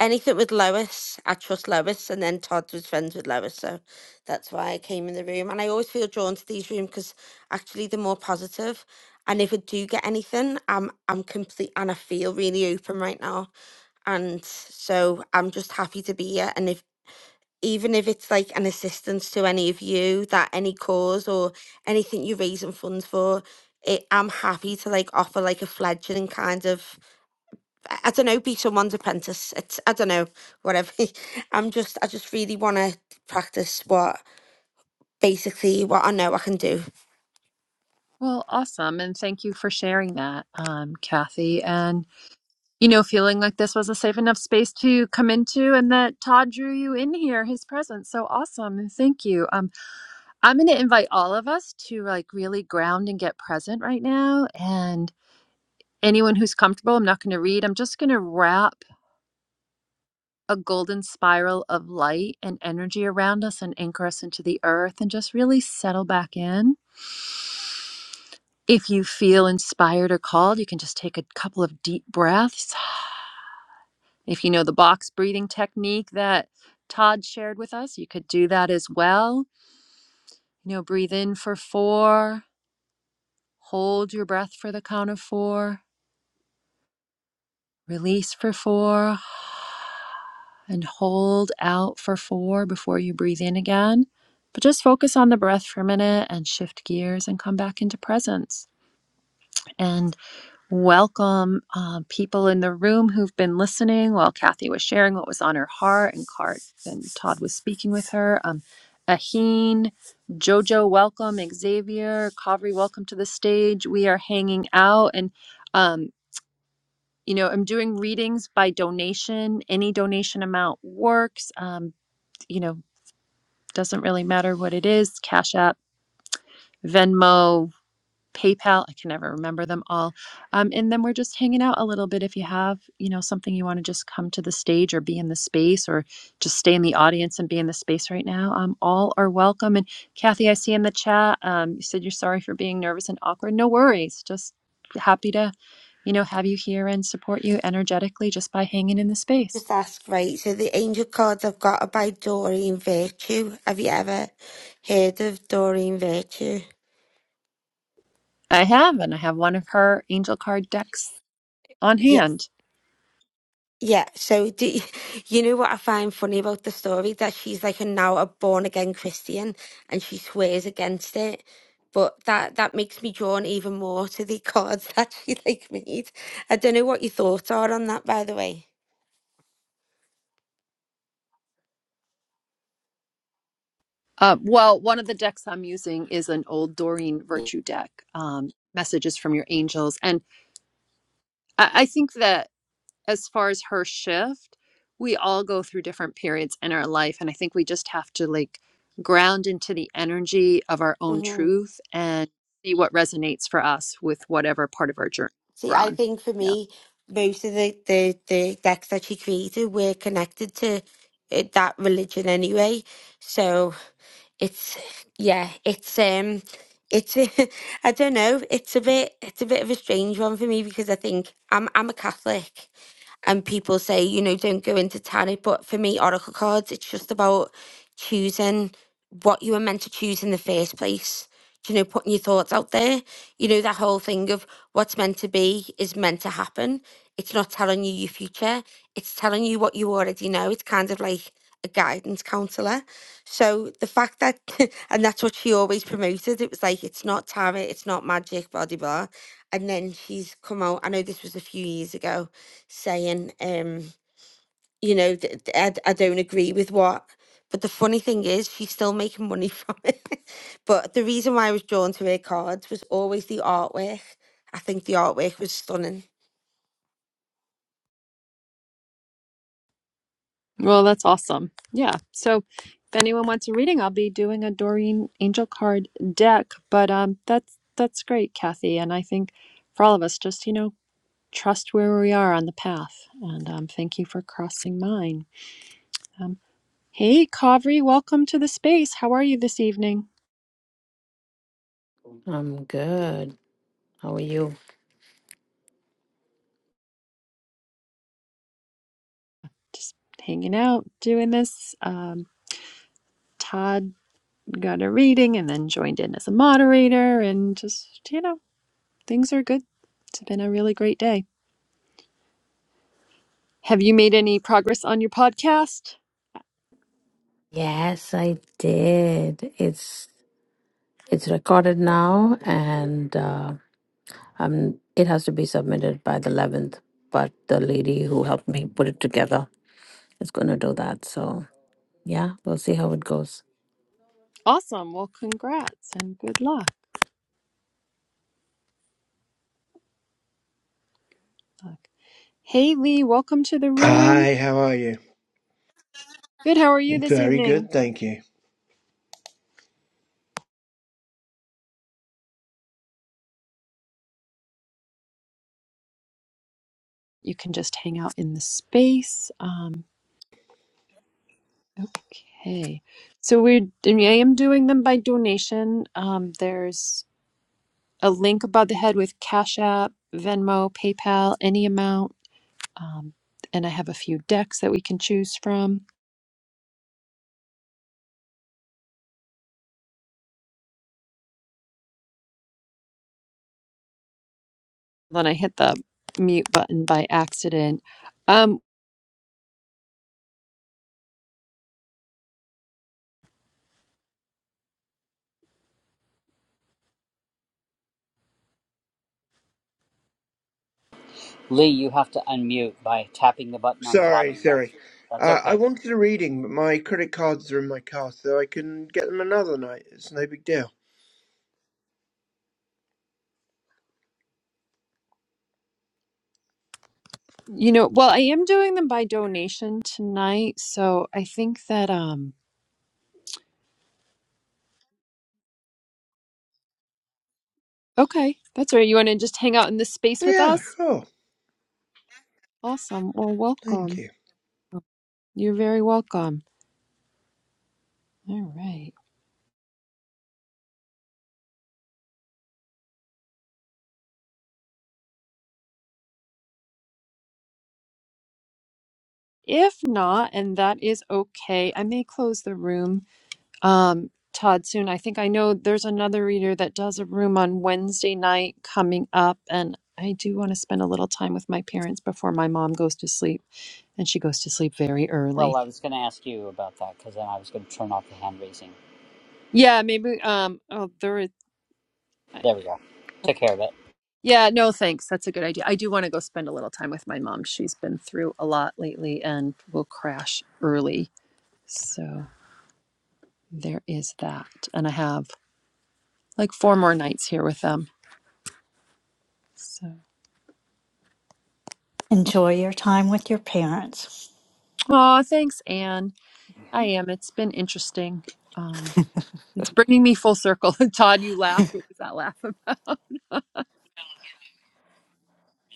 Speaker 15: anything with Lois, I trust Lois, and then Todd was friends with Lois, so that's why I came in the room. And I always feel drawn to these rooms because actually they're more positive. And if I do get anything, I'm I'm complete and I feel really open right now. And so I'm just happy to be here. And if even if it's like an assistance to any of you, that any cause or anything you're raising funds for, it, I'm happy to like offer like a fledgling kind of I I don't know, be someone's apprentice. It's I don't know, whatever. (laughs) I'm just I just really want to practice what basically what I know I can do.
Speaker 1: well awesome and thank you for sharing that um kathy And you know, feeling like this was a safe enough space to come into and that Todd drew you in here, his presence. So awesome. and Thank you. Um, I'm going to invite all of us to like really ground and get present right now. And anyone who's comfortable, I'm not going to read, I'm just going to wrap a golden spiral of light and energy around us and anchor us into the earth and just really settle back in. If you feel inspired or called, you can just take a couple of deep breaths If you know the box breathing technique that Todd shared with us, you could do that as well. You know, breathe in for four, hold your breath for the count of four, release for four, and hold out for four before you breathe in again. But just focus on the breath for a minute and shift gears and come back into presence. and. welcome uh, people in the room who've been listening while Kathy was sharing what was on her heart and Cart and Todd was speaking with her. Um, Aheen, Jojo, welcome. Xavier, Kavri, welcome to the stage. We are hanging out and, um, you know, I'm doing readings by donation. Any donation amount works. Um, you know, doesn't really matter what it is. Cash App, Venmo, PayPal. I can never remember them all. Um, and then we're just hanging out a little bit. If you have, you know, something you want to just come to the stage or be in the space or just stay in the audience and be in the space right now, um, all are welcome. And Kathy, I see in the chat, um, you said you're sorry for being nervous and awkward. No worries. Just happy to, you know, have you here and support you energetically just by hanging in the space.
Speaker 15: Just ask, right? So the angel cards I've got are by Doreen Virtue. Have you ever heard of Doreen Virtue?
Speaker 1: I have, and I have one of her angel card decks on
Speaker 15: Yeah.
Speaker 1: hand.
Speaker 15: Yeah, so do you, (laughs) you know what I find funny about the story? That she's like a now a born again Christian and she swears against it. But that that makes me drawn even more to the cards (laughs) that she like made. I don't know what your thoughts are on that, by the way.
Speaker 1: Uh, well, one of the decks I'm using is an old Doreen Virtue deck, um, Messages from Your Angels. And I, I think that as far as her shift, we all go through different periods in our life. And I think we just have to like ground into the energy of our own
Speaker 15: Mhm.
Speaker 1: truth and see what resonates for us with whatever part of our journey
Speaker 15: See,
Speaker 1: we're
Speaker 15: I
Speaker 1: on.
Speaker 15: think for
Speaker 1: Yeah.
Speaker 15: me, most of the, the, the decks that she created were connected to uh, that religion anyway. So it's yeah it's um it's a, (laughs) I don't know it's a bit it's a bit of a strange one for me because I think I'm I'm a Catholic and people say you know don't go into tarot but for me oracle cards it's just about choosing what you were meant to choose in the first place Do you know putting your thoughts out there you know that whole thing of what's meant to be is meant to happen it's not telling you your future it's telling you what you already know it's kind of like a guidance counselor so the fact that, (laughs) and that's what she always promoted, it was like, it's not tarot, it's not magic, blah, blah, blah. And then she's come out, I know this was a few years ago, saying, um, you know, th- th- I, d- I don't agree with what. But the funny thing is, she's still making money from it. (laughs) but the reason why I was drawn to her cards was always the artwork. I think the artwork was stunning.
Speaker 1: Well, that's awesome. Yeah. So if anyone wants a reading, I'll be doing a Doreen Angel card deck. But um that's that's great, Kathy. And I think for all of us, just you know, trust where we are on the path. And um thank you for crossing mine. Um hey Kavri, welcome to the space. How are you this evening?
Speaker 16: I'm good. How are you?
Speaker 1: Just hanging out, doing this. Um Todd got a reading and then joined in as a moderator and just you know, things are good. It's been a really great day. Have you made any progress on your podcast?
Speaker 16: Yes, I did. It's it's recorded now, and uh, um, it has to be submitted by the eleventh. But the lady who helped me put it together is going to do that. So yeah, we'll see how it goes.
Speaker 1: Awesome. Well, congrats and good luck. Hey, Lee, welcome to the room.
Speaker 17: Hi, how are you?
Speaker 1: Good. How are you this
Speaker 17: Very
Speaker 1: evening?
Speaker 17: good, thank you.
Speaker 1: You can just hang out in the space. Um, okay. So we're I am doing them by donation. Um, there's a link above the head with Cash App, Venmo, PayPal, any amount. Um, and I have a few decks that we can choose from. Then I hit the mute button by accident. Um,
Speaker 8: Lee, you have to unmute by tapping the button on the
Speaker 17: Sorry,
Speaker 8: bottom left.
Speaker 17: sorry.
Speaker 8: That's
Speaker 17: Uh, I
Speaker 8: okay.
Speaker 17: wanted a reading, but my credit cards are in my car, so I can get them another night. It's no big deal.
Speaker 1: You know, well, I am doing them by donation tonight, so I think that um okay, that's all right. You want to just hang out in this space with
Speaker 17: Yeah,
Speaker 1: us?
Speaker 17: sure.
Speaker 1: Awesome. Well,
Speaker 17: Thank
Speaker 1: welcome.
Speaker 17: you.
Speaker 1: Oh, You're very welcome. All right. If not, and that is okay, I may close the room um Todd soon. I think I know there's another reader that does a room on Wednesday night coming up and I do want to spend a little time with my parents before my mom goes to sleep, and she goes to sleep very early.
Speaker 8: Well, I was going to ask you about that because then I was going to turn off the hand raising.
Speaker 1: Yeah, maybe. Um, oh, there is. I-
Speaker 8: There we go. Took
Speaker 1: okay.
Speaker 8: care of it.
Speaker 1: Yeah, no, thanks. That's a good idea. I do want to go spend a little time with my mom. She's been through a lot lately and will crash early. So there is that. And I have like four more nights here with them. So,
Speaker 13: Enjoy your time with your parents.
Speaker 1: oh, thanks, Anne. I am. It's been interesting. Um, it's bringing me full circle. (laughs) Todd, you laughed. What was that laugh about? (laughs)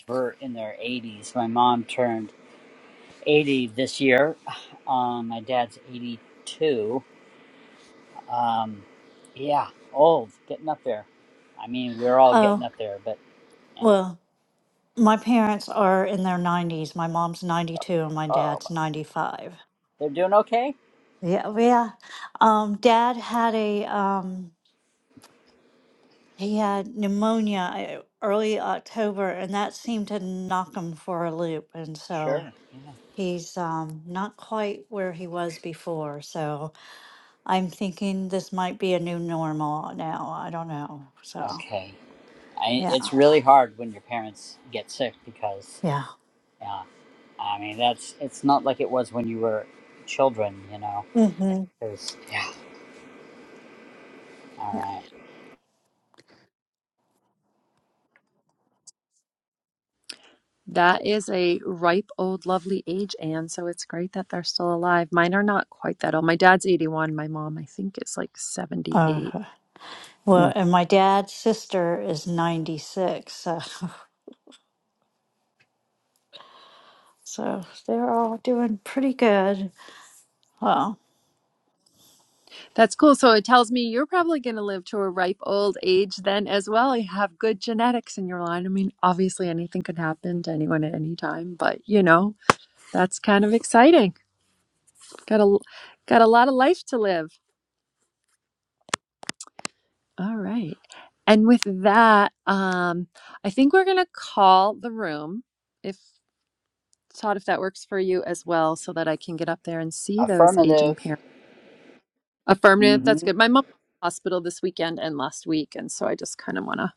Speaker 8: We're in their 80s. My mom turned 80 this year. (sighs) Um, my dad's 82. Um, yeah, old, getting up there. I mean, we're all getting
Speaker 13: Oh,
Speaker 8: up there, but
Speaker 13: well, my parents are in their 90s. My mom's 92 and my
Speaker 8: oh,
Speaker 13: dad's 95.
Speaker 8: they're doing okay.
Speaker 13: Yeah, yeah. Um, Dad had a um, he had pneumonia uh, early October, and that seemed to knock him for a loop, and so
Speaker 8: Sure. Yeah.
Speaker 13: he's um not quite where he was before. So I'm thinking this might be a new normal now. I don't know. So
Speaker 8: Okay. I,
Speaker 13: yeah,
Speaker 8: it's really hard when your parents get sick because.
Speaker 13: yeah,
Speaker 8: yeah, I mean, that's it's not like it was when you were children, you know.
Speaker 13: mm-hmm.
Speaker 8: 'cause- yeah. All
Speaker 13: yeah.
Speaker 8: right.
Speaker 1: That is a ripe old lovely age, Anne, so it's great that they're still alive. Mine are not quite that old. My dad's 81, my mom I think is like
Speaker 13: Uh,
Speaker 1: 78.
Speaker 13: well,
Speaker 1: Yeah.
Speaker 13: and my dad's sister is 96, so so they're all doing pretty good. Well.
Speaker 1: That's cool. So it tells me you're probably going to live to a ripe old age then as well. You have good genetics in your line. I mean, obviously anything could happen to anyone at any time, but you know, that's kind of exciting. Got a got a lot of life to live. All right. And with that, um I think we're going to call the room. If Todd, if that works for you as well, so that I can get up there and see those aging
Speaker 8: Affirmative.
Speaker 1: parents. Affirmative. That's
Speaker 8: Mm-hmm.
Speaker 1: good. My mom was in the hospital this weekend and last week, and so I just kind of want to,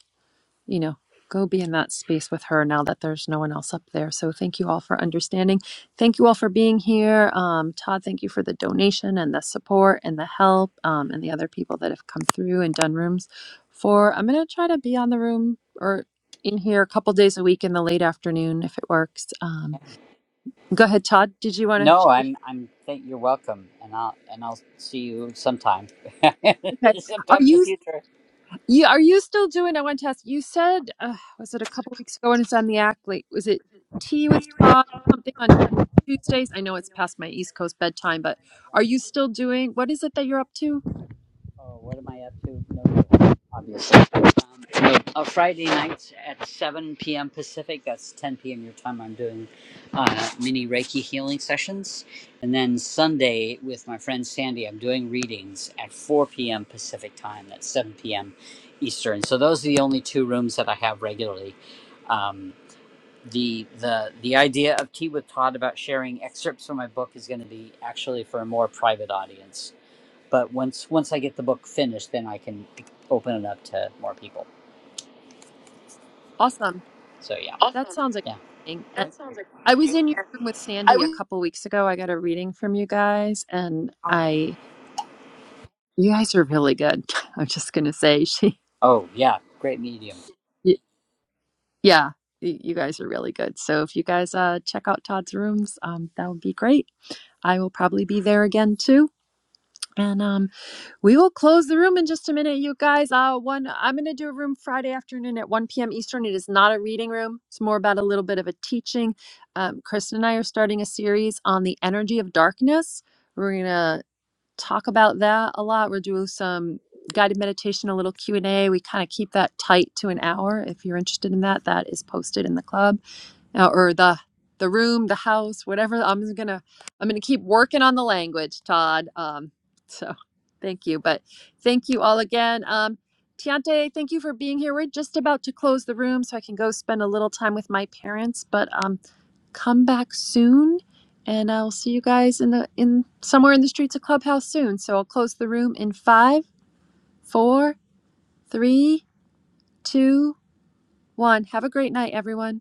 Speaker 1: you know, go be in that space with her now that there's no one else up there. So thank you all for understanding. Thank you all for being here. Um, Todd, thank you for the donation and the support and the help, um, and the other people that have come through and done rooms. For I'm gonna try to be on the room or in here a couple days a week in the late afternoon if it works. Um, go ahead, Todd. Did you want to?
Speaker 8: No, I'm. I'm. Think you're welcome, and I'll and I'll see you sometime,
Speaker 1: Okay.
Speaker 8: (laughs)
Speaker 1: Are
Speaker 8: sometime in the
Speaker 1: you
Speaker 8: future.
Speaker 1: you are you still doing? I want to ask. You said uh, was it a couple weeks ago And it's on the athlete. was it tea with Todd something on Tuesdays? I know it's past my East Coast bedtime, but are you still doing? What is it that you're up to?
Speaker 8: Oh, what am I up to? No, obviously. Um, no, uh, Friday nights at 7 p.m. Pacific, that's 10 p.m. your time, I'm doing uh, mini Reiki healing sessions. And then Sunday with my friend Sandy, I'm doing readings at 4 p.m. Pacific time, that's 7 p.m. Eastern. So those are the only two rooms that I have regularly. Um, the, the the idea of tea with Todd about sharing excerpts from my book is going to be actually for a more private audience but once once I get the book finished, then I can open it up to more people.
Speaker 1: Awesome.
Speaker 8: So yeah,
Speaker 1: That sounds
Speaker 8: yeah.
Speaker 1: exciting. And I was in your room with Sandy a couple weeks ago. I got a reading from you guys, and I you guys are really good. (laughs) I'm just gonna say she
Speaker 8: Oh yeah, great medium.
Speaker 1: y- yeah. y- You guys are really good. So if you guys uh, check out Todd's rooms, um, that would be great. I will probably be there again too. And um, we will close the room in just a minute, you guys. Uh, one, I'm going to do a room Friday afternoon at 1 p.m. Eastern. It is not a reading room. It's more about a little bit of a teaching. Um, Kristen and I are starting a series on the energy of darkness. We're going to talk about that a lot. We'll do some guided meditation, a little Q and A. We kind of keep that tight to an hour. If you're interested in that, that is posted in the club uh, or the the room, the house, whatever. I'm just gonna I'm gonna keep working on the language, Todd. Um, (laughs) so thank you, but thank you all again. Um, Tiante, thank you for being here. We're just about to close the room, so I can go spend a little time with my parents. But um, come back soon, and I'll see you guys in the in somewhere in the streets of Clubhouse soon. So I'll close the room in five, four, three, two, one. Have a great night, everyone.